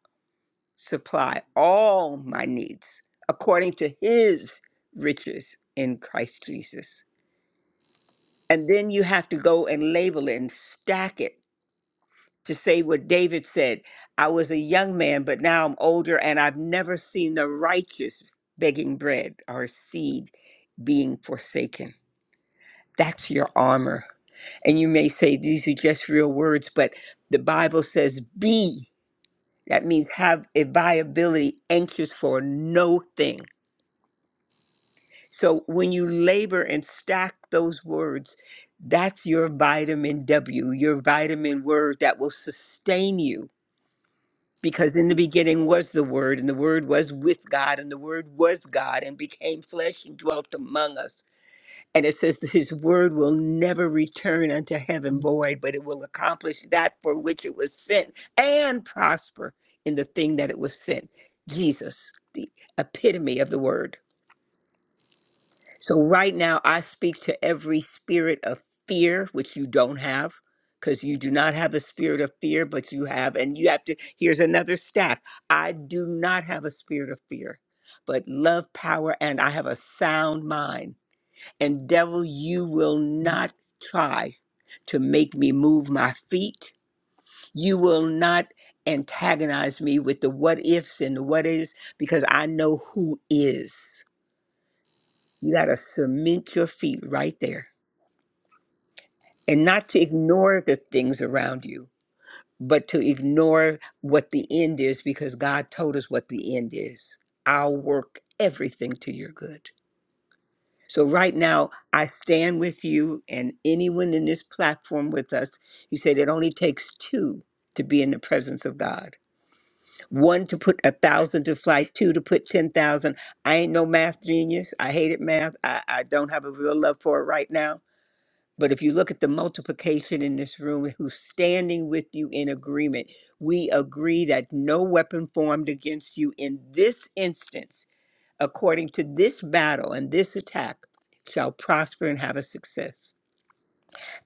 G: supply all my needs according to his riches in Christ Jesus. And then you have to go and label it and stack it to say what David said I was a young man, but now I'm older, and I've never seen the righteous begging bread or seed being forsaken. That's your armor. And you may say these are just real words, but the Bible says be. That means have a viability, anxious for no thing. So when you labor and stack those words, that's your vitamin W, your vitamin word that will sustain you. Because in the beginning was the Word, and the Word was with God, and the Word was God, and became flesh and dwelt among us. And it says that his word will never return unto heaven void, but it will accomplish that for which it was sent and prosper in the thing that it was sent. Jesus, the epitome of the word. So right now, I speak to every spirit of fear, which you don't have, because you do not have a spirit of fear, but you have, and you have to, here's another staff. I do not have a spirit of fear, but love, power, and I have a sound mind. And devil, you will not try to make me move my feet. You will not antagonize me with the what ifs and the what is because I know who is. You got to cement your feet right there and not to ignore the things around you, but to ignore what the end is because God told us what the end is. I'll work everything to your good. So, right now, I stand with you and anyone in this platform with us. You said it only takes two to be in the presence of God one to put a thousand to flight, two to put 10,000. I ain't no math genius. I hated math. I, I don't have a real love for it right now. But if you look at the multiplication in this room, who's standing with you in agreement, we agree that no weapon formed against you in this instance according to this battle and this attack shall prosper and have a success.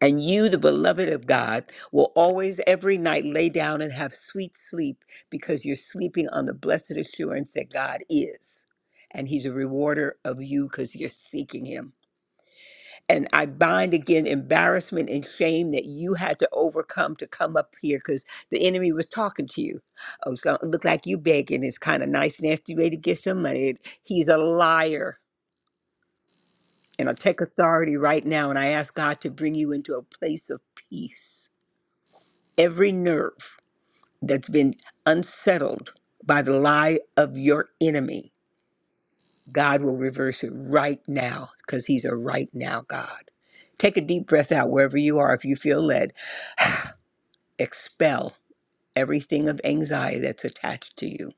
G: And you, the beloved of God, will always every night lay down and have sweet sleep because you're sleeping on the blessed assurance that God is. And he's a rewarder of you because you're seeking him. And I bind again embarrassment and shame that you had to overcome to come up here because the enemy was talking to you. Oh, it's going to look like you begging. It's kind of nice, nasty way to get some money. He's a liar. And I take authority right now and I ask God to bring you into a place of peace. Every nerve that's been unsettled by the lie of your enemy, God will reverse it right now because He's a right now God. Take a deep breath out wherever you are if you feel led. Expel everything of anxiety that's attached to you.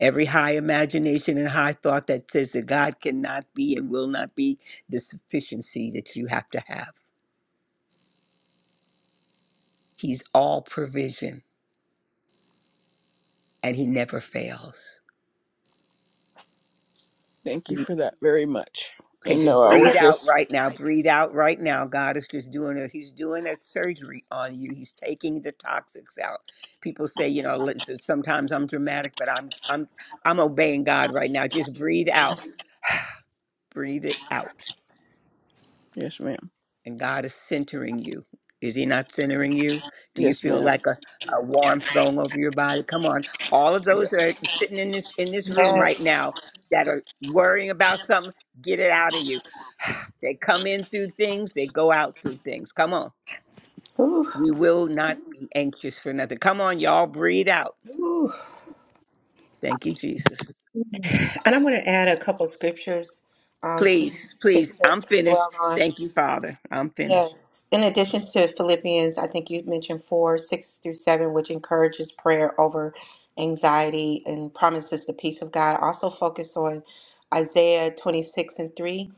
G: Every high imagination and high thought that says that God cannot be and will not be the sufficiency that you have to have. He's all provision. and he never fails.
L: Thank you
G: We-
L: for that very much.
G: Okay,
L: And
G: just
L: no, I
G: breathe
L: was
G: out
L: just
G: right now. Breathe out right now. God is just doing it. He's doing a surgery on you. He's taking the toxics out. People say, you know, let- so sometimes I'm dramatic, but I'm I'm I'm obeying God right now. Just breathe out. Breathe it out.
L: yes, ma'am.
G: And God is centering you. Is he not centering you? Do you
L: Yes,
G: feel
L: ma'am.
G: like a, a warmth going over your body? Come on. All of
L: Yeah.
G: those that are sitting in this in this room right
F: Yes.
G: now that are worrying about something, get it out of you They come in through things, they go out through things. Come on.
F: Ooh,
G: We will not be anxious for nothing. Come on, y'all, breathe out.
F: ooh.
G: Thank you, Jesus.
F: And I'm going to add a couple scriptures um, for you
G: Please,
F: to,
G: please,
F: to,
G: I'm
F: to
G: finished.
F: dwell on.
G: Thank you, Father. I'm finished.
F: Yes. In addition to Philippians, I think you mentioned four, six through seven, which encourages prayer over anxiety and promises the peace of God. Also focus on Isaiah 26 and 3.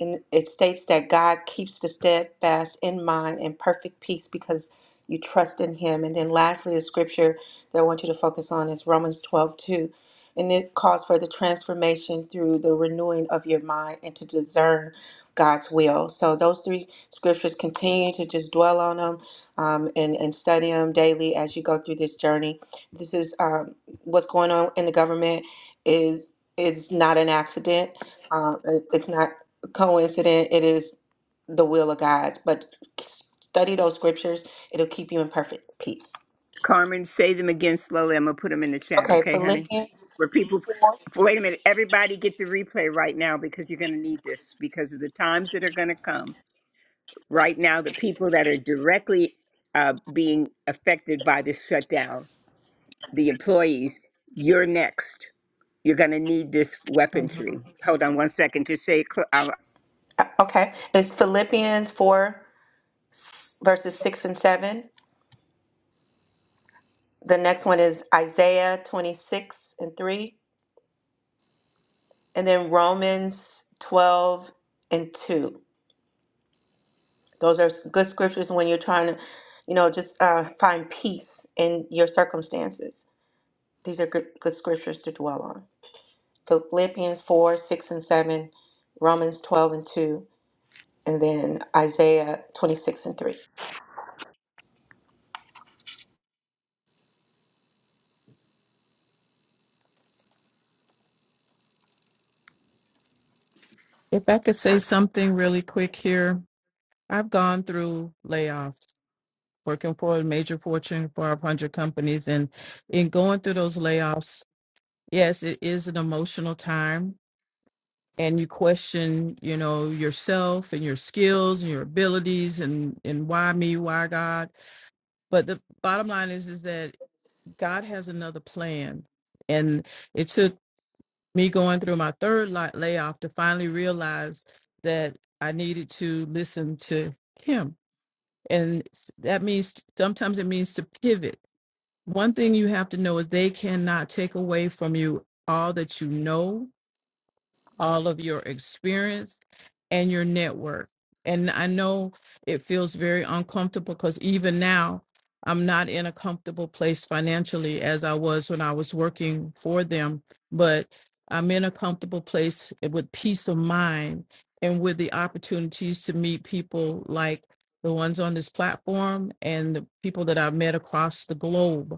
F: And it states that God keeps the steadfast in mind and perfect peace because you trust in him. And then lastly, the scripture that I want you to focus on is Romans 12 2, And it calls for the transformation through the renewing of your mind and to discern God's will. So those three scriptures continue to just dwell on them um, and, and study them daily as you go through this journey this is um, what's going on in the government is it's not an accident um, it- it's not a coincident it is the will of god but study those scriptures it'll keep you in perfect peace
G: Carmen, say them again slowly. I'm going to put them in the chat,
F: okay
G: okay, honey?
F: philippians
G: For people, wait a minute. Everybody get the replay right now because you're going to need this because of the times that are going to come. Right now, the people that are directly uh, being affected by this shutdown, the employees, you're next. You're going to need this weaponry. Hold on one second to say, cl- uh,
F: uh, okay it's philippians 4 s- verses 6 and 7 the next one is isaiah 26 and 3 and then Romans 12 and 2. Those are good scriptures when you're trying to, you know, just uh, find peace in your circumstances. These are good, good scriptures to dwell on. Philippians 4, 6, and 7, Romans 12 and 2, and then Isaiah 26 and 3.
I: If I could say something really quick here, I've gone through layoffs, working for a major Fortune 500 companies, and in going through those layoffs, Yes, it is an emotional time. And you question, you know, yourself and your skills and your abilities and, and why me, why God. But the bottom line is is that God has another plan. And it took me going through my third li- layoff to finally realize that I needed to listen to him. And s- that means sometimes it means to pivot. One thing you have to know is they cannot take away from you all that you know all of your experience and your network. And I know it feels very uncomfortable because even now, I'm not in a comfortable place financially as I was when I was working for them, but I'm in a comfortable place with peace of mind and with the opportunities to meet people like the ones on this platform and the people that I've met across the globe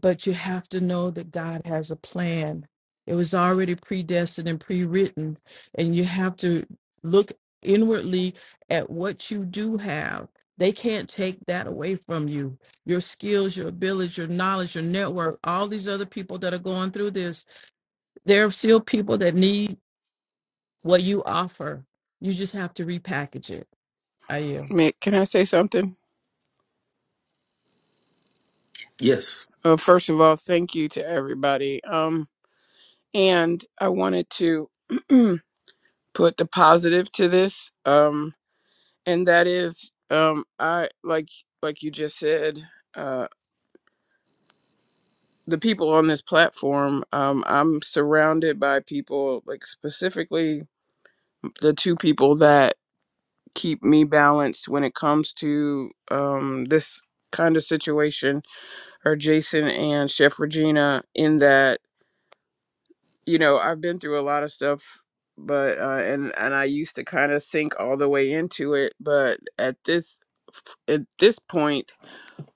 I: but you have to know that God has a plan. It was already predestined and pre written, and you have to look inwardly at what you do have. They can't take that away from you. Your skills, your abilities, your knowledge, your network, all these other people that are going through this, there are still people that need what you offer. You just have to repackage it. I am.
L: Ma- Can I say something?
A: Yes.
L: Uh, first of all, thank you to everybody. Um, and I wanted to put the positive to this. Um, and that is, um, I like like you just said, uh, the people on this platform. Um, I'm surrounded by people, like specifically the two people that keep me balanced when it comes to um, this kind of situation or Jason and Chef Regina in that you know I've been through a lot of stuff but uh, and and I used to kind of sink all the way into it but at this at this point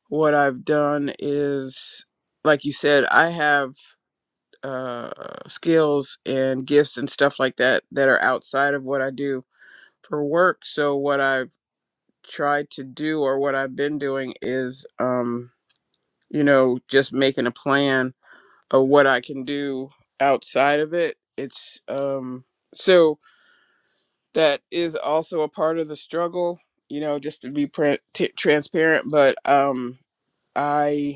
L: what I've done is like you said I have uh, skills and gifts and stuff like that that are outside of what I do for work so what I've tried to do or what I've been doing is um you know just making a plan of what I can do outside of it it's um so that is also a part of the struggle you know just to be pre- t- transparent but um I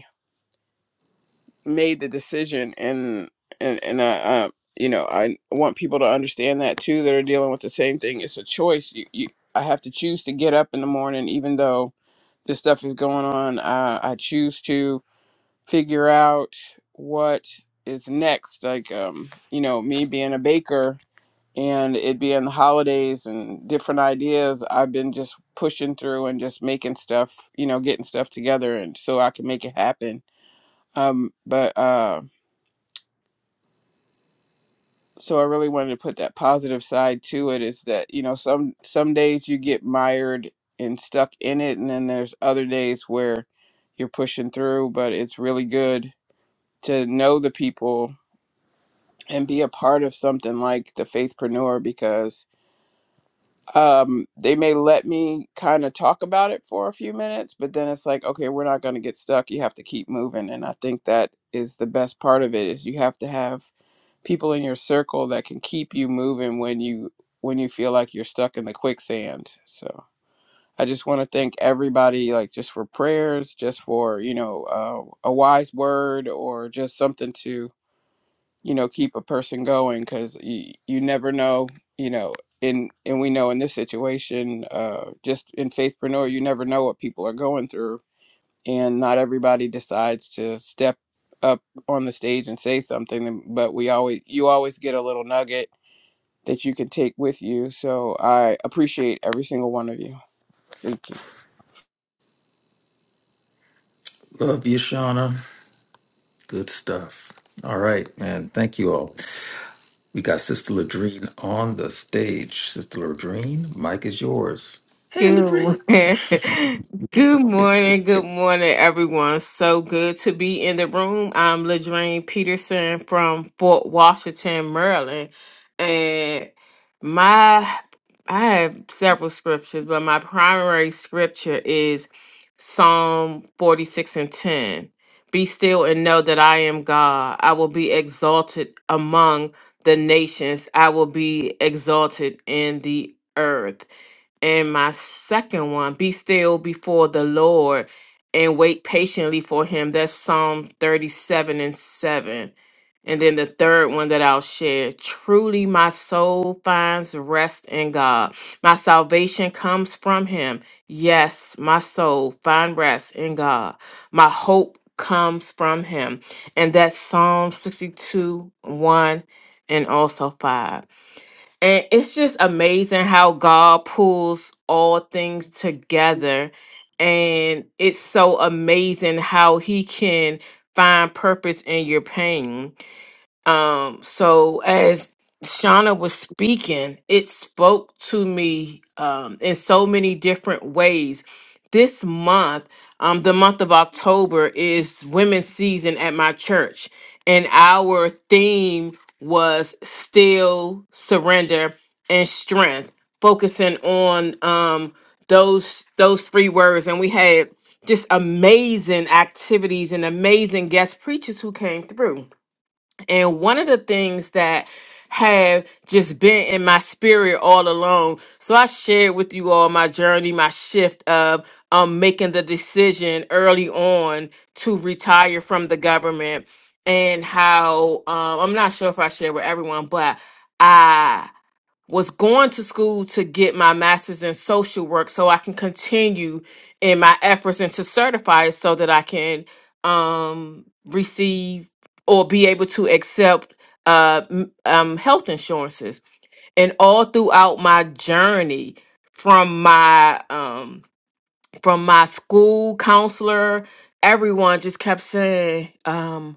L: made the decision and and and I, uh, you know I want people to understand that too that are dealing with the same thing. It's a choice. You, you I have to choose to get up in the morning even though this stuff is going on. Uh, I choose to figure out what is next. Like um you know me being a baker and it being the holidays and different ideas. I've been just pushing through and just making stuff you know getting stuff together and so I can make it happen. Um but uh so I really wanted to put that positive side to it is that, you know, some some days you get mired and stuck in it and then there's other days where you're pushing through, but it's really good to know the people and be a part of something like the faithpreneur because um they may let me kind of talk about it for a few minutes but then it's like okay we're not going to get stuck you have to keep moving and i think that is the best part of it is you have to have people in your circle that can keep you moving when you when you feel like you're stuck in the quicksand so i just want to thank everybody like just for prayers just for you know uh, a wise word or just something to you know keep a person going because you, you never know you know in and we know in this situation uh just in faithpreneur you never know what people are going through and not everybody decides to step up on the stage and say something but we always you always get a little nugget that you can take with you so i appreciate every single one of you thank you
A: Love you, Shauna. Good stuff. All right, man. Thank you all. We got Sister Ladrine on the stage. Sister Ladrine, mic is yours. Hey,
M: Good
A: Ladrine.
M: morning. Good morning. Good morning, everyone. So good to be in the room. I'm Ladraine Peterson from Fort Washington, Maryland. And my I have several scriptures, but my primary scripture is Psalm 46 and 10. Be still and know that I am God. I will be exalted among the nations. I will be exalted in the earth. And my second one, be still before the Lord and wait patiently for him. That's Psalm 37 and 7. And then the third one that I'll share truly my soul finds rest in God. My salvation comes from him. Yes, my soul find rest in God. My hope comes from him. And that's Psalm 62 1 and also 5. And it's just amazing how God pulls all things together. And it's so amazing how He can find purpose in your pain um, so as Shauna was speaking, it spoke to me um, in so many different ways. This month, um, the month of October, is women's season at my church, and our theme was still surrender and strength, focusing on um, those those three words. And we had just amazing activities and amazing guest preachers who came through and one of the things that have just been in my spirit all along. So I shared with you all my journey, my shift of um making the decision early on to retire from the government and how um I'm not sure if I shared with everyone, but I was going to school to get my master's in social work so I can continue in my efforts and to certify it so that I can um, receive or be able to accept uh, m- um, health insurances. And all throughout my journey from my um, from my school counselor, everyone just kept saying, um,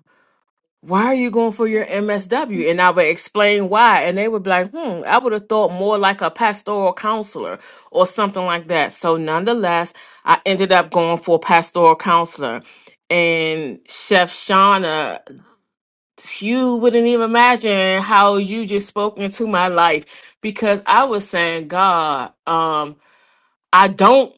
M: why are you going for your MSW? And I would explain why. And they would be like, hmm, I would have thought more like a pastoral counselor or something like that. So, nonetheless, I ended up going for pastoral counselor. And Chef Shauna, you wouldn't even imagine how you just spoke into my life because I was saying, God, um, I don't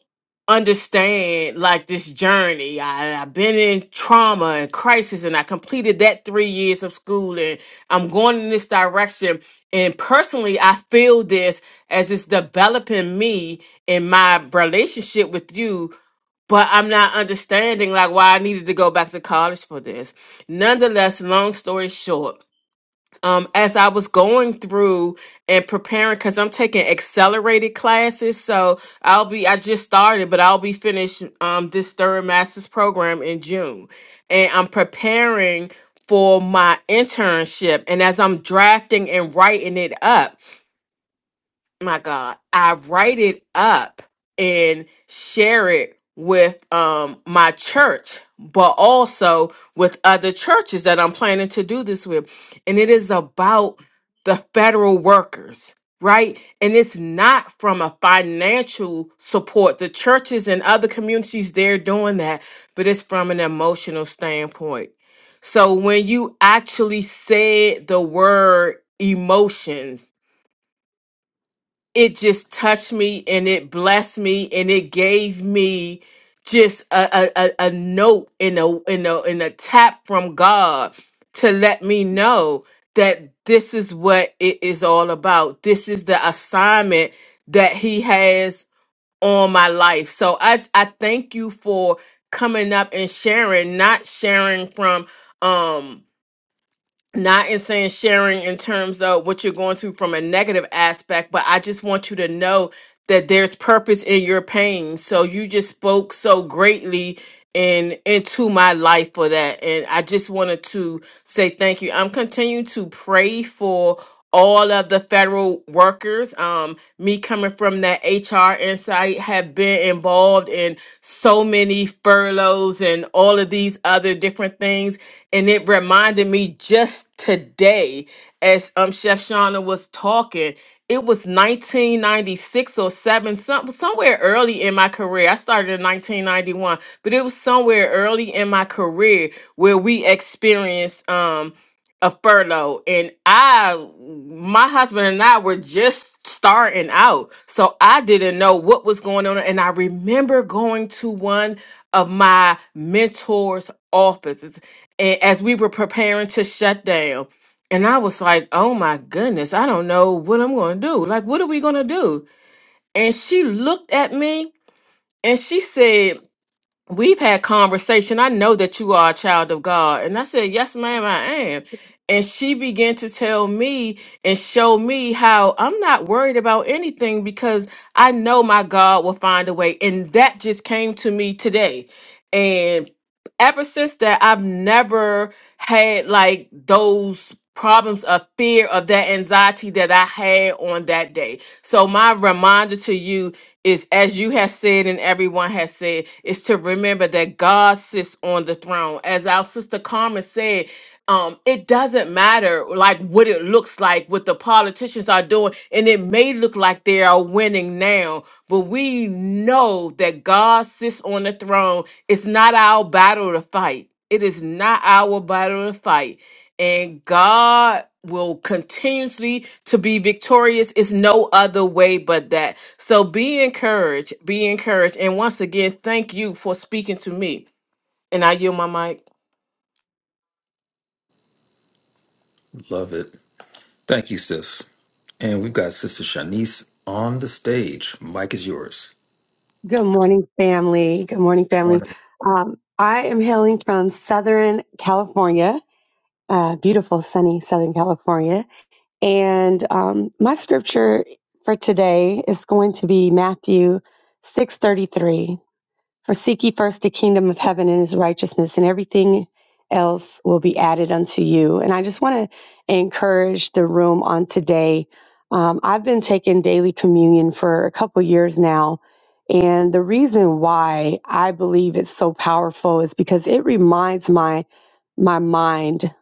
M: understand like this journey. I, I've been in trauma and crisis, and I completed that three years of school, and I'm going in this direction. And personally, I feel this as it's developing me in my relationship with you. But I'm not understanding like why I needed to go back to college for this. Nonetheless, long story short, um, as I was going through and preparing, because I'm taking accelerated classes. So I'll be, I just started, but I'll be finished um, this third master's program in June. And I'm preparing for my internship. And as I'm drafting and writing it up, my God, I write it up and share it with um my church, but also with other churches that I'm planning to do this with. And it is about the federal workers, right? And it's not from a financial support. The churches and other communities they're doing that, but it's from an emotional standpoint. So when you actually said the word emotions it just touched me and it blessed me and it gave me just a a, a, a note and a and a and a tap from God to let me know that this is what it is all about. This is the assignment that He has on my life. So I I thank you for coming up and sharing, not sharing from um not in saying sharing in terms of what you're going through from a negative aspect, but I just want you to know that there's purpose in your pain. So you just spoke so greatly and into my life for that. And I just wanted to say thank you. I'm continuing to pray for all of the federal workers. Um, me coming from that HR insight have been involved in so many furloughs and all of these other different things. And it reminded me just today, as um Chef Shauna was talking, it was 1996 or 7 some, somewhere early in my career i started in 1991 but it was somewhere early in my career where we experienced um a furlough and i my husband and i were just starting out so i didn't know what was going on and i remember going to one of my mentors offices and as we were preparing to shut down and i was like oh my goodness i don't know what i'm going to do like what are we going to do and she looked at me and she said we've had conversation. I know that you are a child of God. And I said, Yes, ma'am, I am. And she began to tell me and show me how I'm not worried about anything because I know my God will find a way. And that just came to me today. And ever since that, I've never had like those problems of fear of that anxiety that I had on that day. So my reminder to you is as you have said and everyone has said, is to remember that God sits on the throne. As our sister Carmen said, um, it doesn't matter like what it looks like, what the politicians are doing, and it may look like they are winning now, but we know that God sits on the throne. It's not our battle to fight. It is not our battle to fight and God will continuously to be victorious is no other way but that. So be encouraged, be encouraged. And once again, thank you for speaking to me. And I yield my mic.
A: Love it. Thank you, sis. And we've got Sister Shanice on the stage. Mic is yours.
N: Good morning, family. Good morning, family.
A: Morning.
N: Um, I am hailing from Southern California, uh, beautiful, sunny Southern California. And um, my scripture for today is going to be Matthew 6:33. For seek ye first the kingdom of heaven and his righteousness, and everything else will be added unto you. And I just want to encourage the room on today. Um, I've been taking daily communion for a couple years now. And the reason why I believe it's so powerful is because it reminds my my mind,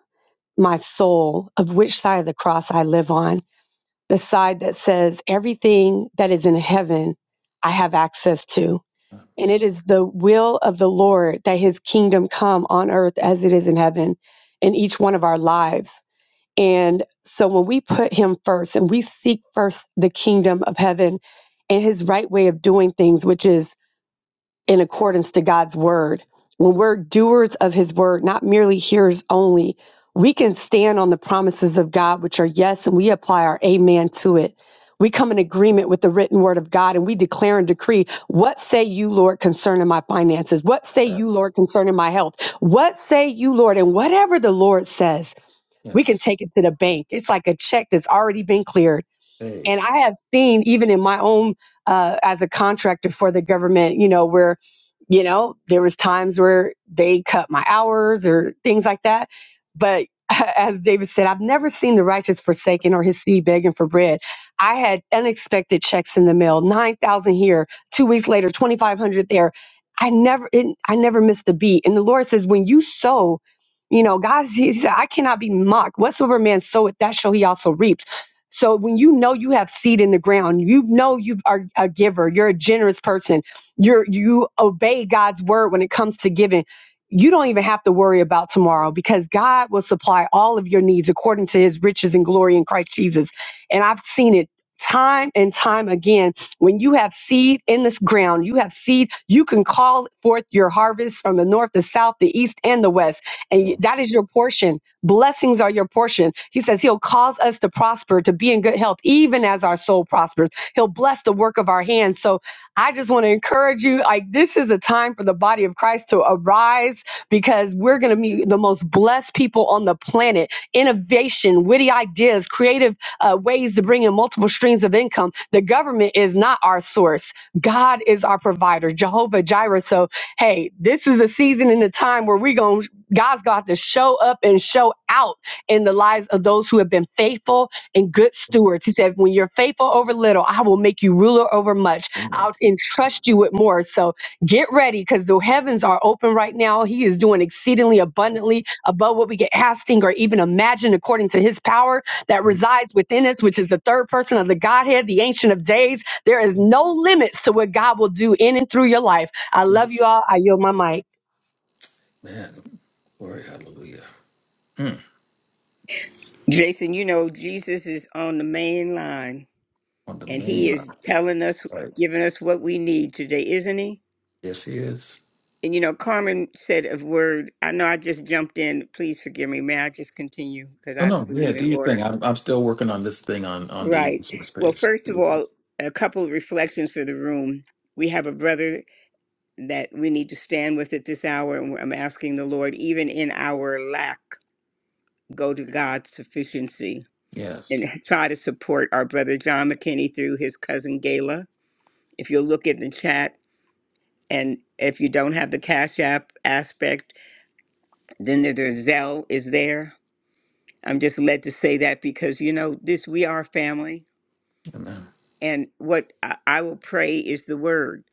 N: my soul of which side of the cross I live on. The side that says everything that is in heaven I have access to and it is the will of the Lord that his kingdom come on earth as it is in heaven in each one of our lives. And so when we put him first and we seek first the kingdom of heaven and his right way of doing things, which is in accordance to God's word. When we're doers of his word, not merely hearers only, we can stand on the promises of God, which are yes, and we apply our amen to it. We come in agreement with the written word of God and we declare and decree, What say you, Lord, concerning my finances? What say you,
A: Yes.
N: Lord, concerning my health? What say you, Lord? And whatever the Lord says, we can
A: Yes.
N: take it to the bank. It's like a check that's already been cleared
A: Hey.
N: and I have seen, even in my own, uh, as a contractor for the government, you know, where, you know, there was times where they cut my hours or things like that. But as David said, I've never seen the righteous forsaken or his seed begging for bread. I had unexpected checks in the mail, nine thousand here, two weeks later, twenty five hundred there. I never, it, I never missed a beat. And the Lord says, when you sow, you know, God, He said, I cannot be mocked. Whatsoever man soweth, that shall he also reap. So when you know you have seed in the ground, you know you are a giver, you're a generous person, you're you obey God's word when it comes to giving. You don't even have to worry about tomorrow because God will supply all of your needs according to his riches and glory in Christ Jesus. And I've seen it time and time again. When you have seed in this ground, you have seed, you can call forth your harvest from the north, the south, the east, and the west. And
A: Well,
N: that is your portion Blessings are your portion. He says he'll cause us to prosper, to be in good health, even as our soul prospers. He'll bless the work of our hands. So I just want to encourage you like, this is a time for the body of Christ to arise because we're going to be the most blessed people on the planet. Innovation, witty ideas, creative uh, ways to bring in multiple streams of income. The government is not our source, God is our provider, Jehovah Jireh. So, hey, this is a season and a time where we're going God's going to have to show up and show out in the lives of those who have been faithful and good stewards. He said, When you're faithful over little, I will make you ruler over much. I'll entrust you with more. So get ready because the heavens are open right now. He is doing exceedingly abundantly above what we can ask, think, or even imagine according to his power that resides within us, which is the third person of the Godhead, the Ancient of Days. There is no limits to what God will do in and through your life. I love you all.
A: it's-
N: I yield my mic.
A: Man. Glory. Hallelujah. Mm.
G: Jason, you know, Jesus is on the main line
A: On the
G: and
A: main
G: he
A: line.
G: is telling us,
A: Right.
G: giving us what we need today, isn't he?
A: Yes, he is.
G: And you know, Carmen said a word. I know I just jumped in. Please forgive me. May I just continue? Because
A: No,
G: I
A: no, yeah,
G: believe
A: do
G: in
A: your
G: order.
A: thing. I'm I'm still working on this thing on on the
G: Right.
A: resource
G: Well,
A: page.
G: first of all, a couple of reflections for the room. We have a brother that we need to stand with at this hour, and I'm asking the Lord, even in our lack. go to God's sufficiency
A: Yes,
G: and try to support our brother John McKinney through his cousin Gayla. If you'll look at the chat, and if you don't have the Cash App aspect, then there, there's Zelle is there. I'm just led to say that because you know this we are family,
A: amen.
G: and what I, I will pray is the word,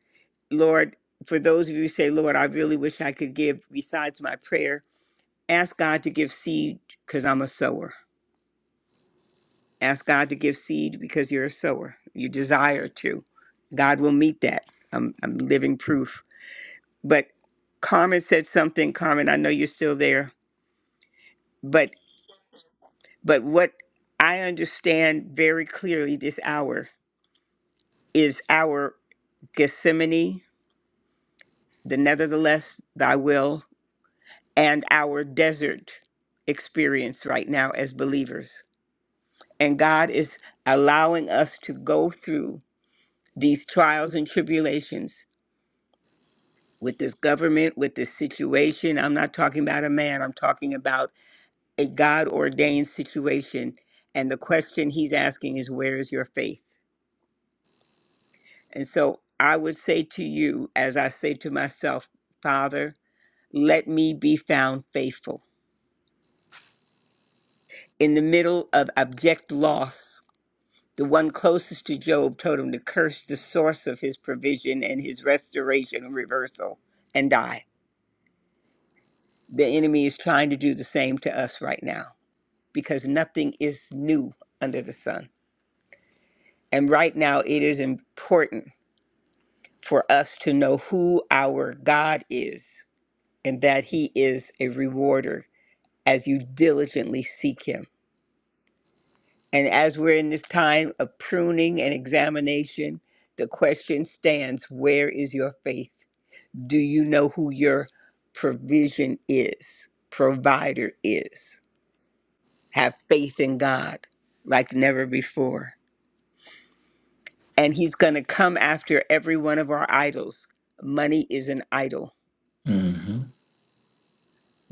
G: Lord. For those of you who say, Lord, I really wish I could give besides my prayer, ask God to give seed because I'm a sower Ask God to give seed because you're a sower. You desire to. God will meet that. I'm, I'm living proof. But Carmen said something. Carmen, I know you're still there. But but what I understand very clearly this hour is our Gethsemane, the nevertheless, thy will, and our desert experience right now as believers. And God is allowing us to go through these trials and tribulations with this government, with this situation. I'm not talking about a man, I'm talking about a God ordained situation. And the question he's asking is, Where is your faith? And so I would say to you, as I say to myself, Father, let me be found faithful. In the middle of abject loss, the one closest to Job told him to curse the source of his provision and his restoration and reversal and die. The enemy is trying to do the same to us right now. because nothing is new under the sun. And right now, it is important for us to know who our God is and that He is a rewarder as you diligently seek Him. And as we're in this time of pruning and examination, the question stands where is your faith? Do you know who your provision is, provider is? Have faith in God like never before. and he's going to come after every one of our idols. Money is an idol,
A: hmm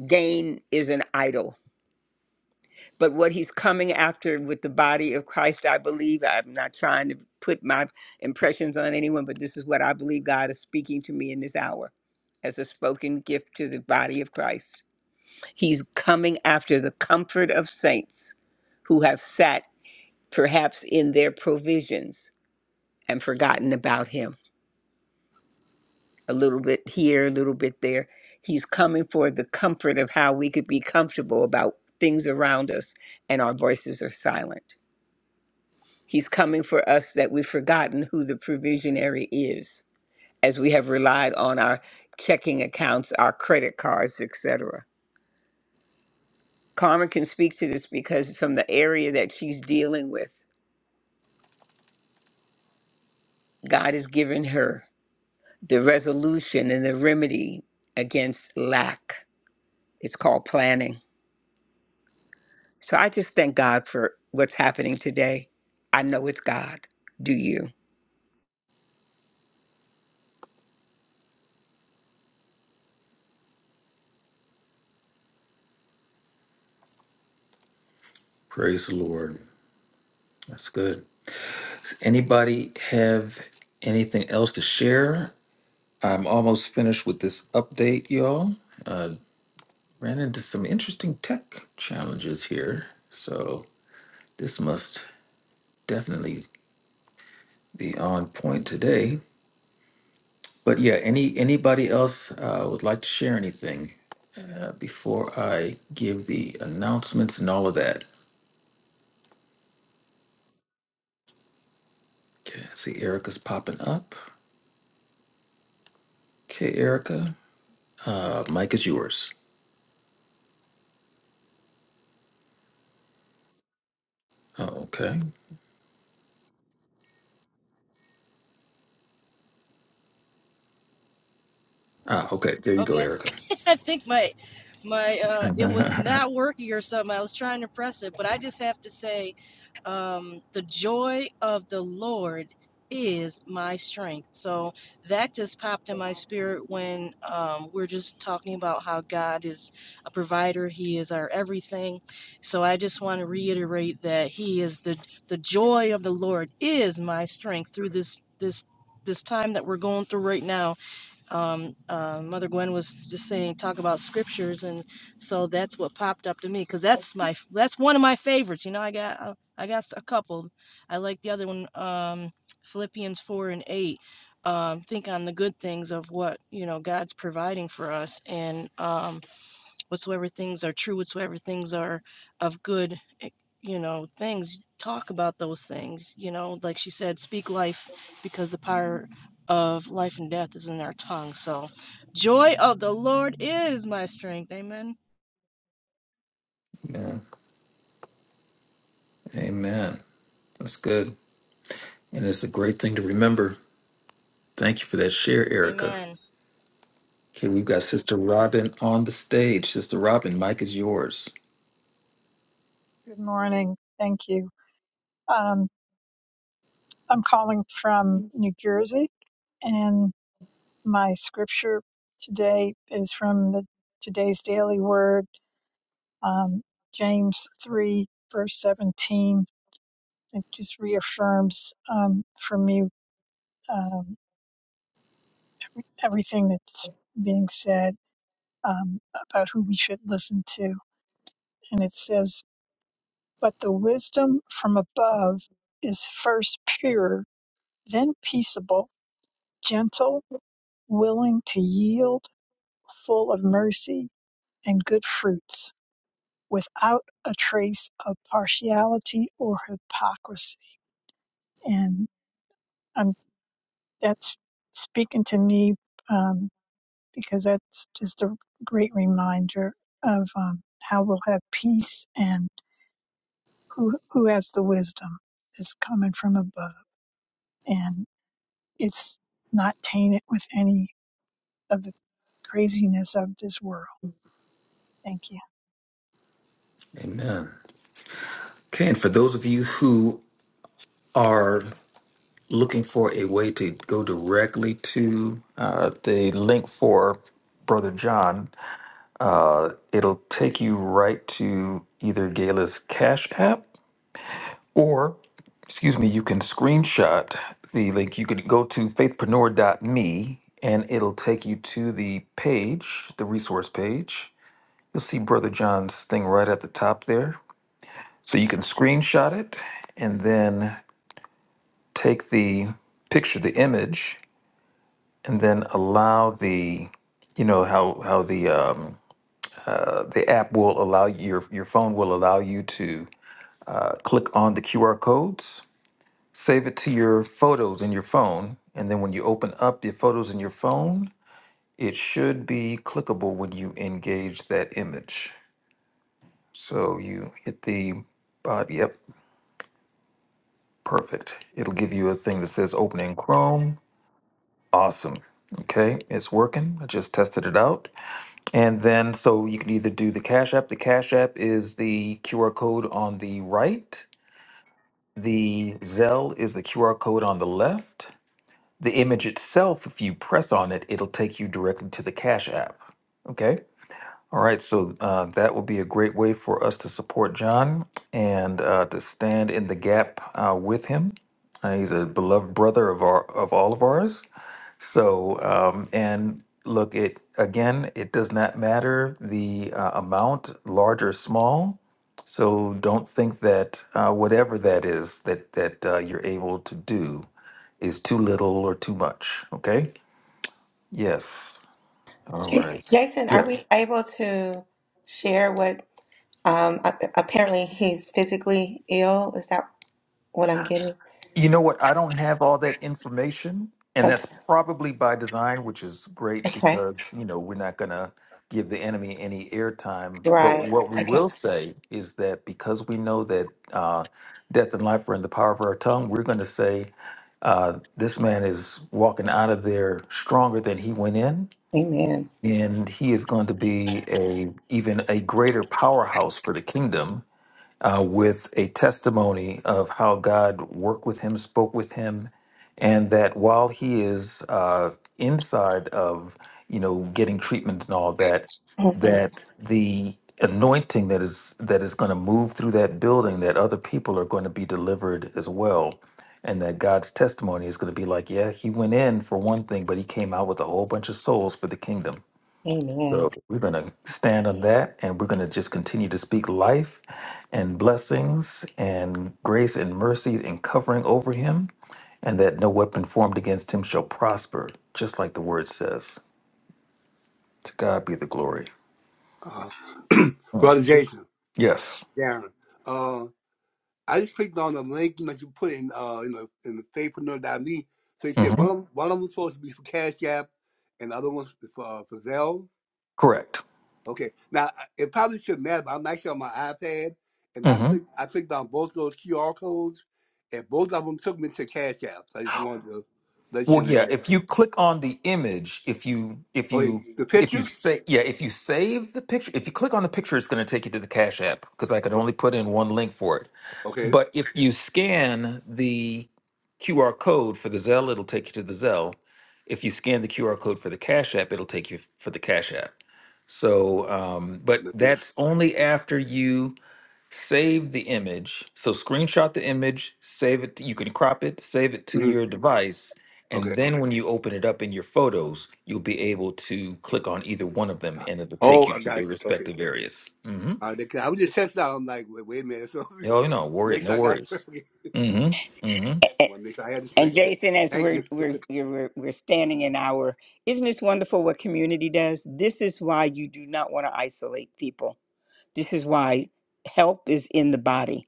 G: gain is an idol. But what he's coming after with the body of Christ, I believe, I'm not trying to put my impressions on anyone, but this is what I believe God is speaking to me in this hour as a spoken gift to the body of Christ. He's coming after the comfort of saints who have sat perhaps in their provisions and forgotten about him a little bit here, a little bit there. He's coming for the comfort of how we could be comfortable about things around us and our voices are silent. He's coming for us that we've forgotten who the provisionary is as we have relied on our checking accounts, our credit cards, etc. Carmen can speak to this because from the area that she's dealing with, God has given her the resolution and the remedy against lack. It's called planning So I just thank God for what's happening today. I know it's God. Do you?
A: Praise the Lord. That's good. Does anybody have anything else to share? I'm almost finished with this update, y'all. Uh, ran into some interesting tech challenges here, so this must definitely be on point today. But yeah, any anybody else uh, would like to share anything? before I give the announcements and all of that. Okay, I see Erica's popping up. Okay, Erica, uh, Mike is yours. Oh, okay. Ah, okay. There you go,
O: Okay.
A: Erica.
O: I think my my uh it was
A: Amen.
O: not working or something. I was trying to press it, but I just have to say um the joy of the Lord is my strength. So that just popped in my spirit when um we're just talking about how God is a provider, he is our everything. So I just want to reiterate that he is the the joy of the Lord is my strength through this this this time that we're going through right now um, uh, Mother Gwen was just saying talk about scriptures, and so that's what popped up to me because that's my that's one of my favorites. You know, I got uh, I got a couple. I like the other one, um, Philippians four and eight. Um, think on the good things of what you know God's providing for us, and um, whatsoever things are true, whatsoever things are of good, eh, you know, things, talk about those things, you know, like she said, speak life because the power of life and death is in our tongue. So, joy of the Lord is my strength. Amen.
A: Amen. That's good. And it's a great thing to remember. Thank you for that share, Erica.
O: Amen.
A: Okay, we've got Sister Robin on the stage. Sister Robin, Mike is yours.
P: Good morning. Thank you. Um, I'm calling from New Jersey, and my scripture today is from the today's daily word, um, James 3, verse 17. It just reaffirms um, for me um, everything that's being said um, about who we should listen to. And it says, But the wisdom from above is first pure, then peaceable, gentle willing to yield, full of mercy and good fruits, without a trace of partiality or hypocrisy. And um, that's speaking to me um, because that's just a great reminder of um, how we'll have peace and who who has the wisdom is coming from above, and it's not tainted with any of the craziness of this world. Thank you.
A: Amen. Okay, and for those of you who are looking for a way to go directly to uh, the link for Brother John, uh, it'll take you right to either Gala's Cash App or, excuse me, you can screenshot the link. You could go to faithpreneur.me and it'll take you to the page, the resource page. You'll see Brother John's thing right at the top there. So you can screenshot it and then take the picture, the image, and then allow the you know how how the um, uh, the app will allow you- your your phone will allow you to uh, click on the QR codes, save it to your photos in your phone, and then when you open up your photos in your phone, it should be clickable when you engage that image. So you hit the bot. Yep, perfect. It'll give you a thing that says opening Chrome. Awesome. Okay, it's working. I just tested it out. And then, so you can either do the Cash App. The Cash App is the QR code on the right. The Zelle is the QR code on the left. The image itself, if you press on it, it'll take you directly to the Cash App. Okay. All right. So uh, that will be a great way for us to support John and uh, to stand in the gap uh, with him. Uh, he's a beloved brother of our of all of ours. So, um, and look, it again, it does not matter the uh, amount, large or small. So don't think that uh, whatever that is that that uh, you're able to do is too little or too much. Okay? Yes. All
F: Jas-
A: right.
F: Jason, are
A: Yes.
F: we able to share what? Um, a- apparently, he's physically ill. Is that what I'm getting?
A: You know what? I don't have all that information, and
F: Okay.
A: that's probably by design, which is great
F: Okay.
A: because, you know, we're not going to give the enemy any airtime. But
F: Right.
A: what we
F: Okay.
A: will say is that because we know that uh, death and life are in the power of our tongue, we're going to say uh, this man is walking out of there stronger than he went in,
F: Amen.
A: and he is going to be a even a greater powerhouse for the kingdom uh, with a testimony of how God worked with him, spoke with him, and that while he is uh, inside of, you know, getting treatment and all that,
F: Mhm.
A: that the anointing that is that is going to move through that building, that other people are going to be delivered as well, and that God's testimony is going to be like, yeah, he went in for one thing, but he came out with a whole bunch of souls for the kingdom.
F: Amen.
A: So we're going to stand on that and we're going to just continue to speak life and blessings and grace and mercy and covering over him, and that no weapon formed against him shall prosper, just like the word says. To God be the glory.
E: uh,
A: Mm.
E: brother Jason,
A: Yes.
E: Darren. uh, I just clicked on the link you know you put in uh in the in the faithpreneur.me. So you said
A: hmm
E: one of 'em- one of them supposed to be for Cash App, and the other one's for uh, for Zelle.
A: Correct.
E: Okay, now I- it probably shouldn't matter, but I'm actually on my iPad, and I
A: hmm
E: clicked I clicked on both of those QR codes, and both of them took me to Cash App. So I just wanted to let you
A: Well,
E: know
A: yeah. If
E: that.
A: you click on the image, if you if
E: Okay,
A: you
E: the
A: if
E: picture.
A: you say yeah, if you save the picture, if you click on the picture, it's going to take you to the Cash App because I could
E: Right,
A: only put in one link for it.
E: Okay.
A: But if you scan the QR code for the Zelle, it'll take you to the Zelle. If you scan the QR code for the Cash App, it'll take you for the Cash App. So, um, but
E: Let me-
A: that's only after you save the image. So, screenshot the image, save it. You can crop it, save it to your
E: Mhm,
A: device,
E: Okay.
A: and then when you open it up in your photos, you'll be able to click on either one of them, and it'll
E: Oh,
A: take you
E: I
A: to
E: got
A: their
E: you. Okay.
A: respective areas. Mm-hmm.
E: All right, I was just testing out. I'm like, wait, wait a minute. So
A: Oh, no worry,
E: make sure
A: no
E: I got it.
A: worries.
E: right."
A: Mm-hmm. Mm-hmm.
E: I
G: And,
E: want to make sure I had the
G: and
E: string. Okay.
G: Jason, as
E: Thank
G: we're
E: you.
G: we're we're we're we're standing in our, isn't this wonderful what community does? This is why you do not want to isolate people. This is why help is in the body.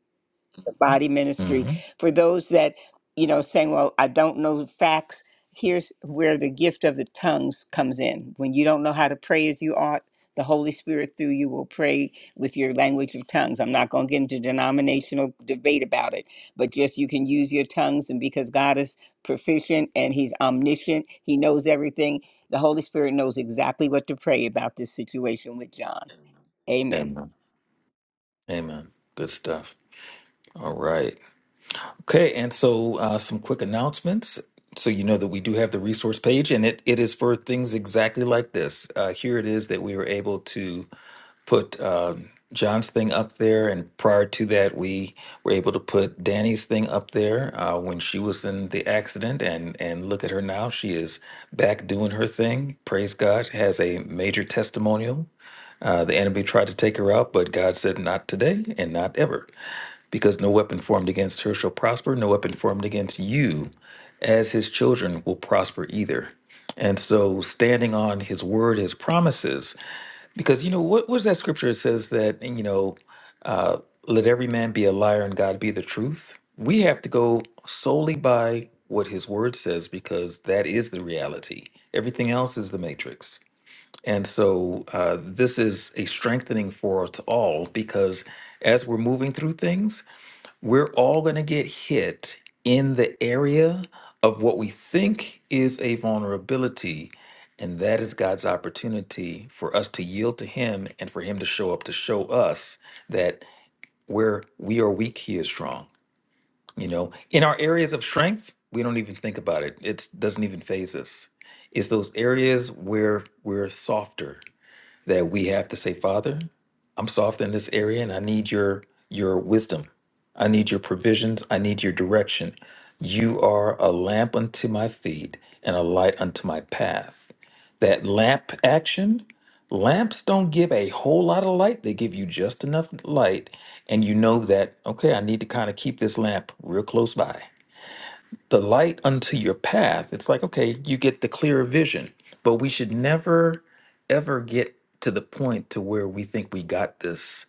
G: body ministry
A: Mm-hmm.
G: for those that you know saying well i don't know the facts here's where the gift of the tongues comes in when you don't know how to pray as you ought the holy spirit through you will pray with your language of tongues i'm not going to get into denominational debate about it but just you can use your tongues and because god is proficient and he's omniscient he knows everything the holy spirit knows exactly what to pray about this situation with john amen
A: Amen. Amen. Good stuff. All right. Okay. And so, uh, some quick announcements. So, you know that we do have the resource page, and it, it is for things exactly like this. Uh, here it is that we were able to put uh, John's thing up there. And prior to that, we were able to put Danny's thing up there uh, when she was in the accident. And, and look at her now. She is back doing her thing. Praise God. Has a major testimonial. Uh, the enemy tried to take her out, but God said, not today and not ever. because no weapon formed against her shall prosper, no weapon formed against you as his children will prosper either. And so standing on his word, his promises, because you know, what was that scripture that says that, you know, uh, let every man be a liar and God be the truth? We have to go solely by what his word says because that is the reality. Everything else is the matrix. And so uh, this is a strengthening for us all because as we're moving through things, we're all going to get hit in the area of what we think is a vulnerability. And that is God's opportunity for us to yield to Him and for Him to show up to show us that where we are weak, He is strong. You know, in our areas of strength, we don't even think about it, it doesn't even phase us. It's those areas where we're softer that we have to say, Father, I'm soft in this area and I need your your wisdom. I need your provisions. I need your direction. You are a lamp unto my feet and a light unto my path. That lamp action, lamps don't give a whole lot of light. They give you just enough light. And you know that, okay, I need to kind of keep this lamp real close by the light unto your path, it's like, okay, you get the clearer vision. But we should never, ever get to the point to where we think we got this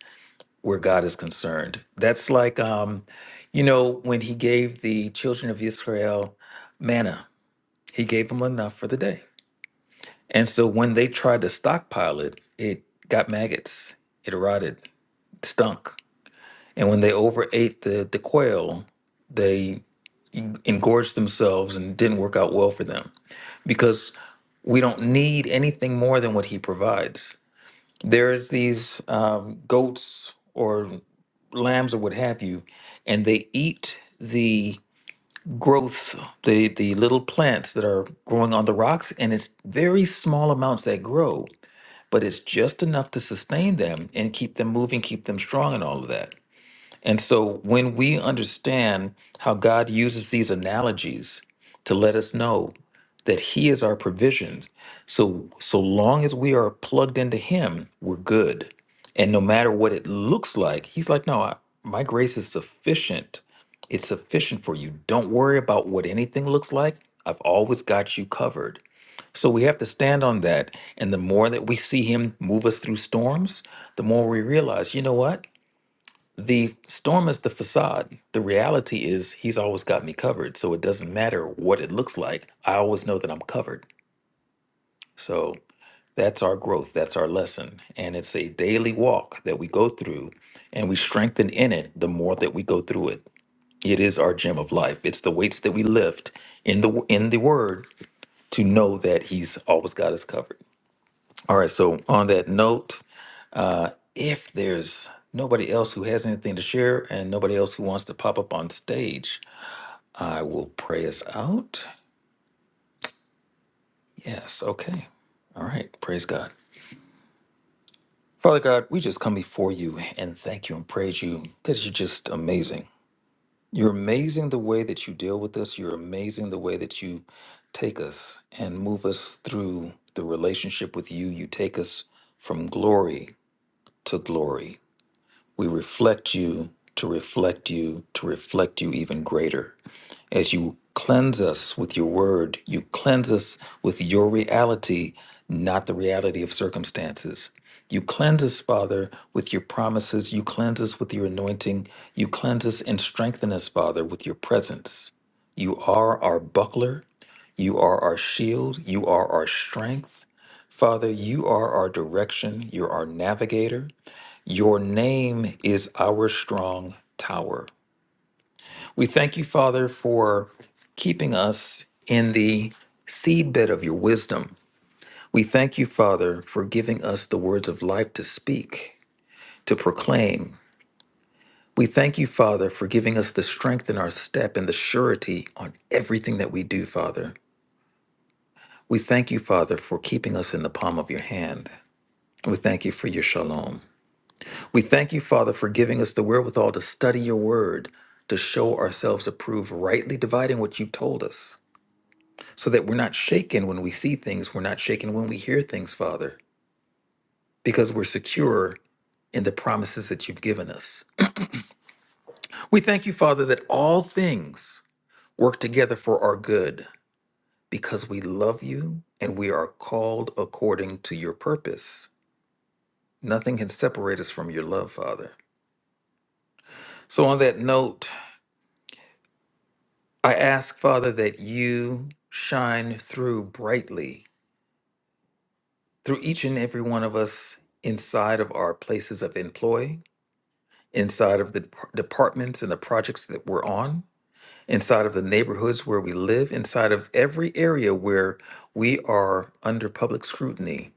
A: where God is concerned. That's like, um, you know, when he gave the children of Israel manna, he gave them enough for the day. And so when they tried to stockpile it, it got maggots, it rotted, stunk. And when they overate the, the quail, they engorged themselves and it didn't work out well for them. Because we don't need anything more than what he provides. There's these um, goats or lambs or what have you, and they eat the growth, the, the little plants that are growing on the rocks, and it's very small amounts that grow, but it's just enough to sustain them and keep them moving, keep them strong, and all of that. And so when we understand how God uses these analogies to let us know that he is our provision, so so long as we are plugged into him, we're good. And no matter what it looks like, he's like, "No, I, my grace is sufficient. It's sufficient for you. Don't worry about what anything looks like. I've always got you covered." So we have to stand on that. And the more that we see him move us through storms, the more we realize, you know what? The storm is the facade. The reality is he's always got me covered. So it doesn't matter what it looks like. I always know that I'm covered. So that's our growth. That's our lesson. And it's a daily walk that we go through and we strengthen in it the more that we go through it. It is our gym of life. It's the weights that we lift in the in the word to know that he's always got us covered. All right, so on that note, Uh, if there's nobody else who has anything to share and nobody else who wants to pop up on stage, I will pray us out. Yes, okay. All right, praise God. Father God, we just come before you and thank you and praise you because you're just amazing. You're amazing the way that you deal with us. You're amazing the way that you take us and move us through the relationship with you. You take us from glory to glory We reflect you to reflect you to reflect you even greater. As you cleanse us with your word, you cleanse us with your reality, not the reality of circumstances. You cleanse us, Father, with your promises. You cleanse us with your anointing. You cleanse us and strengthen us, Father, with your presence. You are our buckler. You are our shield. You are our strength. Father, you are our direction. You're our navigator. Your name is our strong tower. We thank you, Father, for keeping us in the seedbed of your wisdom. We thank you, Father, for giving us the words of life to speak, to proclaim. We thank you, Father, for giving us the strength in our step and the surety on everything that we do, Father. We thank you, Father, for keeping us in the palm of your hand. We thank you for your shalom. We thank you, Father, for giving us the wherewithal to study your word, to show ourselves approved, rightly dividing what you've told us, so that we're not shaken when we see things, we're not shaken when we hear things, Father, because we're secure in the promises that you've given us. We thank you, Father, that all things work together for our good because we love you and we are called according to your purpose. Nothing can separate us from your love, Father. So, on that note, I ask, Father, that you shine through brightly through each and every one of us inside of our places of employ, inside of the dep- departments and the projects that we're on, inside of the neighborhoods where we live, inside of every area where we are under public scrutiny,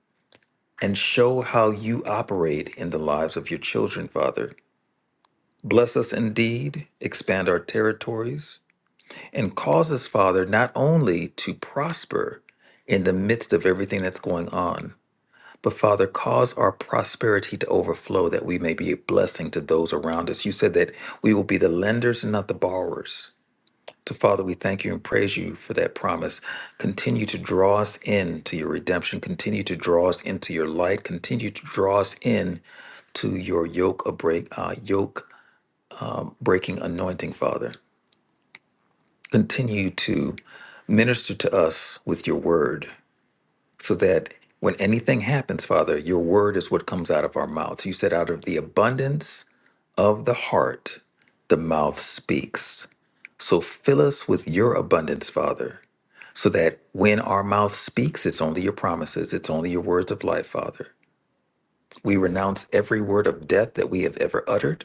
A: and show how you operate in the lives of your children, Father. Bless us indeed, expand our territories, and causes Father not only to prosper in the midst of everything that's going on, but Father, cause our prosperity to overflow that we may be a blessing to those around us. You said that we will be the lenders and not the borrowers. So Father, we thank you and praise you for that promise. Continue to draw us in to your redemption. Continue to draw us into your light. Continue to draw us in to your yoke, a break, uh, yoke breaking anointing, Father. continue to minister to us with your word so that when anything happens, Father, your word is what comes out of our mouths. You said, out of the abundance of the heart, the mouth speaks. So fill us with your abundance, Father, so that when our mouth speaks, it's only your promises, it's only your words of life, Father. We renounce every word of death that we have ever uttered.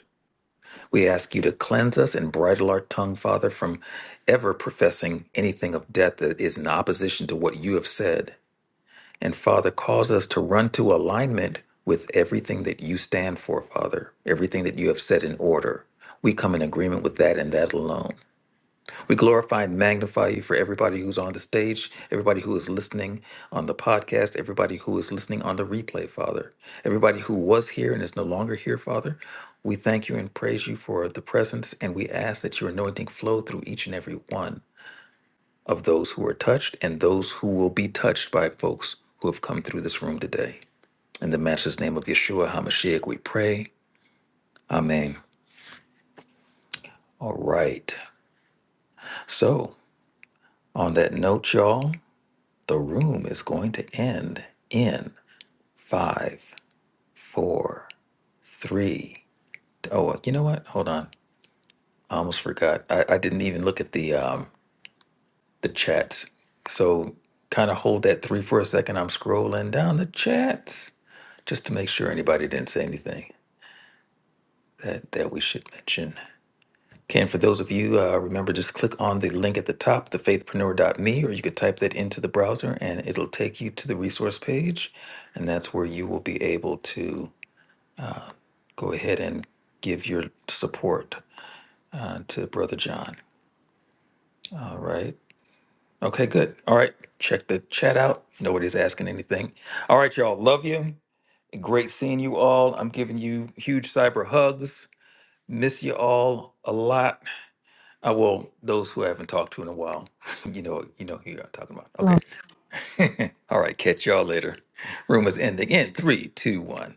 A: We ask you to cleanse us and bridle our tongue, Father, from ever professing anything of death that is in opposition to what you have said. And Father, cause us to run to alignment with everything that you stand for, Father, everything that you have set in order. We come in agreement with that and that alone. We glorify and magnify you for everybody who's on the stage, everybody who is listening on the podcast, everybody who is listening on the replay, Father, everybody who was here and is no longer here, Father. We thank you and praise you for the presence, and we ask that your anointing flow through each and every one of those who are touched and those who will be touched by folks who have come through this room today. In the matchless name of Yeshua HaMashiach, we pray. Amen. All right. So, on that note, y'all. The room is going to end in five, four, three. Oh, you know what? Hold on. I almost forgot. I, I didn't even look at the um the chats. So kind of hold that three for a second. I'm scrolling down the chats just to make sure anybody didn't say anything that that we should mention. Ken, for those of you, uh, remember just click on the link at the top, thefaithpreneur.me, or you could type that into the browser and it'll take you to the resource page. And that's where you will be able to go ahead and give your support uh, to Brother John. All right. Okay, good. All right. Check the chat out. Nobody's asking anything. All right, y'all. Love you. Great seeing you all. I'm giving you huge cyber hugs. Miss you all a lot. I will those who I haven't talked to in a while. You know, you know who I'm talking about. Okay. all right, catch y'all later. Room is ending in three, two, one.